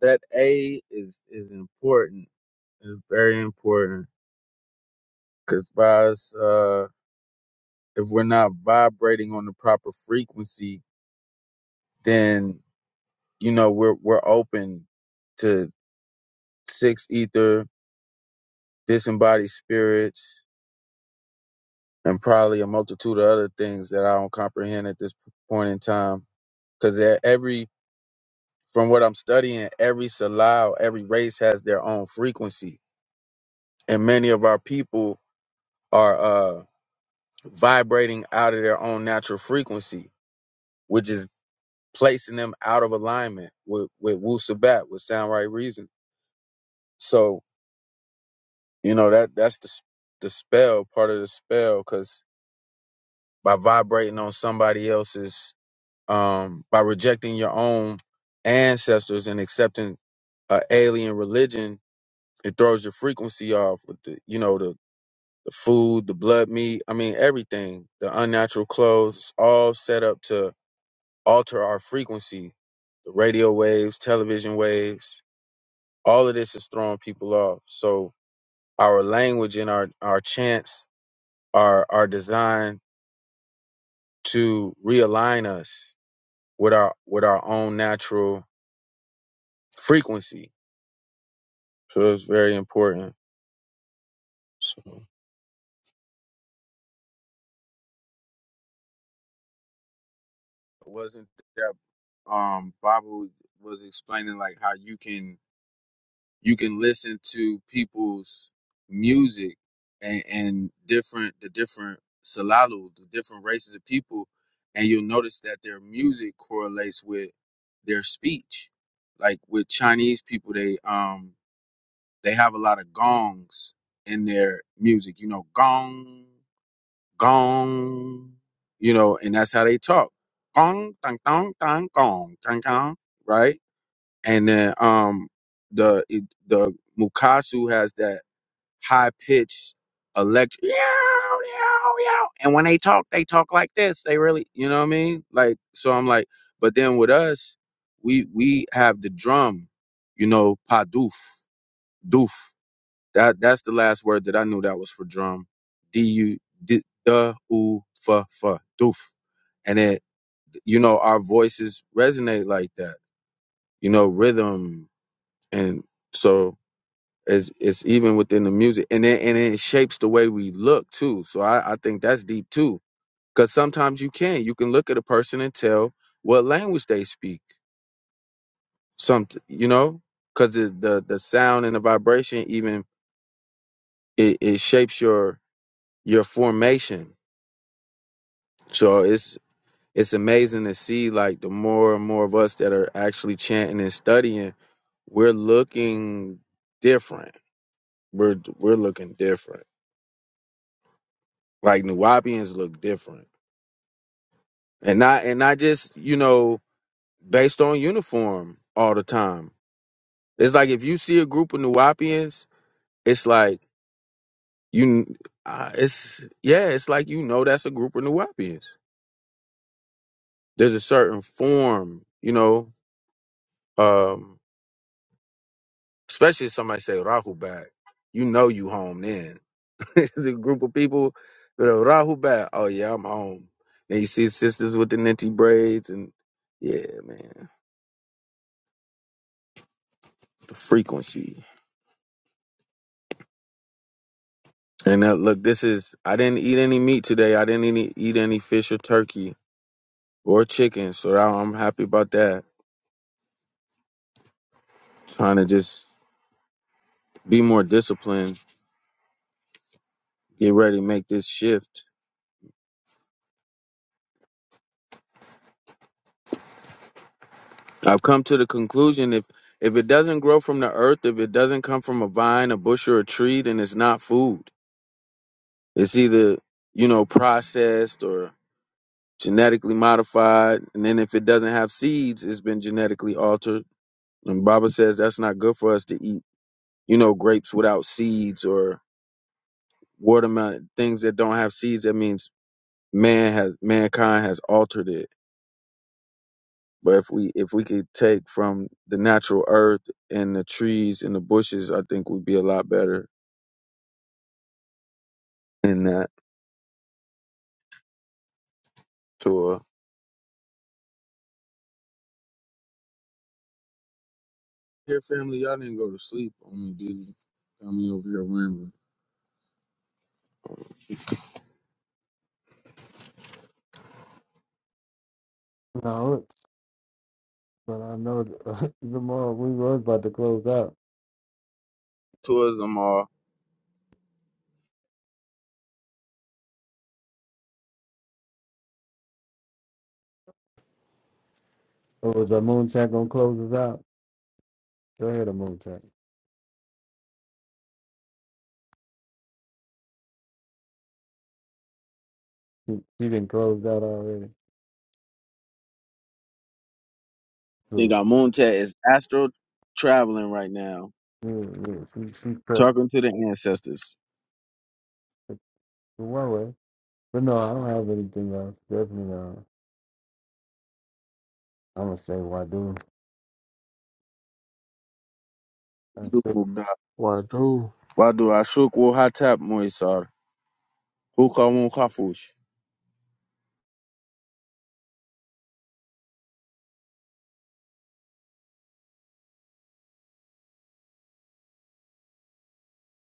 G: That A is is important. It's very important because by us, uh, if we're not vibrating on the proper frequency, then you know we're we're open to six ether, disembodied spirits, and probably a multitude of other things that I don't comprehend at this point in time. Because every from what I'm studying, every salao, every race has their own frequency and many of our people are uh, vibrating out of their own natural frequency, which is placing them out of alignment with with Wu Sabat, with sound right reason. So you know that that's the the spell part of the spell because by vibrating on somebody else's, um, by rejecting your own ancestors and accepting a alien religion, it throws your frequency off with the you know the. the food, the blood meat, I mean, everything, the unnatural clothes, it's all set up to alter our frequency, the radio waves, television waves, all of this is throwing people off. So our language and our, our chants are, are designed to realign us with our, with our own natural frequency. So it's very important. So it wasn't that, um, Bible was explaining like how you can you can listen to people's music and, and different the different salalu, the different races of people, and you'll notice that their music correlates with their speech. Like with Chinese people, they um they have a lot of gongs in their music. You know, gong, gong. You know, and that's how they talk. Gong, tang, tang, tang, gong, tang, tang. Right and then um the it- the Mukasu has that high pitched electric yow, yow, yow. and when they talk they talk like this they really you know what I mean like so I'm like but then with us we we have the drum you know pa doof doof that that's the last word that I knew that was for drum d u d the u fa fa doof and it you know our voices resonate like that you know rhythm and so it's it's even within the music and then and then it shapes the way we look too so i i think that's deep too because sometimes you can you can look at a person and tell what language they speak something you know because the, the the sound and the vibration even it, it shapes your your formation so it's it's amazing to see like the more and more of us that are actually chanting and studying we're looking different we're we're looking different Like Nuwapians look different, and not and not just you know based on uniform all the time. It's like if you see a group of Nuwapians, it's like you, uh, it's yeah, it's like you know that's a group of Nuwapians. There's a certain form, you know, um, especially if somebody say Rahubat, you know you home then. (laughs) It's a group of people that are Rahubat, oh yeah, I'm home. And you see sisters with the ninty braids and yeah, man, the frequency. And uh, look, this is I didn't eat any meat today. I didn't any, eat any fish or turkey or chicken, so I- I'm happy about that. Trying to just be more disciplined, get ready, make this shift. I've come to the conclusion if if it doesn't grow from the earth, if it doesn't come from a vine, a bush, or a tree, then it's not food. It's either you know processed or genetically modified, and then if it doesn't have seeds, it's been genetically altered. And Baba says that's not good for us to eat. you know, grapes without seeds or watermelon things that don't have seeds. That means man has mankind has altered it. But if we if we could take from the natural earth and the trees and the bushes, I think we'd be a lot better in that tour. Here, family, y'all didn't go to sleep on me, did you? Got me over here rambling.
E: No, it's, but I know the, (laughs) the more we was about to close out.
G: Tourism all.
E: It was out. check. She, she did it.
G: Think
E: Do it.
G: our moon tat is astro traveling right now,
E: Yeah, she, she took
G: talking to the ancestors.
E: it one way. But no, I don't have anything else. Definitely not. I'm gonna say Wadu. That's it.
H: Why do?
G: Why do I shook wo hatap moisar? Who came on the couch?